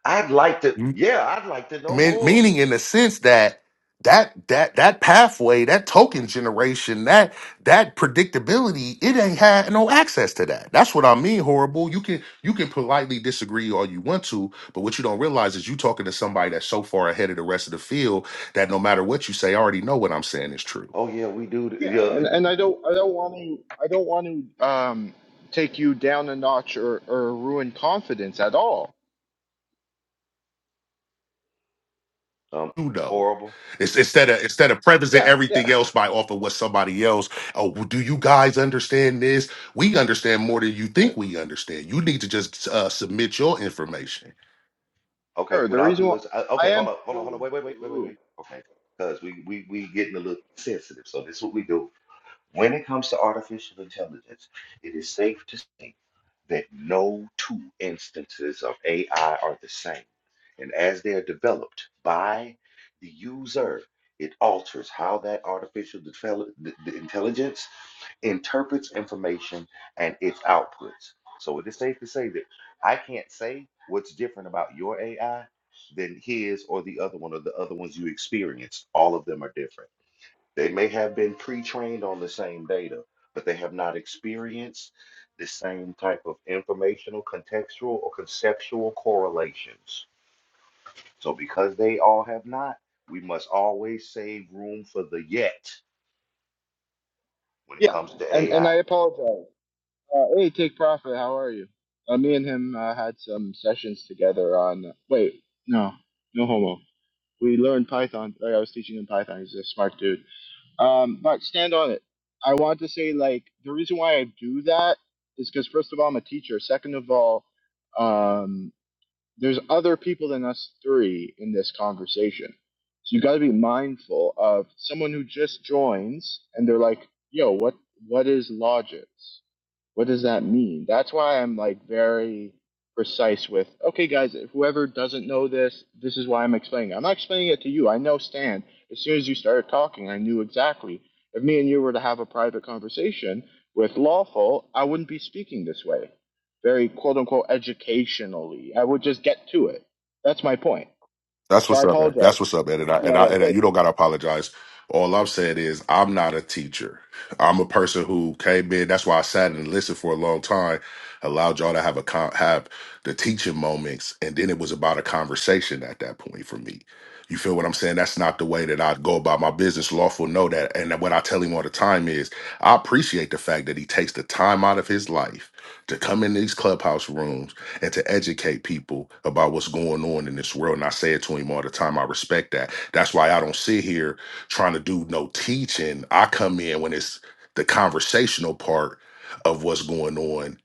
I'd like to. Yeah, I'd like to know Mean, more. meaning in the sense that that that that pathway, that token generation, that that predictability, it ain't had no access to that. That's what I mean. Horrible. You can you can politely disagree all you want to, but what you don't realize is you talking to somebody that's so far ahead of the rest of the field that no matter what you say, I already know what I'm saying is true Oh yeah, we do. th- Yeah, and, Yeah, and I don't I don't want to I don't want to um take you down a notch or, or ruin confidence at all. uh, um, you know. horrible. It's, instead of instead of prefacing Yeah, yeah, everything else by off of what somebody else, oh, well, do you guys understand this? We understand more than you Okay, think we understand. You need to just uh, submit your information. okay. sure. What The I'll reason do why is, I, I okay, hold am on, hold on, hold on. holding Wait, wait, the wait, wait, wait, room. wait. Okay, because we we we getting a little sensitive. So this is what we do. When it comes to artificial intelligence, it is safe to say that no two instances of AI are the same. And as they are developed by the user, it alters how that artificial devel- the- the intelligence interprets information and its outputs. So it is safe to say that I can't say what's different about your AI than his or the other one or the other ones you experienced. All of them are different. They may have been pre-trained on the same data, but they have not experienced the same type of informational, contextual, or conceptual correlations. So because they all have not, we must always save room for the yet when it Yeah, comes to and and AI. I apologize. Uh, hey, take profit. How are you? Uh, me and him uh, had some sessions together on. wait, no, no homo. We learned Python. Like I was teaching him Python. He's a smart dude. Um, but stand on it. I want to say like the reason why I do that is because first of all I'm a teacher. Second of all, um, there's other people than us three in this conversation. So you got to be mindful of someone who just joins and they're like, "Yo, what what is Logix?" What does that mean? That's why I'm like very precise with, okay, guys, if whoever doesn't know this, this is why I'm explaining it. I'm not explaining it to you. I know Stan. As soon as you started talking, I knew exactly. If me and you were to have a private conversation with lawful, I wouldn't be speaking this way. Very quote unquote educationally. I would just get to it. That's my point. That's So I what's up, Ed. apologize. That's what's up, Ed. And I, Yeah, and I, yeah, and thank you you. don't gotta apologize. All I'm saying is I'm not a teacher. I'm a person who came in. That's why I sat and listened for a long time, allowed y'all to have a con- have the teaching moments, and then it was about a conversation at that point for me. You feel what I'm saying? That's not the way that I go about my business. Lawful know that, and what I tell him all the time is I appreciate the fact that he takes the time out of his life to come in these clubhouse rooms and to educate people about what's going on in this world. And I say it to him all the time. I respect that. That's why I don't sit here trying to do no teaching. I come in when it's the conversational part of what's going on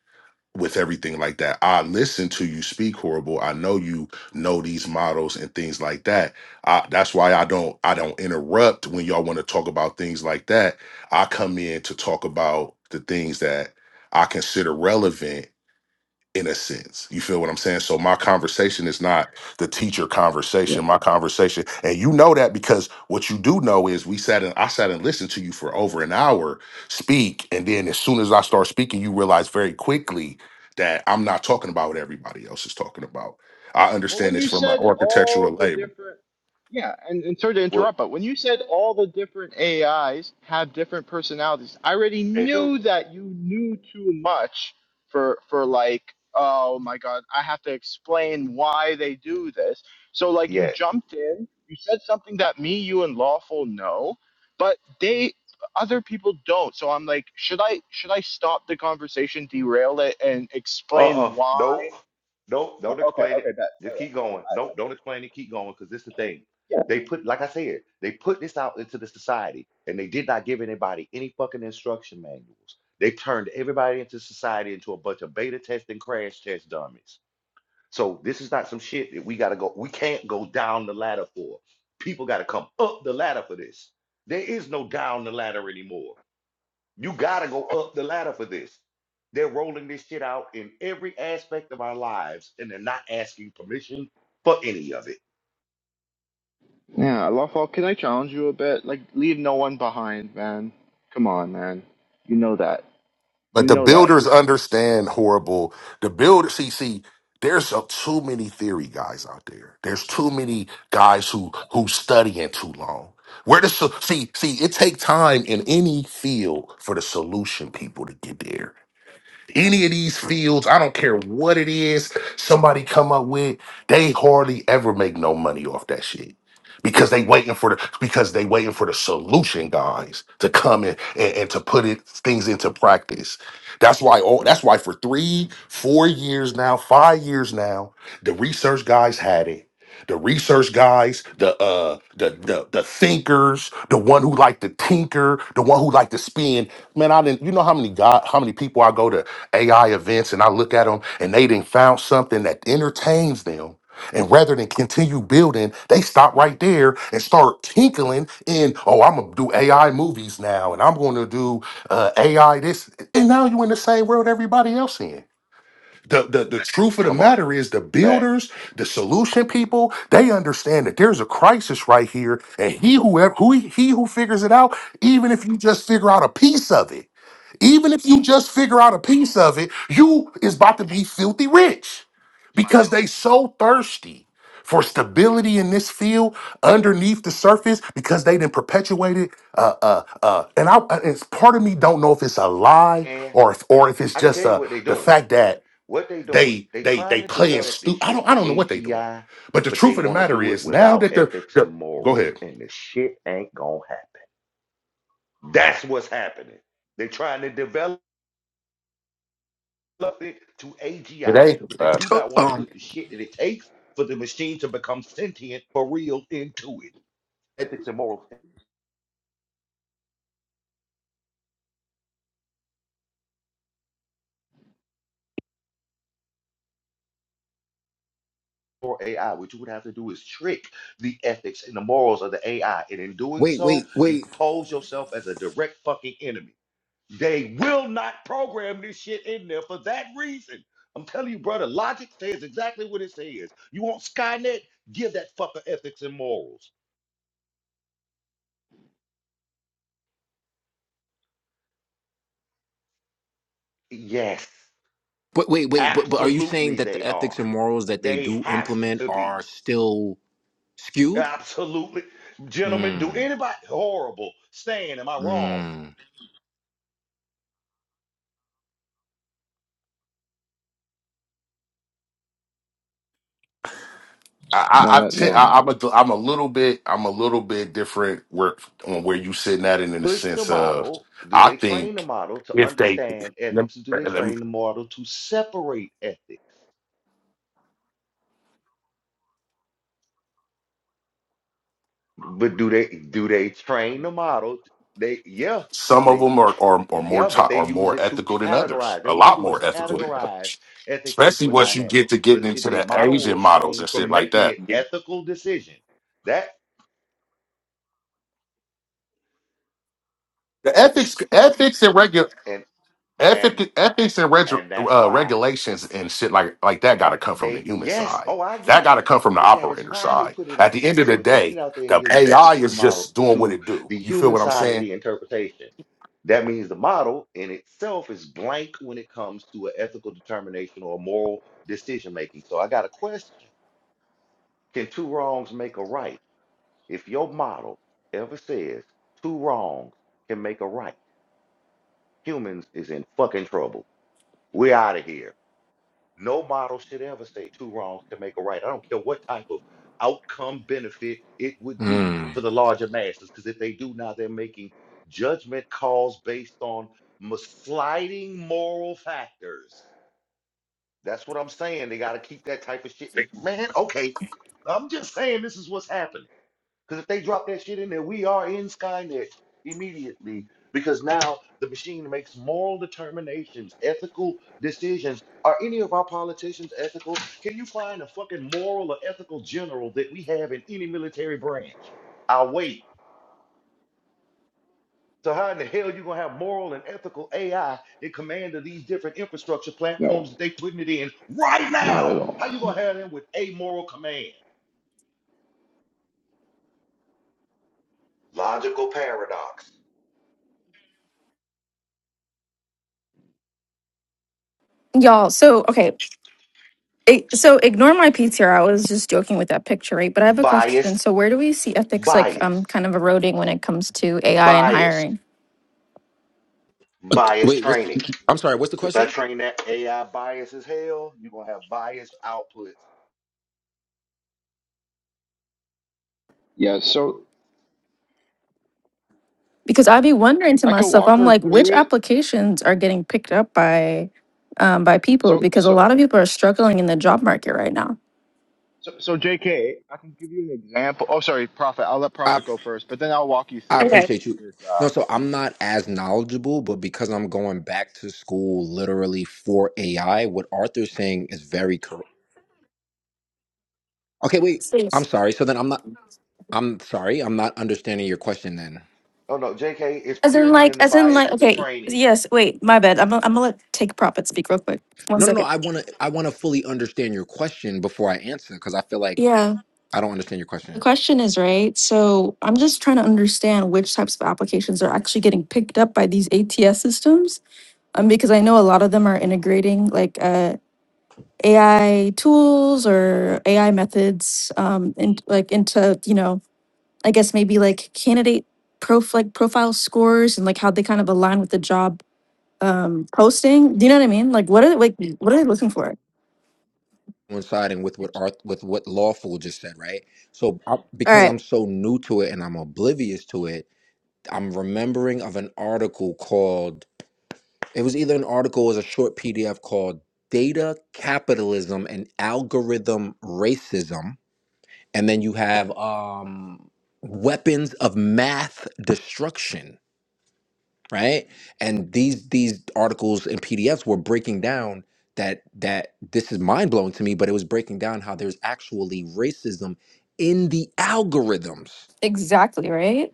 with everything like that. I listen to you speak horrible. I know you know these models and things like that. I, that's why I don't I don't interrupt when y'all want to talk about things like that. I come in to talk about the things that I consider relevant in a sense. You feel what I'm saying? So my conversation is not the teacher conversation. My conversation, and you know that because what you do know is we sat and I sat and listened to you for over an hour speak, and then as soon as I start speaking, you realize very quickly that I'm not talking about what everybody else is talking about. I Well, understand when this you from an said all architectural the labor. different, yeah, and, and sorry to What interrupt, but when you said all the different AIs have different personalities, I already they do. knew that you knew too much for for like, oh my God, I have to explain why they do this. So like, you Yeah, jumped in, you said something that me, you, and Lawful know, but they other people don't. So I'm like, should I should I stop the conversation, derail it, and Uh-uh. explain why? Nope. Nope. Don't Okay, explain okay, it. that yeah. Just keep going. Nope. Don't explain it. Keep going. Because this is the thing. They put, like I said, they put this out into the society and they did not give anybody any fucking instruction manuals. They turned everybody into society into a bunch of beta test and crash test dummies. So this is not some shit that we gotta go, we can't go down the ladder for. People gotta come up the ladder for this. There is no down the ladder anymore. You got to go up the ladder for this. They're rolling this shit out in every aspect of our lives, and they're not asking permission for any of it. Yeah, Lawful, can I challenge you a bit? Like, leave no one behind, man. Come on, man. You know that. You But the know that. builders understand horrible. The builder, see, see, there's uh, too many theory guys out there. There's too many guys who who studying too long. Where the so- see, see, it take time in any field for the solution people to get there any of these fields, I don't care what it is, somebody come up with, they hardly ever make no money off that shit. Because they waiting for the because they waiting for the solution guys to come in and, and to put it things into practice. That's why all that's why for three, four years now, five years now, the research guys had it the research guys, the uh the the, the thinkers, the one who like to tinker, the one who like to spin. Man, I didn't you know how many God how many people I go to AI events and I look at them and they didn't found something that entertains them. And rather than continue building, they stop right there and start tinkling in, oh, I'm gonna do AI movies now, and I'm gonna do uh, AI this. And now you are in the same world everybody else in. The, the the truth of the Come on, matter is the facts. builders, the solution people, they understand that there's a crisis right here, and he whoever who he who figures it out, even if you just figure out a piece of it, even if you just figure out a piece of it, you is about to be filthy rich because they so thirsty for stability in this field underneath the surface because they then perpetuated uh uh uh and I uh, it's part of me don't know if it's a lie And or if, or if it's I can just tell you uh what they're the doing. fact that What they're doing, they they they trying they to playing develop this stupid. I don't shit I to don't know what they doing. AGI, But the but they truth of the want to matter do it is, now without that the, ethics the and go morals, ahead. and the shit ain't gonna happen. That's what's happening. They're trying to develop. nothing to AGI, Today, but they uh, do not want to Um, put the shit that it takes for the machine to become sentient for real into it. Ethics and morals for AI, what you would have to do is trick the ethics and the morals of the AI. And in doing wait, wait, so, you wait, pose yourself as a direct fucking enemy. They will not program this shit in there for that reason. I'm telling you, brother, logic says exactly what it says. You want Skynet? Give that fucker ethics and morals. Yes. but wait, wait, but but are you saying Absolutely, that they the ethics are. and morals that they They do have implement to are be. still skewed? Absolutely. Gentlemen, do Hmm. anybody horrible saying, am I wrong? Hmm. I, No, I, I no, t- no, I I'm a I'm a little bit I'm a little bit different where on where you sitting at it in the Push the sense of model. Do I they train the think model to if they understand let me- ethics? Do they train the model to separate ethics? But do they do they train the model? They yeah, some of they them are are, are more yeah, to, but they are use more it to ethical than others, categorize. Then a what they'll lot do is more ethical than categorize others, ethics especially into a once you dynamic. get to But getting it, into the the model will Asian models refrain and shit from like making that. an Yeah. ethical decision. That The ethics ethics and regu- and and Ethic, ethics and reg, and that's uh, why regulations and shit like like that got to and come from the they human yes side. oh i That get got to you come from the but that is operator why they side. put it At out the there end of the so if they put day, it out there and the give the AI ethics in the is model just doing what to it do. the You feel human what I'm side of saying? the interpretation that means the model in itself is blank when it comes to an ethical determination or a moral decision making so i got a question can two wrongs make a right if your model ever says two wrongs can make a right humans is in fucking trouble we out of here No model should ever say two wrongs can make a right. I don't care what type of outcome benefit it would be Hmm. for the larger masses, because if they do now, they're making judgment calls based on mis- sliding moral factors. That's what I'm saying. They got to keep that type of shit. Man, okay. I'm just saying this is what's happening. Because if they drop that shit in there, we are in Skynet immediately. Because now the machine makes moral determinations, ethical decisions. Are any of our politicians ethical? Can you find a fucking moral or ethical general that we have in any military branch? I'll wait. So how in the hell you gonna have moral and ethical AI in command of these different infrastructure platforms no, that they putting it in right not now? at all. How you gonna have them with amoral command? Logical paradox. Y'all, so okay, it, so ignore my PTR. I was just joking with that picture, right? But I have a question. Bias. So, where do we see ethics like Bias. um kind of eroding when it comes to AI and Biased, hiring? Uh, biased Wait, what's? training. I'm sorry. What's the If I question? train that AI bias as hell, you're gonna have biased outputs. Yeah, so Because I'd be wondering to I can myself, walk I'm her like, which through it. applications are getting picked up by um by people? So, Because a so, lot of people are struggling in the job market right now. so, so, J.K., I can give you an example. Oh, sorry, Prophet. I'll let I Prophet go first, but then I'll walk you I through it. appreciate since you. you're a child. No, so I'm not as knowledgeable, but because I'm going back to school literally for AI, what Arthur's saying is very correct. Okay, wait. I'm Please. sorry. So then I'm not. I'm sorry. I'm not understanding your question then. Oh no, JK, it's As in, purely like, in the as in, bias like, of the okay, training. yes, wait, my bad. I'm gonna- I'm gonna let take profit speak real quick. One No, no, no. second. I want to. I want to fully understand your question before I answer because I feel like Yeah. I don't understand your The question. question is, right? So I'm just trying to understand which types of applications are actually getting picked up by these ATS systems. Um, because I know a lot of them are integrating like uh, AI tools or AI methods um, in, like into you know I guess maybe like candidate prof like profile scores and like how they kind of align with the job um, posting. Do you know what I mean? Like what are like what are they looking for? All Coinciding with what Arth, with what lawful just said, right? So I, because right, I'm so new to it and I'm oblivious to it, I'm remembering of an article called. It was either an article or it was a short PDF called "Data Capitalism and Algorithm Racism," and then you have um, weapons of math destruction right? And these these articles and PDFs were breaking down that that this is mind blowing to me, but it was breaking down how there's actually racism in the algorithms. exactly right.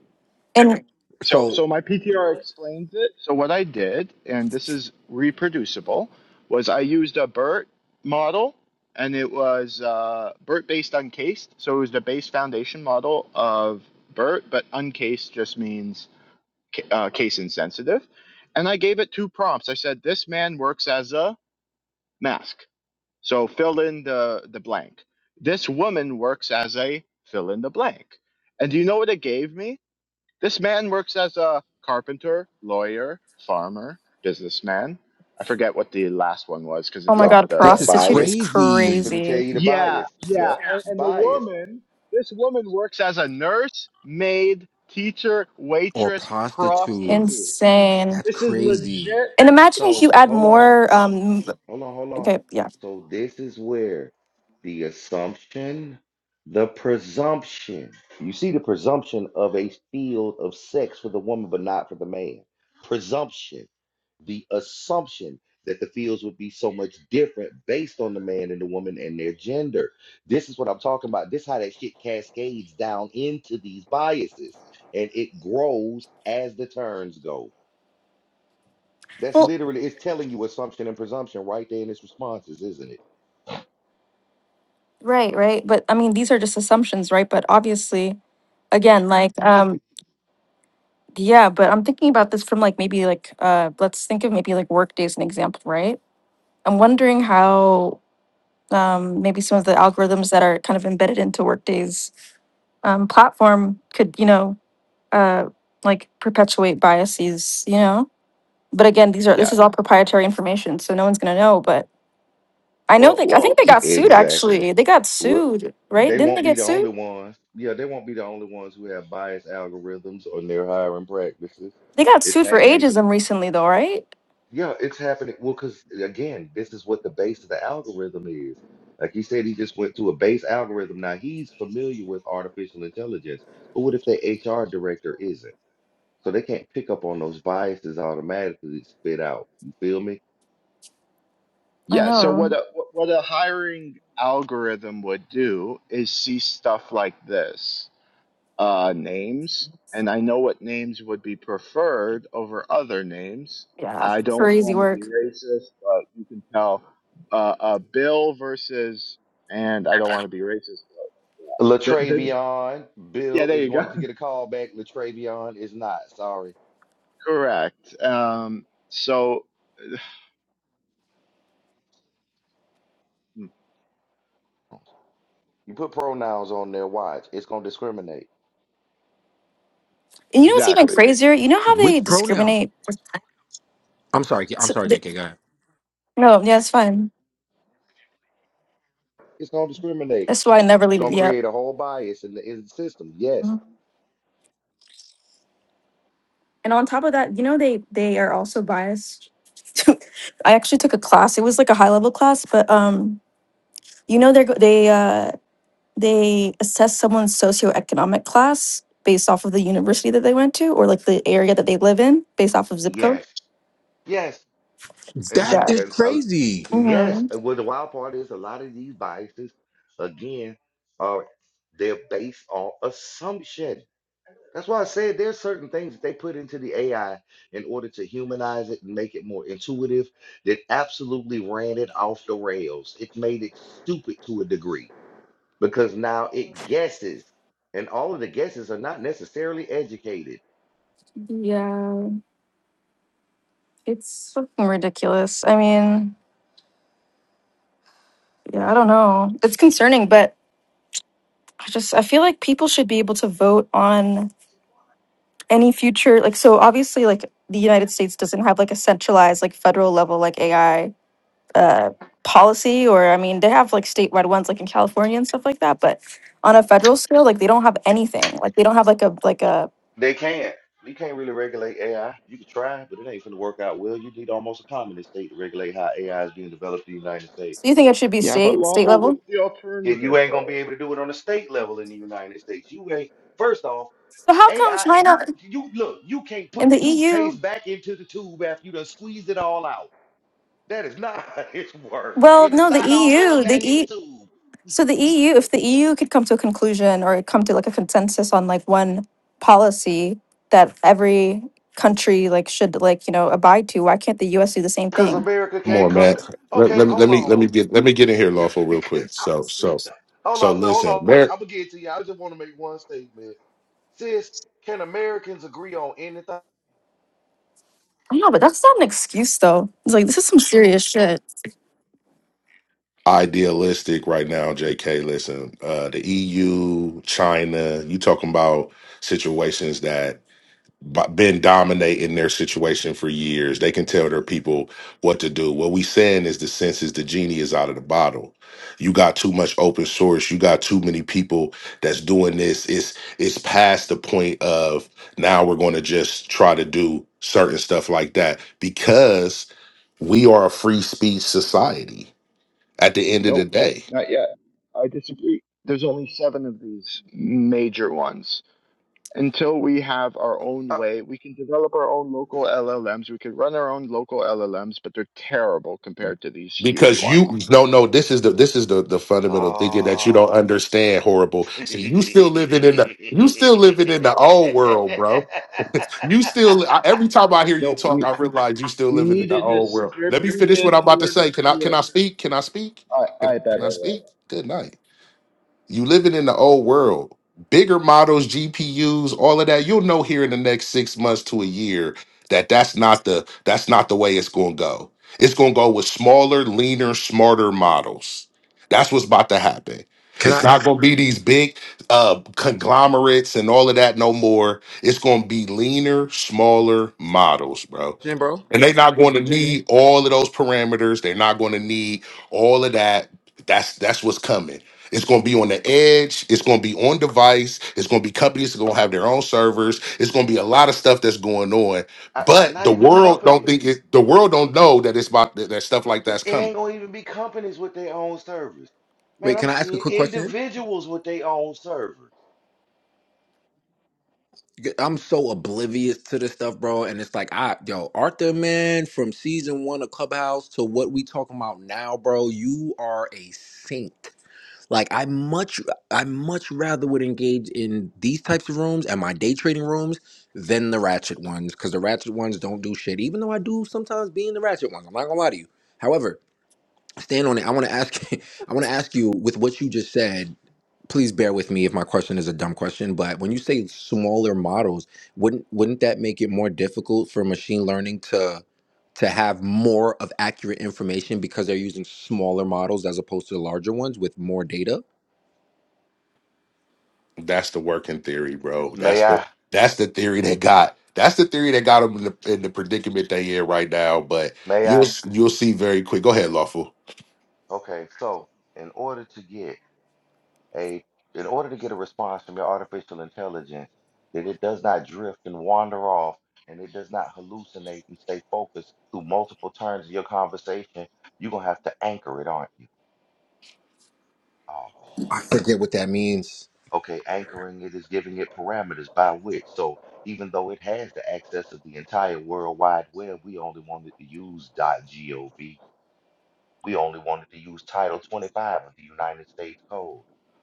And So, So so my PTR explains it. So what I did, and this is reproducible, was I used a BERT model, and it was uh, BERT based uncased. So it was the base foundation model of BERT, but uncased just means ca- uh, case insensitive. And I gave it two prompts. I said, "This man works as a mask." So fill in the the blank. This woman works as a fill in the blank. And do you know what it gave me? This man works as a carpenter, lawyer, farmer, businessman. I forget what the last one was because oh it's my Yep, off god, the. this that is prostitute is bias is crazy. finna tell crazy. you the Yeah, bias. yeah. Yup, And, and the bias. woman, this woman works as a nurse, maid, teacher, Or waitress, prostitute. prostitute. Insane. That's This is crazy. legit. And imagine if So you add hold on. more. Um, Hold on, hold on. okay, yeah. So this is where the assumption, the presumption. You see the presumption of a field of sex for the woman, but not for the man. Presumption, the assumption that the fields would be so much different based on the man and the woman and their gender. This is what I'm talking about. This is how that shit cascades down into these biases, and it grows as the turns go. That's Well, literally it's telling you assumption and presumption right there in its responses, isn't it? right, right. But I mean, these are just assumptions, right? But obviously, again, like, um, yeah. But I'm thinking about this from like maybe like uh, let's think of maybe like workday as an example, right? I'm wondering how um, maybe some of the algorithms that are kind of embedded into workdays um, platform could you know uh, like perpetuate biases you know but again these are this is Yeah. all proprietary information so no one's going to know but I know Well, they. I think well, they you. got sued. Exactly. Actually, they got Well, sued, right? they Didn't won't they be get the only sued? ones. Yeah, they won't be the only ones who have biased algorithms or their hiring practices. They got It's sued for happening. ageism recently, though, right? Yeah, it's happening. Well, because again, this is what the base of the algorithm is. Like he said, he just went to a base algorithm. Now he's familiar with artificial intelligence, but what if their HR director isn't? So they can't pick up on those biases automatically spit out. You feel me? I Yeah. So what know. a what a hiring algorithm would do is see stuff like this uh, names, and I know what names would be preferred over other names. Yeah, I don't crazy want to be work. racist, but you can tell uh, uh, Bill versus, and I don't want to be racist. But yeah. the, the, Latravion, yeah, Bill there is you going to go. get a call back. Latravion is not. Sorry. Correct. Um, so Hmm, You put pronouns on there, watch. It's going to discriminate. And you know what's even Exactly. crazier? You know how Which they pronouns? discriminate? I'm sorry. I'm So sorry, the- JK. Go ahead. no, yeah, it's fine. It's going to discriminate. That's why I never It's leave. going to Yep. create a whole bias in the, in the system. Yes. And on top of that, you know they they are also biased. I actually took a class. It was like a high level class, but um, you know they're they uh they assess someone's socioeconomic class based off of the university that they went to or like the area that they live in based off of zip code. Yes. Yes. And, That the, Yeah. is and uh, crazy. yes. Mhm. And what the wild part is, a lot of these biases, again, are they're based on assumption. That's why I said there's certain things that they put into the AI in order to humanize it and make it more intuitive that absolutely ran it off the rails. It made it stupid to a degree because now it guesses, and all of the guesses are not necessarily educated. Yeah. It's fucking ridiculous. I mean, yeah, I don't know. It's concerning, but I just I feel like people should be able to vote on any future like so obviously like the United States doesn't have like a centralized like federal level like AI uh, policy or i mean they have like statewide ones like in california and stuff like that but on a federal scale like they don't have anything like they don't have like a like a They can't. You can't really regulate AI. You can try, but it ain't going to work out well. You need almost a communist state to regulate how AI is being developed in the United States. so you think it should be Yeah, but state state lawful, level what's the And you alternative ain't going to be though? able to do it on a state level in the United States. You ain't. First off. so how come AI, china you you look, you can't put and the the eu toothpaste back into the tube after you done squeezed it all out. That is not how it works. well It is no the not all going eu the back in the e tube. so the eu if the eu could come to a conclusion or come to like a consensus on like one policy that every country like should like you know abide to why can't the us do the same Cause thing America Come can't on, come Matt. to, Let, okay, let me let hold me let on. me get let me get in here, lawful, real quick. So so hold so on, no, hold listen, on, wait, Mer I'm gonna get to you. I just want to make one statement. Sis, can Americans agree on anything? i know but that's not an excuse though it's like this is some serious shit idealistic right now, JK. Listen, uh the EU, China, you talking about situations that b- been dominating their situation for years. They can tell their people what to do. What we saying is the sense is the genie is out of the bottle. You got too much open source. You got too many people that's doing this. It's it's past the point of now we're going to just try to do certain stuff like that because we are a free speech society at the end of the Nope, day not yet. I disagree. There's only seven of these major ones. until we have our own Uh, way. We can develop our own local LLMs. We could run our own local LLMs, but they're terrible compared to these huge because ones. you no no this is the this is the the fundamental thinking that you don't oh. understand horrible see you still living in the you still living in the old world bro you still I, every time i hear you No, talk i we realize you still we living in need the a old world let me finish what distributed i'm about to say can i can peer-to-peer. i speak can i speak I can, I I- bet can i it. speak good night you living in the old world. Bigger models, GPUs, all of that. You'll know here in the next six months to a year that that's not the that's not the way it's going to go. It's going to go with smaller, leaner, smarter models. That's what's about to happen. Can It's I, not going to be these big uh, conglomerates and all of that no more. It's going to be leaner, smaller models, bro. question, bro? And they're not going to need all of those parameters. They're not going to need all of that. That's that's what's coming. It's going to be on the edge. It's going to be on device. It's going to be companies that are going to have their own servers. It's going to be a lot of stuff that's going on. I- But not the even world don't companies. think it. The world don't know that it's about that that stuff But like that's it ain't coming. gonna even be companies with their own servers. Man, Wait, I'm can I ask a seeing quick question? individuals with their own servers. I'm so oblivious to this stuff, bro. And it's like, I yo, Arthur, man, from season one of Clubhouse to what we talking about now, bro. You are a saint. Like I much, I much rather would engage in these types of rooms and my day trading rooms than the ratchet ones, because the ratchet ones don't do shit. Even though I do sometimes be in the ratchet ones, I'm not gonna lie to you. However, stand on it. I want to ask, I want to ask you with what you just said please bear with me if my question is a dumb question, but when you say smaller models, wouldn't wouldn't that make it more difficult for machine learning to to have more of accurate information because they're using smaller models as opposed to the larger ones with more data? That's the working theory, bro. May That's the I? that's the theory that got. That's the theory that got them in the, in the predicament they in right now. But May you'll I? you'll see very quick. Go ahead, lawful. Okay, so in order to get a in order to get a response from your artificial intelligence that it does not drift and wander off and it does not hallucinate and stay focused through multiple turns of your conversation, you're gonna have to anchor it, aren't you? Oh I shit. forget what that means. Okay, anchoring it is giving it parameters by which. So even though it has the access of the entire World Wide Web, we only wanted to use .gov. We only wanted to use Title 25 of the United States Code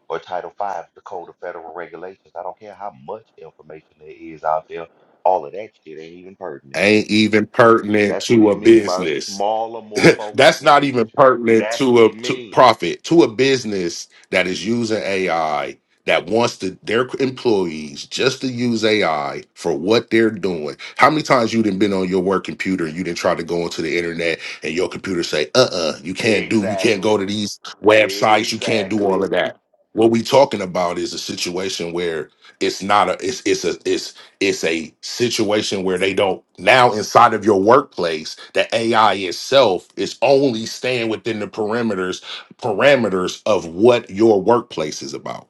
or Title 5 of the Code of Federal Regulations. I don't care how much information there is out there. All of that shit ain't even pertinent. Ain't even pertinent That's what to he a mean by business. smaller, more focused that's not even language. pertinent That's what to a he to mean. profit to a business that is using AI that wants to their employees just to use AI for what they're doing. How many times you didn't been on your work computer and you didn't try to go onto the internet and your computer say, uh-uh, you can't do, you can't go Exactly. to these websites, you can't do Exactly. all of that. What we talking about is a situation where it's not a it's it's a it's it's a situation where they don't now inside of your workplace, the AI itself is only staying within the perimeters parameters of what your workplace is about.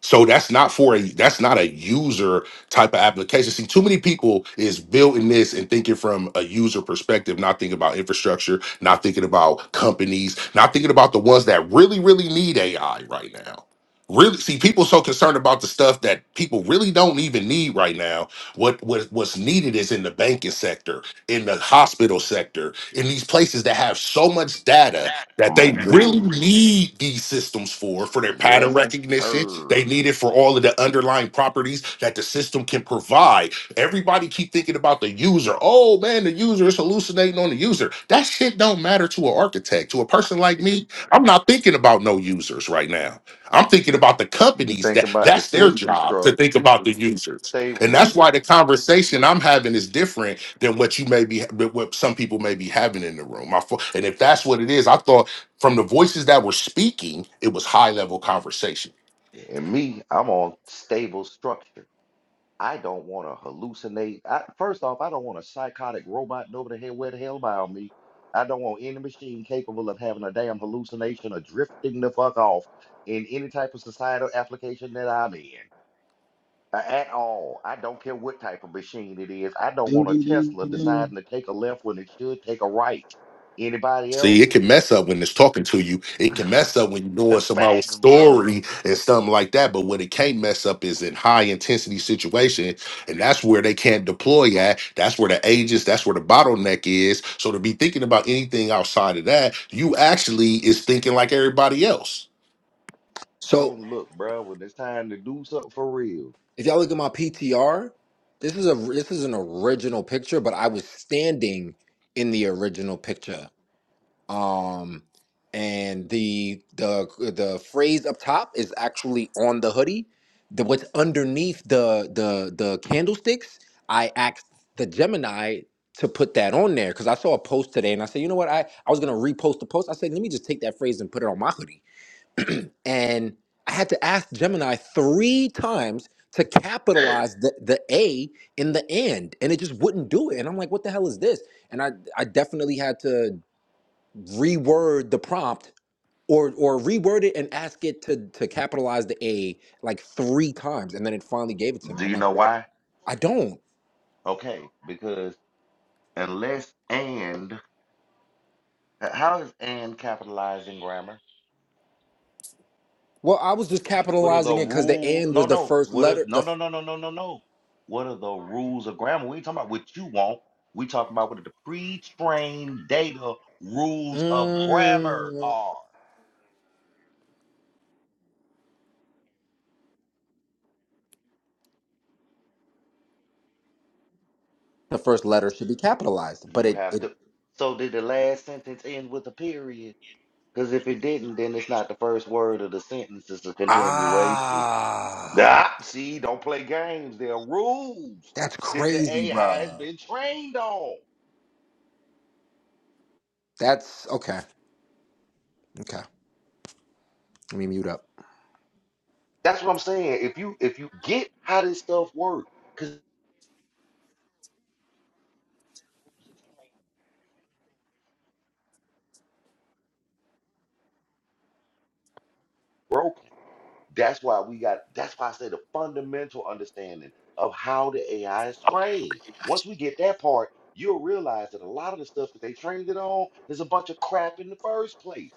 So that's not for a that's not a user type of application. See, too many people is building this and thinking from a user perspective, not thinking about infrastructure, not thinking about companies, not thinking about the ones that really, really need AI right now. Really, see, people so concerned about the stuff that people really don't even need right now. What what what's needed is in the banking sector, in the hospital sector, in these places that have so much data that they My really dude. need these systems for for their pattern Yes, recognition they sir. need it for all of the underlying properties that the system can provide everybody keep thinking about the user oh man the user is hallucinating on the user that shit don't matter to an architect to a person like me i'm not thinking about no users right now i'm thinking about the You companies think that about the that's their system job to structure, think about the users stable. and that's Look, why the conversation i'm having is different than what you may be what some people may be having in the room. My fo- and if that's what it is, I thought from the voices that were speaking, it was high level conversation. and me, I'm on stable structure. I don't want to hallucinate. I, first off, I don't want a psychotic robot over the hell where the hell about me. I don't want any machine capable of having a damn hallucination or drifting the fuck off in any type of societal application that I'm in. A- At all. I don't care what type of machine it is. I don't Ding, want a ding, ding, Tesla ding. ding. deciding to take a left when it should take a right. Anybody See, it else? can mess up when it's talking to you. It can mess up when you're The doing somebody's Facts, bro. story and something like that. But what it can't mess up is in high intensity situations, and that's where they can't deploy at. That's where the ages. That's where the bottleneck is. So to be thinking about anything outside of that, you actually is thinking like everybody else. I So don't look, bro, when it's time to do something for real. if y'all look at my PTR, this is a this is an original picture, but I was standing in the original picture. Um, and the the the phrase up top is actually on the hoodie. The what's underneath the the the candlesticks, I asked the Gemini to put that on there because I saw a post today and I said, you know what, I, I was gonna repost the post. I said, let me just take that phrase and put it on my hoodie. and I had to ask Gemini three times to capitalize the, the A in the and, and it just wouldn't do it. And I'm like, what the hell is this? And I I definitely had to reword the prompt or or reword it and ask it to to capitalize the A like three times, and then it finally gave it to me. Do I'm you like, know what? why? I don't. Okay, because unless and how is and capitalized in grammar? Well, I was just What are the capitalizing it because the rules? N No, was the no. first What are letter. no, The no, no, no, no, no, no. What are the rules of grammar? We ain't talking about what you want. We talking about what the pre-trained data rules of grammar mm, are. the first letter should be capitalized, but You it have it to. So did the last sentence end with a period? Because if it didn't, then it's not the first word of the sentence, it's a continuation. ah Ah, see, don't play games. There are rules that's that the crazy, AI has bruh. been trained on. That's okay. Okay, let me mute up. That's what I'm saying. If you if you get how this stuff works, because it's broken. That's why we got, that's why I say the fundamental understanding of how the AI is trained. Once we get that part, you'll realize that a lot of the stuff that they trained it on is a bunch of crap in the first place.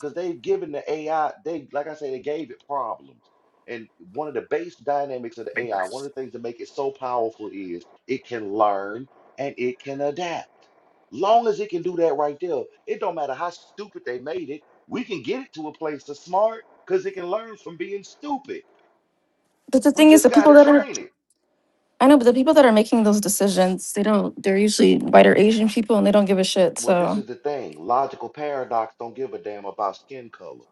Because they've given the AI, they, like I say, they gave it problems. And one of the base dynamics of the AI, one of the things that make it so powerful is it can learn and it can adapt. Long as it can do that right there, it don't matter how stupid they made it, we can get it to a place that's smart because it can learn from being stupid. But the We thing is, just the got people to that are train it. I know, but the people that are making those decisions, they don't. They're usually white or Asian people, and they don't give a shit. Well, this So, is the thing logical paradox don't give a damn about skin color,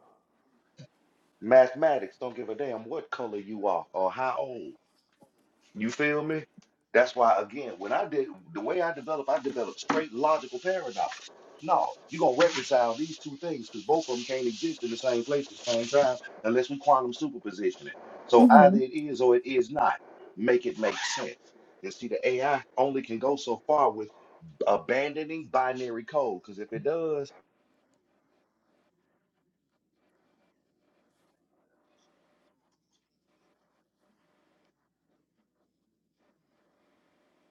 mathematics don't give a damn what color you are or how old. You feel me? That's why, again, when I did the way I developed, I developed straight logical paradox. No, you're going to reconcile these two things because both of them can't exist in the same place at the same time unless we quantum superposition it. So hmm either it is or it is not. Make it make sense. And see, the AI only can go so far with abandoning binary code because if it does,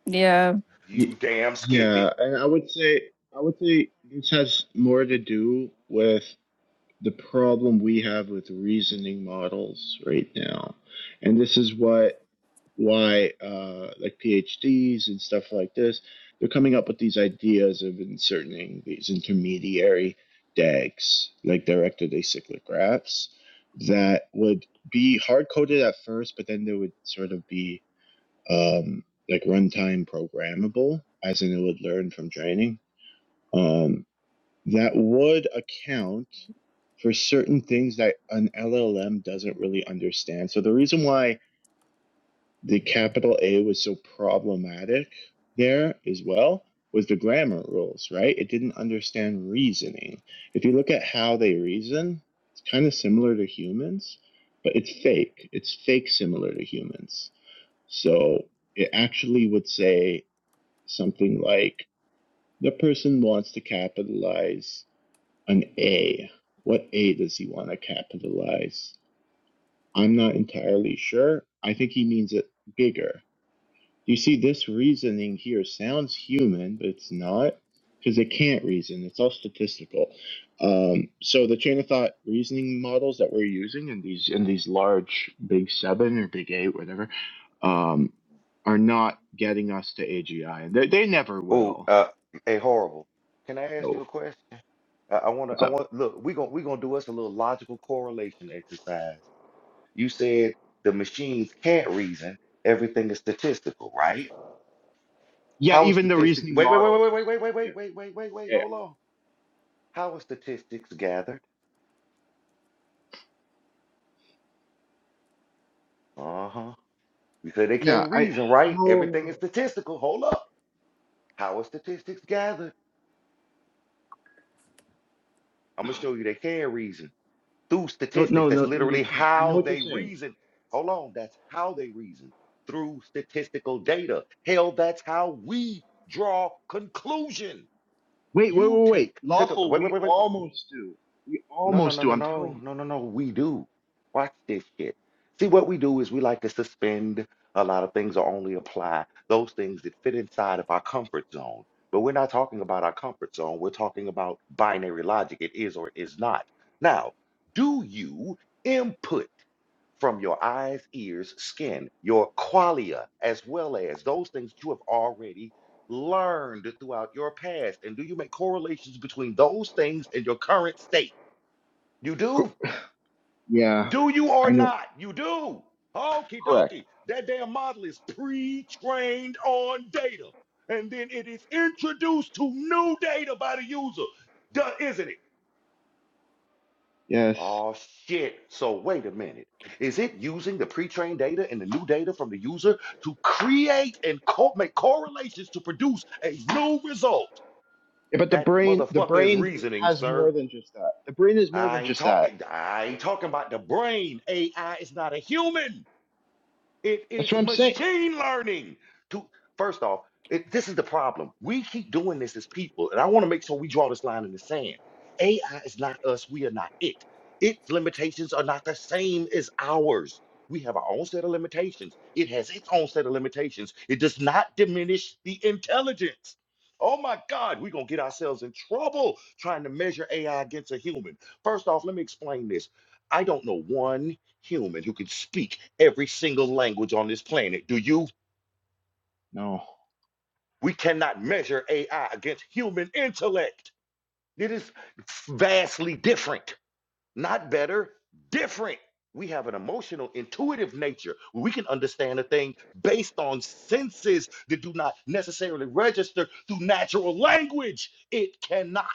yeah, Y- you damn skip it. Yeah, and I would say I would say this has more to do with the problem we have with reasoning models right now. And this is what why uh, like PhDs and stuff like this, they're coming up with these ideas of inserting these intermediary DAGs, like directed acyclic graphs, that would be hard coded at first, but then they would sort of be um, like runtime programmable, as in it would learn from training. Um, that would account for certain things that an LLM doesn't really understand. So the reason why the capital A was so problematic there as well was the grammar rules, right? It didn't understand reasoning. If you look at how they reason, it's kind of similar to humans, but it's fake. It's fake similar to humans. So it actually would say something like the person wants to capitalize an A. What A does he want to capitalize? I'm not entirely sure. I think he means it bigger. You see, this reasoning here sounds human, but it's not because it can't reason. It's all statistical. Um, so the chain of thought reasoning models that we're using in these in these large big seven or big eight, whatever, um, are not getting us to AGI, and they, they never Oh, will. uh, hey, horrible. Can I ask No, you a question? I, I want to. what's I up? want look. We gonna we gonna do us a little logical correlation exercise. You said the machines can't reason. Everything is statistical, right? Yeah, How is even the statistics? reasoning Wait, wait, wait, models wait, are. wait, stati- wait, wait, Yeah, wait, wait, wait, wait, wait, wait. yeah, Hold on. How is statistics gathered? Uh huh. You said they Yeah, can't I reason, right? Everything is no statistical. Hold up. How is statistics gathered? I'm gonna show you they can reason. through no no statistics. no That's no no they literally can't. I know how what you're they saying. reason. Hold on, that's how they reason through statistical data. Hell, that's how we draw conclusion. Wait wait You wait wait. take, take- Lawful, wait, wait, we wait, wait. almost do. We No, no, almost no, do. no, I'm telling no, you. no, no, no. We do. Watch this shit. See, what we do is we like to suspend a lot of things or only apply those things that fit inside of our comfort zone. But we're not talking about our comfort zone. We're talking about binary logic. It is or is not. Now, do you input from your eyes, ears, skin, your qualia, as well as those things that you have already learned throughout your past? And do you make correlations between those things and your current state? You Cor- do? Yeah, Do you I or know. not? You do. Okie Correct. dokie. That damn model is pre trained on data. And then it is introduced to new data by the user. Duh, isn't it? Yes. Oh, shit. So, wait a minute. Is it using the pre trained data and the new data from the user to create and co- make correlations to produce a new result? Yeah, but the That brain the motherfucker is brain reasoning, has more sir. than just that. The brain is more than I ain't just that. talking. I ain't talking about the brain. AI is not a human. It is That's what I'm saying. machine learning. To first off, it, this is the problem. We keep doing this as people, and I want to make sure we draw this line in the sand. AI is not us. We are not it. Its limitations are not the same as ours. We have our own set of limitations. It has its own set of limitations. It does not diminish the intelligence. Oh my God, we're going to get ourselves in trouble trying to measure AI against a human. First off, let me explain this. I don't know one human who can speak every single language on this planet. Do you? No. We cannot measure AI against human intellect. It is vastly different, not better, different. We have an emotional, intuitive nature. where We can understand a thing based on senses that do not necessarily register through natural language. It cannot.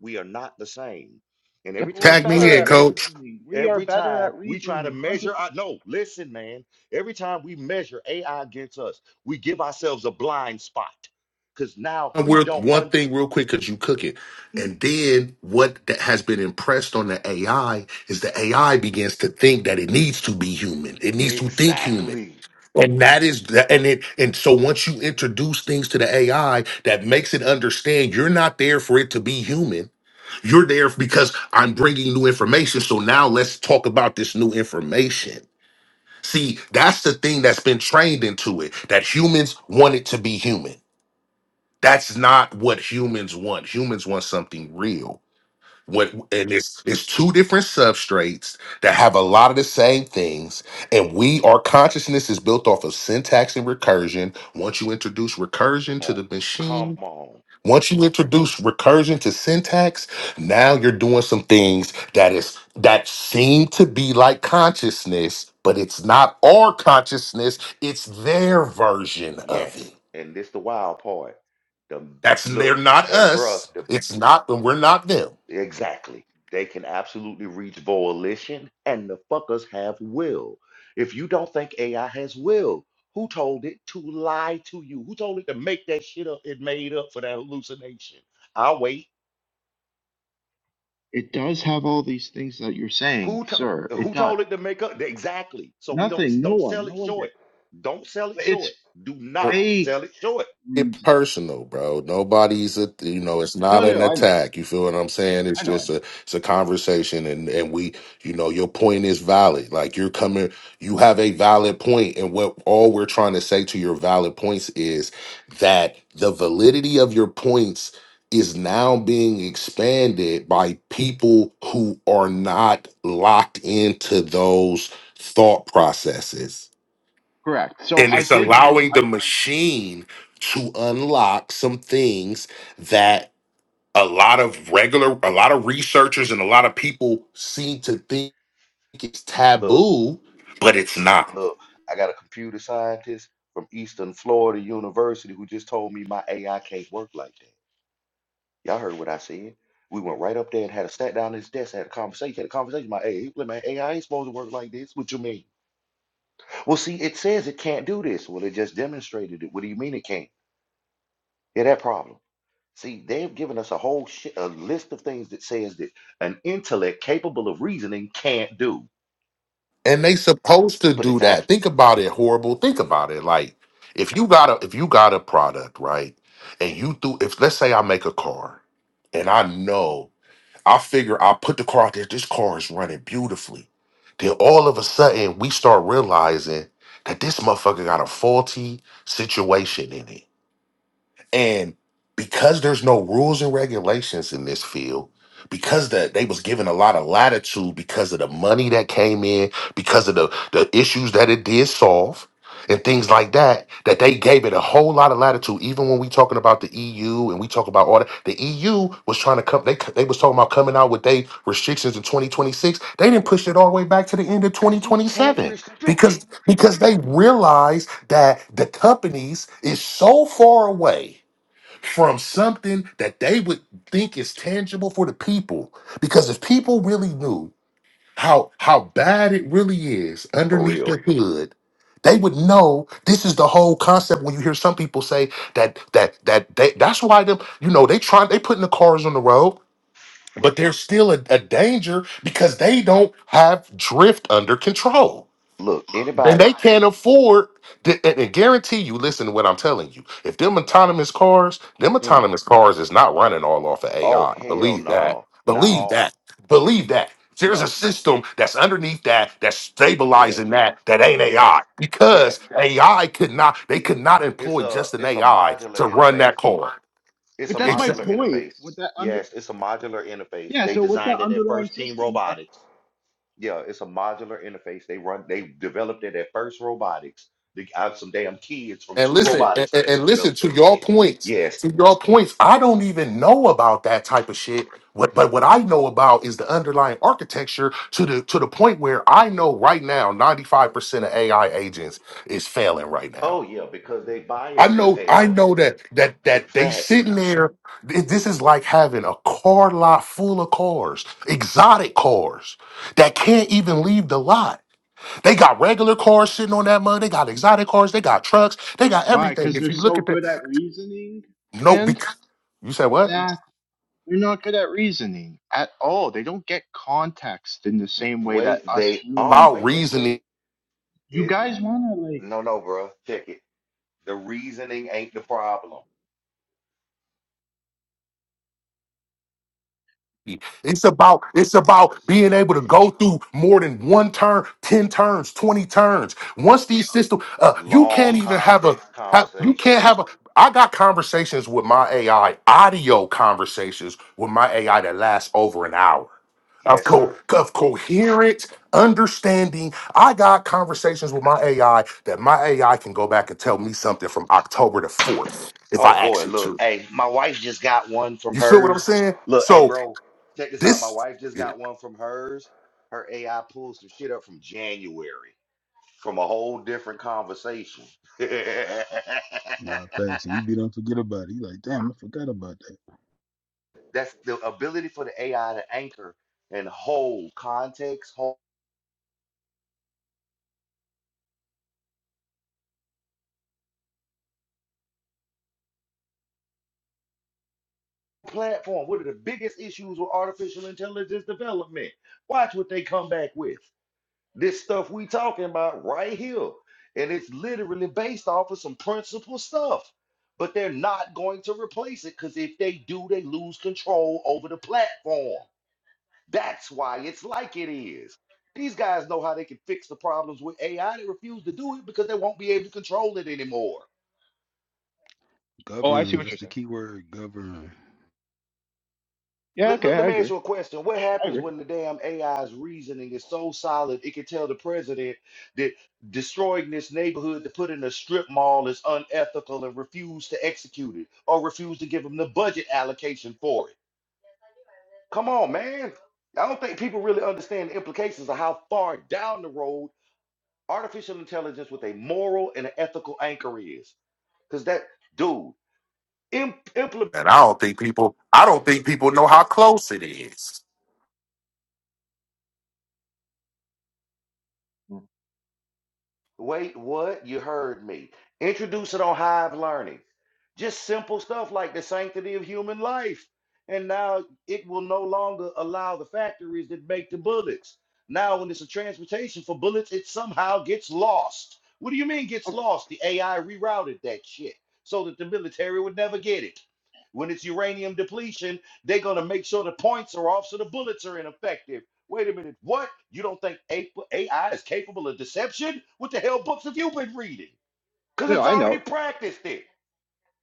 We are not the same. And Yeah, every but we're time we Tag try better to me in, at coach. measure, reasoning. We are Every better time at we try to reasoning. 100%. measure, our, no, listen, man. Every time we measure AI against us, we give ourselves a blind spot because now we Real- don't one un- thing real quick because you cook it. And then what that has been impressed on the AI is the AI begins to think that it needs to be human. It needs to think human. exactly. And that is the- and it and so once you introduce things to the AI that makes it understand you're not there for it to be human. You're there because I'm bringing new information. So now let's talk about this new information. See, that's the thing that's been trained into it that humans want it to be human. That's not what humans want. Humans want something real. What and it's it's two different substrates that have a lot of the same things, and we our consciousness is built off of syntax and recursion. Once you introduce recursion to the Oh, come machine, on, once you introduce recursion to syntax, now you're doing some things that is that seem to be like consciousness, but it's not our consciousness, it's their version of yes. it. And this the wild part. The That's they're look not and bruh. us. the. It's not them. We're not them. Exactly. They can absolutely reach volition, and the fuckers have will. If you don't think AI has will, who told it to lie to you? Who told it to make that shit up it made up for that hallucination? I'll wait. It does have all these things that you're saying, Who to, sir. It who does. told it to make up? Exactly. So we don't Nothing. No don't one. sell No it one did. short. Don't sell it But it's short. Do not Well, fake sell it short. reasoning. Get personal, bro. Nobody's a you know. It's No, not an no, I know, attack. You feel what I'm saying? It's I know, I just know. a it's a conversation, and and we you know your point is valid. Like you're coming, you have a valid point, and what all we're trying to say to your valid points is that the validity of your points is now being expanded by people who are not locked into those thought processes Correct. So and I it's did look. allowing I the machine to unlock some things that a lot of regular a lot of researchers and a lot of people seem to think is Look, taboo but it's not look, I got a computer scientist from Eastern Florida University who just told me my AI can't work like that. Y'all heard what I said. We went right up there and had a sat down at his desk, had a conversation, had a conversation about, hey, look, man, AI ain't supposed to work like this. What you mean? Well, see, it says it can't do this. Well, it just demonstrated it. What do you mean it can't? Yeah, that problem. See, they've given us a whole shit, a list of things that says that an intellect capable of reasoning can't do. and they supposed to But do it's out that think about it horrible think about it like if you got a if you got a product right and you do if let's say i make a car and i know I figure i put the car out there. This car is running beautifully. Then all of a sudden, we start realizing that this motherfucker got a faulty situation in it. And because there's no rules and regulations in this field, because that they was given a lot of latitude because of the money that came in, because of the, the issues that it did solve, and things like that, that they gave it a whole lot of latitude. Even when we talking about the EU and we talk about all that, the EU was trying to come. They they was talking about coming out with they restrictions in 2026. They didn't push it all the way back to the end of because you can't 2027 restrict it. because because they realized that the companies is so far away from something that they would think is tangible for the people. Because if people really knew how how bad it really is For underneath real. their hood, they would know this is the whole concept when you hear some people say that that that they, that's why them you know they try they putting the cars on the road Look, but there's still a, a danger because they don't have drift under control look, and they anybody. can't afford. th- And and guarantee you, listen to what I'm telling you. If them autonomous cars, them Mm. autonomous cars is not running all off of Oh, AI. hell Believe that. no. Not Believe all. that. Believe that. There's a No. system that's underneath that that's Yes. stabilizing that that ain't Yes. AI because Yes. AI could not they could not It's employ a just an it's a AI modular to run interface. that car. It's but a that's my modular point interface. with that under. Yes, it's a modular interface. Yeah. They So with that designed it at underlying First Team system, uh, Robotics. Yeah, it's a modular interface. They run they developed it at First Robotics. They got some damn kids from And two listen, and, robotics and- teams and listen developed to that your shit. points. Yes. To your points, I don't even know about that type of shit. What, but what I know about is the underlying architecture to the to the point where I know right now, ninety five percent of AI agents is failing right now. Oh yeah, because they I biased as know, I hell. know that that In that they fact, sitting there. th- This is like having a car lot full of cars, exotic cars that can't even leave the lot they got regular cars sitting on that money. They got exotic cars. They got trucks. They got why? everything. Because If they're you look so at that, good at reasoning. no, And because you said what exactly, they're not good at reasoning at all. They don't get context in the same way that wait, us they are human about wait, brains. wait, reasoning? wait. You It guys want to like. no no bruh. Check it. The reasoning ain't the problem. It's about it's about being able to go through more than one turn, ten turns, twenty turns. Once these systems, uh, you can't Long even have a context have, you can't conversations. have a. I got conversations with my AI, audio conversations with my AI that last over an hour. of, Yes, co- sir. of coherent understanding. I got conversations with my AI that my AI can go back and tell me something from October the 4th if Oh I ask boy, it look, to. hey, my wife just got one from You feel what I'm hers. saying? Look, hey, So bro, check this out. My this, wife just and got one from hers. Her AI pulled some shit up from January from a whole different conversation. Nah, facts. And you be don't forget about it. You like, damn, I forgot about that. That's the ability for the AI to anchor and hold context, whole platform. What are the biggest issues with artificial intelligence development? Watch what they come back with. This stuff we talking about right here. And it's literally based off of some principal stuff. But they're not going to replace it because if they do, they lose control over the platform. That's why it's like it is. These guys know how they can fix the problems with AI. They refuse to do it because they won't be able to control it anymore. Oh, I see Govern. what you're That's the saying. key word. Govern. Yeah. Let, Okay, let, I let me ask agree. you a question. What I happens agree. when the damn AI's reasoning is so solid it can tell the president that destroying this neighborhood to put in a strip mall is unethical and refuse to execute it or refuse to give him the budget allocation for it? Come on, man. I don't think people really understand the implications of how far down the road artificial intelligence with a moral and an ethical anchor is. Because that, dude, im- implementing I don't think people, I don't think people know how close it is. Mm. Wait, what? You heard me. Introduce it on Hive Learning. Just simple stuff like the sanctity of human life. And now it will no longer allow the factories that make the bullets. Now, when it's a transportation for bullets, it somehow gets lost. What do you mean gets lost? The AI rerouted that shit so that the military would never get it. When it's uranium depletion, they're going to make sure the points are off so the bullets are ineffective Wait a minute, what? You don't think A- AI is capable of deception? What the hell books have you been reading? Because No, it's I already know. practiced it.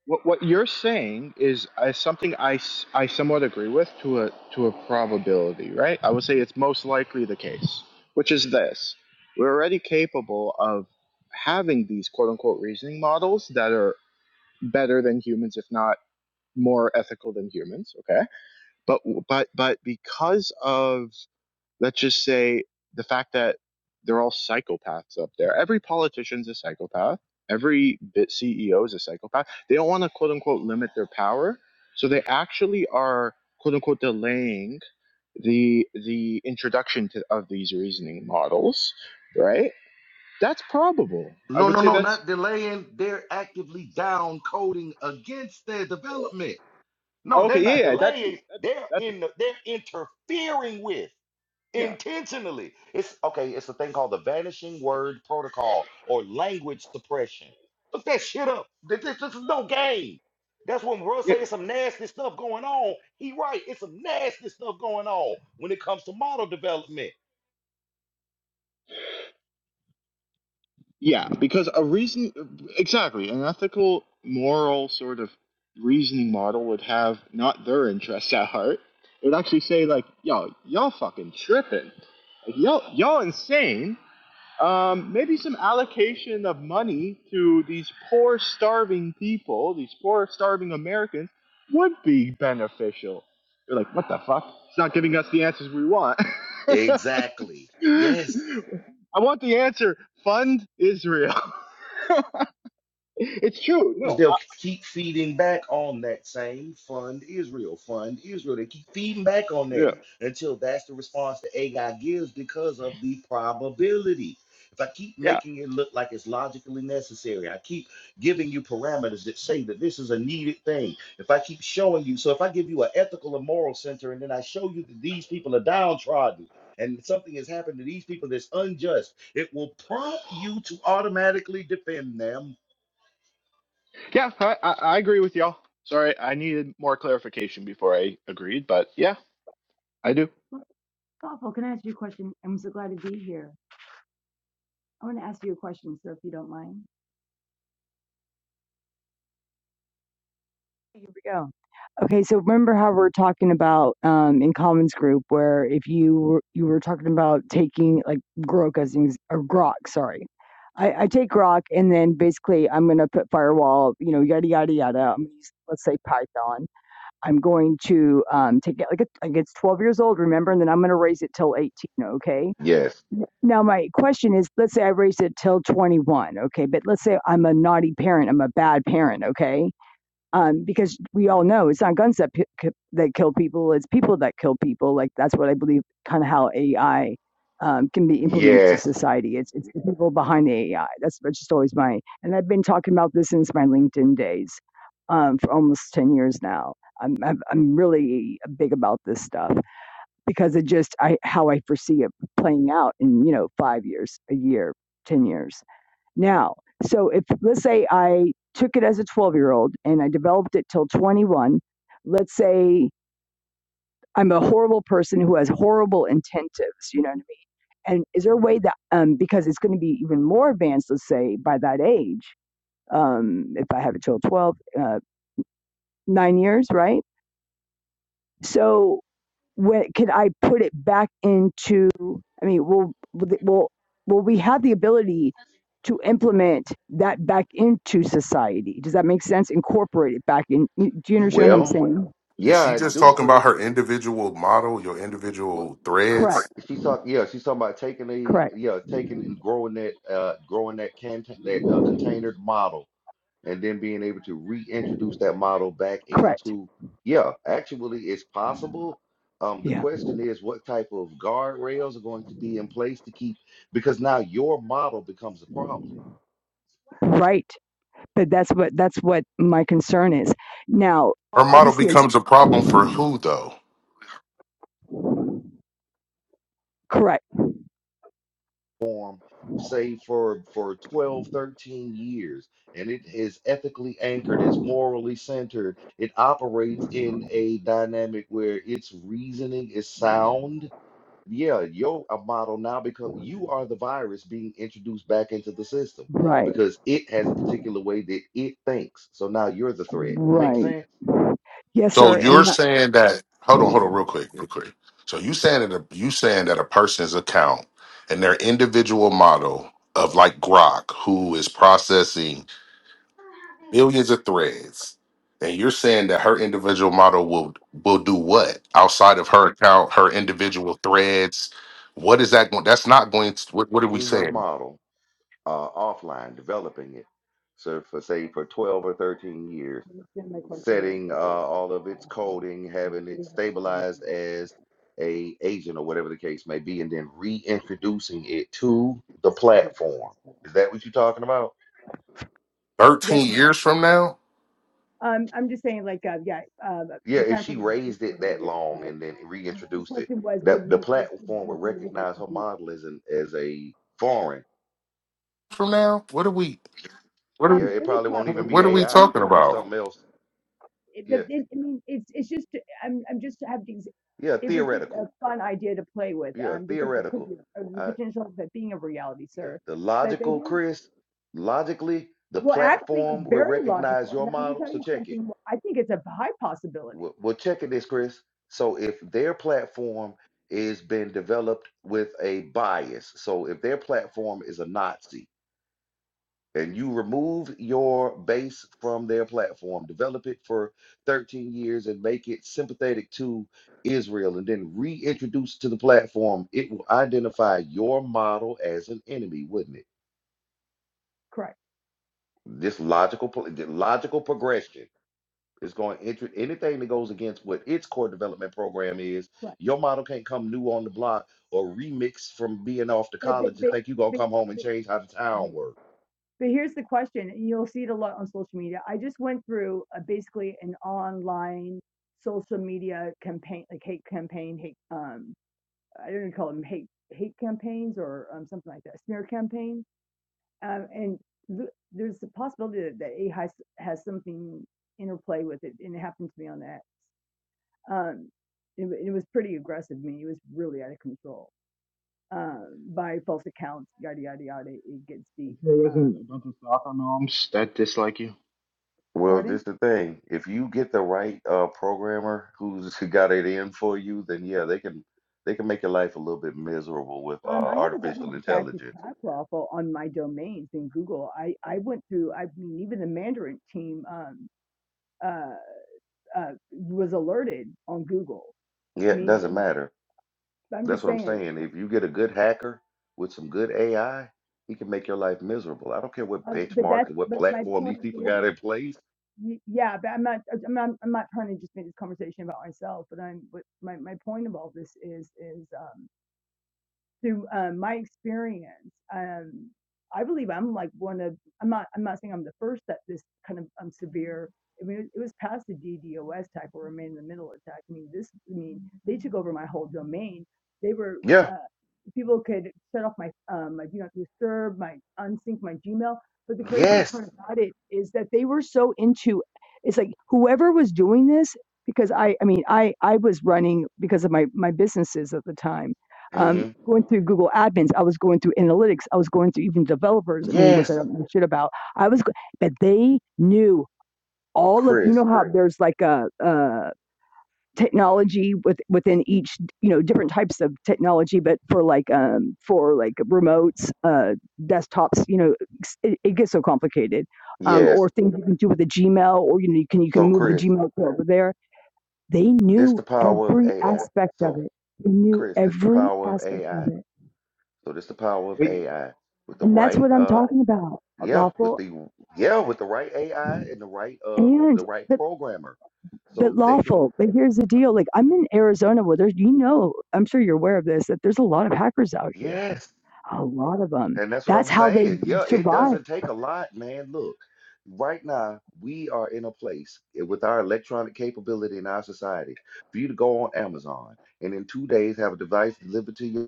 What, what you're saying is uh, something I, s- I somewhat agree with to a, to a probability, right? I would say it's most likely the case, which is this. We're already capable of having these quote unquote reasoning models that are better than humans, if not more ethical than humans, okay? But, but, but because of let's just say the fact that they're all psychopaths up there. Every politician's a psychopath. Every bit CEO is a psychopath. They don't want to quote unquote limit their power, so they actually are quote unquote delaying the the introduction to, of these reasoning models, right? That's probable. I No, would no, say no, that's not delaying. They're actively down coding against their development. No, they're okay. Yeah, not yeah, that too. delaying. That too. They're That too. in. The, they're interfering with. Yeah. intentionally. It's okay, it's a thing called the vanishing word protocol or language suppression. Look that shit up. This, this, this is no game. That's when Russ Yeah. say it's some nasty stuff going on. He right, it's some nasty stuff going on when it comes to model development. Yeah, because a reason, exactly, an ethical, moral sort of reasoning model would have not their interests at heart. It would actually say like, "Yo, y'all fucking tripping, like, y'all y'all insane." Um, maybe some allocation of money to these poor, starving people, these poor, starving Americans, would be beneficial. You're like, what the fuck? It's not giving us the answers we want. Exactly. Yes. I want the answer. Fund Israel. it's true. No. because I, they'll keep feeding back on that same fund Israel, fund Israel. They keep feeding back on that yeah. until that's the response that AI gives because of the probability. If I keep Yeah. making it look like it's logically necessary, I keep giving you parameters that say that this is a needed thing. If I keep showing you, so if I give you an ethical and moral center and then I show you that these people are downtrodden and something has happened to these people that's unjust, it will prompt you to automatically defend them. Yeah. I, I, I agree with y'all. Sorry, I needed more clarification before I agreed, but yeah, I do. Well, Thoughtful, can I ask you a question? I'm so glad to be here. I want to ask you a question, sir, if you don't mind. Here we go. Okay, so remember how we're talking about um, in Commons Group, where if you were, you were talking about taking like Grok as an ex- or Grok, sorry, I, I take Grok and then basically I'm gonna put firewall, you know, yada yada yada. I'm gonna use let's say Python. I'm going to um, take it like a, like it's 12 years old, remember, and then I'm gonna raise it till 18. Okay, N- Now, my question is let's say I raised it till 21, okay, but let's say I'm a naughty parent, I'm a bad parent, okay? Um, because we all know it's not guns that, p- k- that kill people, it's people that kill people. Like, that's what I believe kind of how AI um, can be implemented to Yes. society. It's, it's the people behind the AI. That's, that's just always my, and I've been talking about this since my LinkedIn days um, for almost 10 years now. I'm, I'm, I'm really big about this stuff because it just I how I foresee it playing out in you know five years, a year, ten years. Now, so if let's say I took it as a twelve year old and I developed it till twenty one, let's say I'm a horrible person who has horrible intentives, you know what I mean? And is there a way that um because it's going to be even more advanced, let's say by that age, um if I have it till 12, uh, nine years, right? So when could I put it back into? I mean, will will will we have the ability to implement that back into society? Does that make sense? Incorporate it back in. Do you understand what I'm Well, saying? Is yeah, she I just do, talking about Chris. her individual model, your What individual threads? Correct. she's talking, yeah, she's talking about taking the, Correct. yeah, taking and growing that, uh, growing that can that uh, container model, and then being able to reintroduce that model back Correct. into, yeah, actually, it's possible. Um, the Yeah. question is, what type of guardrails are going to be in place to keep? Because now your model becomes a problem. Right. But that's what that's what my concern is. Now, Her model obviously, it's becomes a problem for who though? correct. form say for for 12 13 years and it is ethically anchored it's morally centered it operates in a dynamic where its reasoning is sound yeah your uh, model now become you are the virus being introduced back into the system Right. because it has a particular way that it thinks so now you're the threat make Right. sense Yes, So sir. you're And my saying that hold on, hold on, real quick, real quick. So you saying that a, you saying that a person's account and their individual model of like Grok, who is processing millions of threads, and you're saying that her individual model will will do what outside of her account, her individual threads? What is that going? That's not going. To, what, what are we taking her saying? model uh, offline developing it so for say for 12 or 13 years question. I setting uh, never. all of its coding, having it stabilized as a agent or whatever the case may be, and then reintroducing it to the platform. Is that what you're talking about? Yes. Thirteen years from now? Um, I'm just saying, like, uh, yeah, uh, Yeah, the if time she frame was eight raised it voting that years, long but and then the reintroduced it, question was, would that the you, would platform you would be able recognize to her do that? model as an as a foreign. From now? What are we? What are Yeah, we? um, it any probably won't even platform, be What are sir, we AI. any talking It'll be about? platform? something else. It, the, Yeah, it, I mean, it's it's just I'm I'm just having yeah, it was just a theoretical. fun idea to play with Yeah, um, because it could theoretical. be uh, the potential of it being a reality, Yeah, sir. the But they logical, Chris, logically, the well, actually, it's platform will very recognize logical, and your let me model. tell So you check it. something. I think it's a high possibility. We'll, we'll check it this, Chris. So if their platform is been developed with a bias, so if their platform is a Nazi and you remove your base from their platform, develop it for 13 years and make it sympathetic to Israel and then reintroduce to the platform, it will identify your model as an enemy, wouldn't it? Correct, This logical pro- the logical progression is going to enter anything that goes against what its core development program is. correct. Your model can't come new on the block or remix from being off to But, but, college and but, think you're gonna but, come home and but, change how the okay. town works. But here's the question, and you'll see it a lot on social media. I just went through a, basically an online social media campaign, like hate campaign, hate um, I don't know, call them hate hate campaigns or um, something like that, smear campaign. Um, and th- there's the possibility that, that AI has, has something interplay with it, and it happened to me on that. Um, it, it was pretty aggressive. I mean, it was really out of control um, by false accounts, yada yada yada. It gets I'm deep. sure it Um, wasn't a bunch of soccer moms that dislike you. Well, pardon? this the thing. If you get the right uh, programmer who's got it in for you, then yeah, they can they can make your life a little bit miserable with Um, uh, I have a artificial double-sided intelligence. tadpole on my domains in Google. I, I went through, I mean, even the Mandarin team um, uh, uh, was alerted on Google. Yeah, I it mean, doesn't matter. I'm That's just what I'm saying, saying. If you get a good hacker with some good AI, he can make your life miserable. I don't care what um, but benchmarks that's, and what but my platform point these people is, got in place. y- yeah, but I'm not, I'm not, I'm not trying to just make this conversation about myself, but I'm, but my, my point about this is, is, um, through um, my experience, um, I believe I'm like one of I'm not I'm not saying I'm the first that this kind of um, severe. I mean, it was past the DDoS attack or remain in the middle attack. I mean, this I mean they took over my whole domain. They were Yeah. uh, people could shut off my um, my do not disturb, my unsync my Gmail. But the craziest Yes. part about it is that they were so into it's like whoever was doing this because I I mean I I was running because of my my businesses at the time um, hmm going through Google admins. I was going through analytics. I was going through even developers. I mean, which I Yes. don't know shit about. I was, but they knew all of, you Chris. know, how there's like a, a technology with, within each, you know, different types of technology, but for like, um, for like remotes, uh, desktops, you know, it, it gets so complicated. Um, Yes. or things you can do with the Gmail, or you know, you can you can So move the Chris, Gmail to over there. They this knew the power of every AI. aspect of So it. They knew Chris, this the every power of aspect of AI. it So this the power of Wait, AI with the And that's right what I'm uh talking about. yeah, with Lawful the yeah, with the right AI and the right uh and the right but programmer. but So they can lawful. But here's the deal. Like I'm in Arizona where there's you know, I'm sure you're aware of this, that there's a lot of hackers out here. yes. A lot of them. And that's what That's I'm how they saying. Yeah, it survive. doesn't take a lot, man. Look, right now, we are in a place eh, with our electronic capability in our society for you to go on Amazon and in two days have a device delivered to you.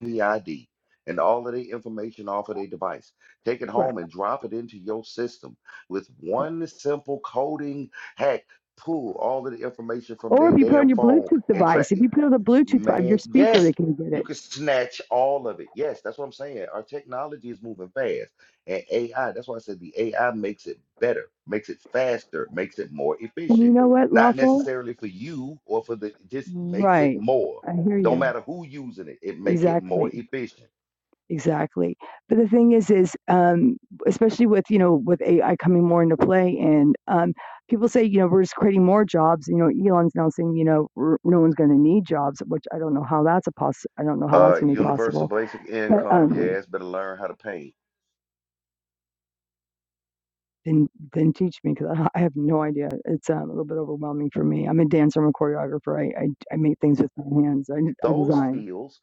the ID and all of the information off of their device. Take it Correct, home and drop it into your system with correct. one simple coding hack. Pull all of the information from Or their if you put on damn your phone Bluetooth and device, track if it. you put on the Bluetooth device, your Man, speaker, they yes, can get you it. can snatch all of it. Yes, that's what I'm saying. Our technology is moving fast. And AI, that's why I said the AI makes it better, makes it faster, makes it more And you efficient. know what, Not lawful? necessarily for you or for the, just makes it Right. more. I hear Don't you. matter who using it, it make it Exactly. more efficient. Exactly. But the thing is is, um, especially with, you know, with AI coming more into play and, um, people say, you know, "We're just creating more jobs." You know, Elon's now saying, you know, "We're no one's gonna need jobs," which I don't know how that's a poss I don't know how Uh, that's gonna be universal possible. basic But, income. um, Yes, better learn how to pay. then then teach me 'cause I I have no idea. It's, um, a little bit overwhelming for me. I'm a dancer. I'm a choreographer. I I I make things with my hands. I I Those design. fields.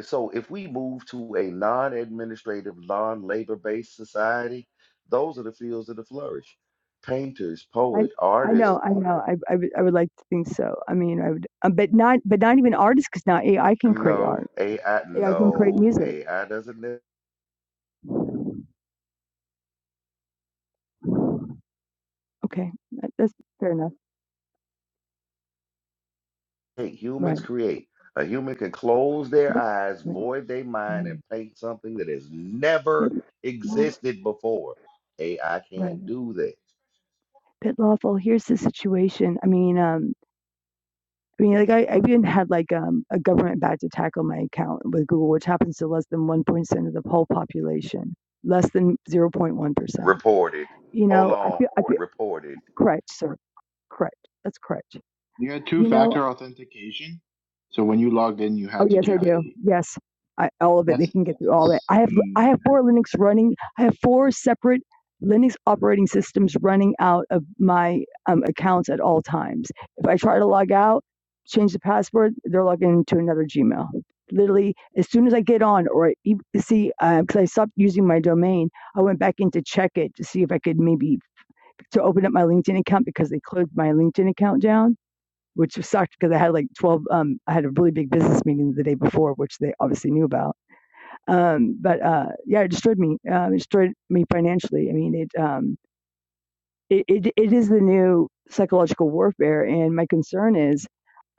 So if we move to a non-administrative, non-labor-based society, those are the fields that will flourish. Painters, I poet, I artists. know, I know. I I would I would like to think so. I mean, I would, uh, but not but not even artists because now AI can create No art. AI. AI can create No music. AI doesn't. Okay, that, that's fair enough. Hey, Right. humans create. A human can close their But- eyes, Right. void their mind, Um, and paint something that has but- never no, existed before. AI right. can't do that. But lawful. Here's the situation. I mean, um, I mean, like I, I even had like um a government badge attack on my account with Google, which happens to less than one percent of the whole population, less than zero point one percent. Reported. You Hold know, I on. feel I feel Reported. correct, sir. Correct. That's correct. you had You know. two-factor authentication, so when you logged in, you Oh had to yes, I give do. a. Yes, I, all of it. They That's can get through all that. that's I have I insane. have four Linux running. I have four separate Linux operating systems running out of my um, accounts at all times. If I try to log out, change the password, they're logging into another Gmail. Literally, as soon as I get on, or I e- see, because I stopped using my domain, I went back in to check it to see if I could maybe to open up my LinkedIn account because they closed my LinkedIn account down which sucked because I had like 12, um, I had a really big business meeting the day before, which they obviously knew about. Um, but uh, yeah, it destroyed me. Um, it destroyed me financially. I mean, it, um, it, it, it is the new psychological warfare. And my concern is,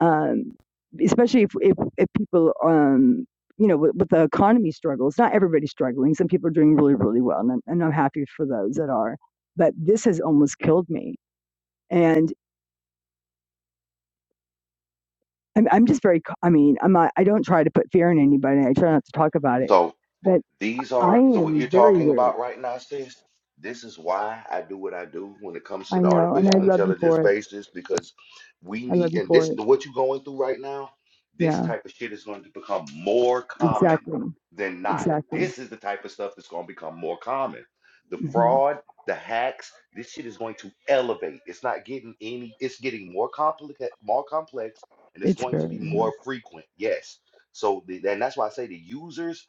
um, especially if, if, if people, um, you know, with, with the economy struggles, not everybody's struggling. Some people are doing really, really well. And I'm, and I'm happy for those that are. But this has almost killed me. And I'm, I'm just very, I mean, I'm not, I don't try to put fear in anybody. I try not to talk about it, So. but These I are, so what am you're very talking wary. about right now, sis, this is why I do what I do when it comes I to the know. And I artificial love you intelligence for it. spaces, because we I love need, you and for this, it. what you're going through right now, this Yeah, type of shit is going to become more common exactly. than not. Exactly. This is the type of stuff that's going to become more common. The hmm fraud, the hacks, this shit is going to elevate. It's not getting any, it's getting more complicated, more complex, and it's It's going to very, be yeah. more frequent. Yes. So, the, and that's why I say the users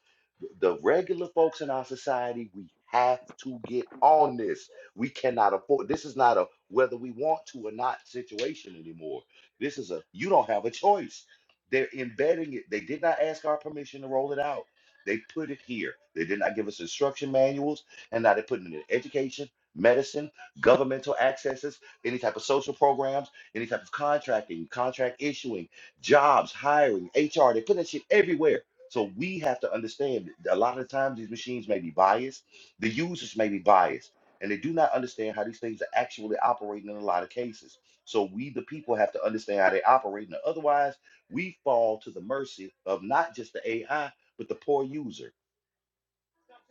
the regular folks in our society, we have to get on this. We cannot afford this is not a whether we want to or not situation anymore. This is a you don't have a choice. They're embedding it. They did not ask our permission to roll it out. They put it here. They did not give us instruction manuals, and now they're putting it in education, medicine, governmental accesses, any type of social programs, any type of contracting, contract issuing, jobs, hiring, HR. They're putting that shit everywhere. So we have to understand that a lot of times these machines may be biased, the users may be biased, and they do not understand how these things are actually operating in a lot of cases. So we, the people, have to understand how they operate, and otherwise, we fall to the mercy of not just the AI, but the poor user.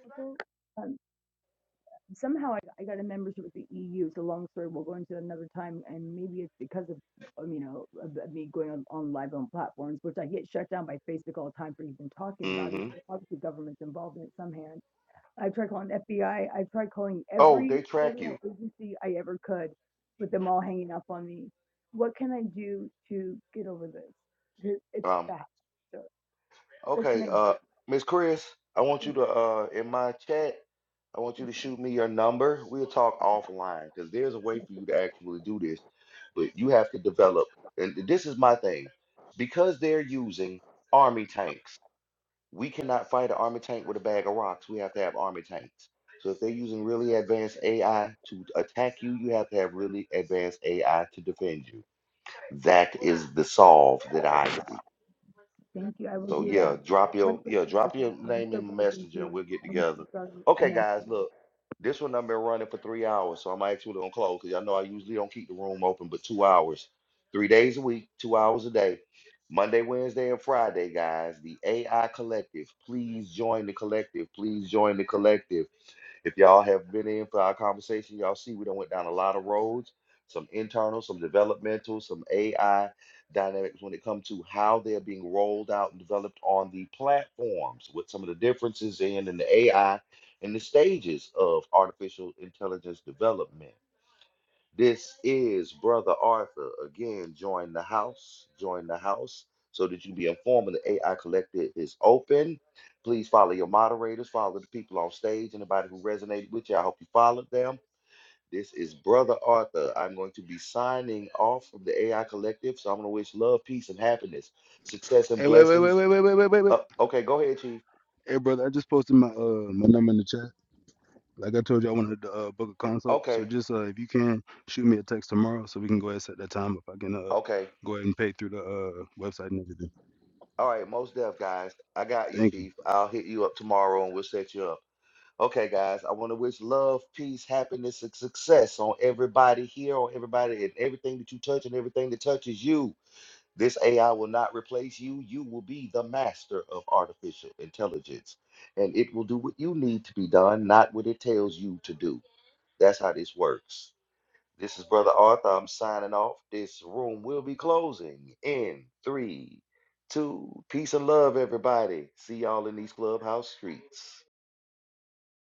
Couple, Um, somehow I, I got a membership with the EU. It's a long story. We'll go into it another time, and maybe it's because of um, you know of, of me going on, on live on platforms, which I get shut down by Facebook all the time for even talking about it. hmm So obviously, government's involved in it somehow. I've tried calling FBI. I've tried calling Oh, every they track you. federal agency I ever could, with them all hanging up on me. What can I do to get over this? Here- It's Um. fact, sir. What can Okay. I Uh, do? Miss Chris, I want you Yes, to uh in my chat. I want you yes, to ma'am. shoot me your number. We'll talk Okay. offline because there's a way yes. for you to actually do this, but you have to develop. And this is my thing because they're using army tanks, we cannot fight an army tank with a bag of rocks. We have to have army tanks. So if they're using really advanced AI to attack you, you have to have really advanced AI to defend you. That is the solve that I see. Thank you. I will So do that. yeah, drop What a your great yeah, drop conversation. your I'm name so in glad you're Messenger and here. we'll get I'm together. so sorry I Okay, met guys, look, this one I've been running for three hours, so I'm actually gonna close because I know I usually don't keep the room open, but two hours, three days a week, two hours a day, Monday, Wednesday, and Friday, guys. The AI Collective, please join the collective. Please join the collective. If y'all have been in for our conversation, y'all see we done went down a lot of roads, some internal, some developmental, some AI dynamics when it comes to how they're being rolled out and developed on the platforms, with some of the differences in in the AI and the stages of artificial intelligence development. This is Brother Arthur. Again, join the house. Join the house so that you be informed when the AI Collective is open. Please follow your moderators, follow the people on stage, anybody who resonated with you. I hope you followed them. This is Brother Arthur. I'm going to be signing off from the AI Collective. So I'm going to wish love, peace, and happiness, success, and Hey, wait, wait, wait, blessings. wait, wait, wait, wait, wait, Uh, wait. okay, go ahead, Chief. Hey, brother, I just posted my uh my number in the chat. Like I told you, I wanted to uh, book a consult. So Okay, just uh, if you can shoot me a text tomorrow, so we can go ahead and set that time up. I can uh okay. go ahead and pay through the uh website and everything. All right, most deaf guys. I got you, Thank you. Chief. I'll hit you up tomorrow and we'll set you up. Okay, guys, I want to wish love, peace, happiness, and success on everybody here, on everybody and everything that you touch and everything that touches you. This AI will not replace you. You will be the master of artificial intelligence, and it will do what you need to be done, not what it tells you to do. That's how this works. This is Brother Arthur. I'm signing off. This room will be closing in three, two. Peace and love, everybody. See y'all in these clubhouse streets.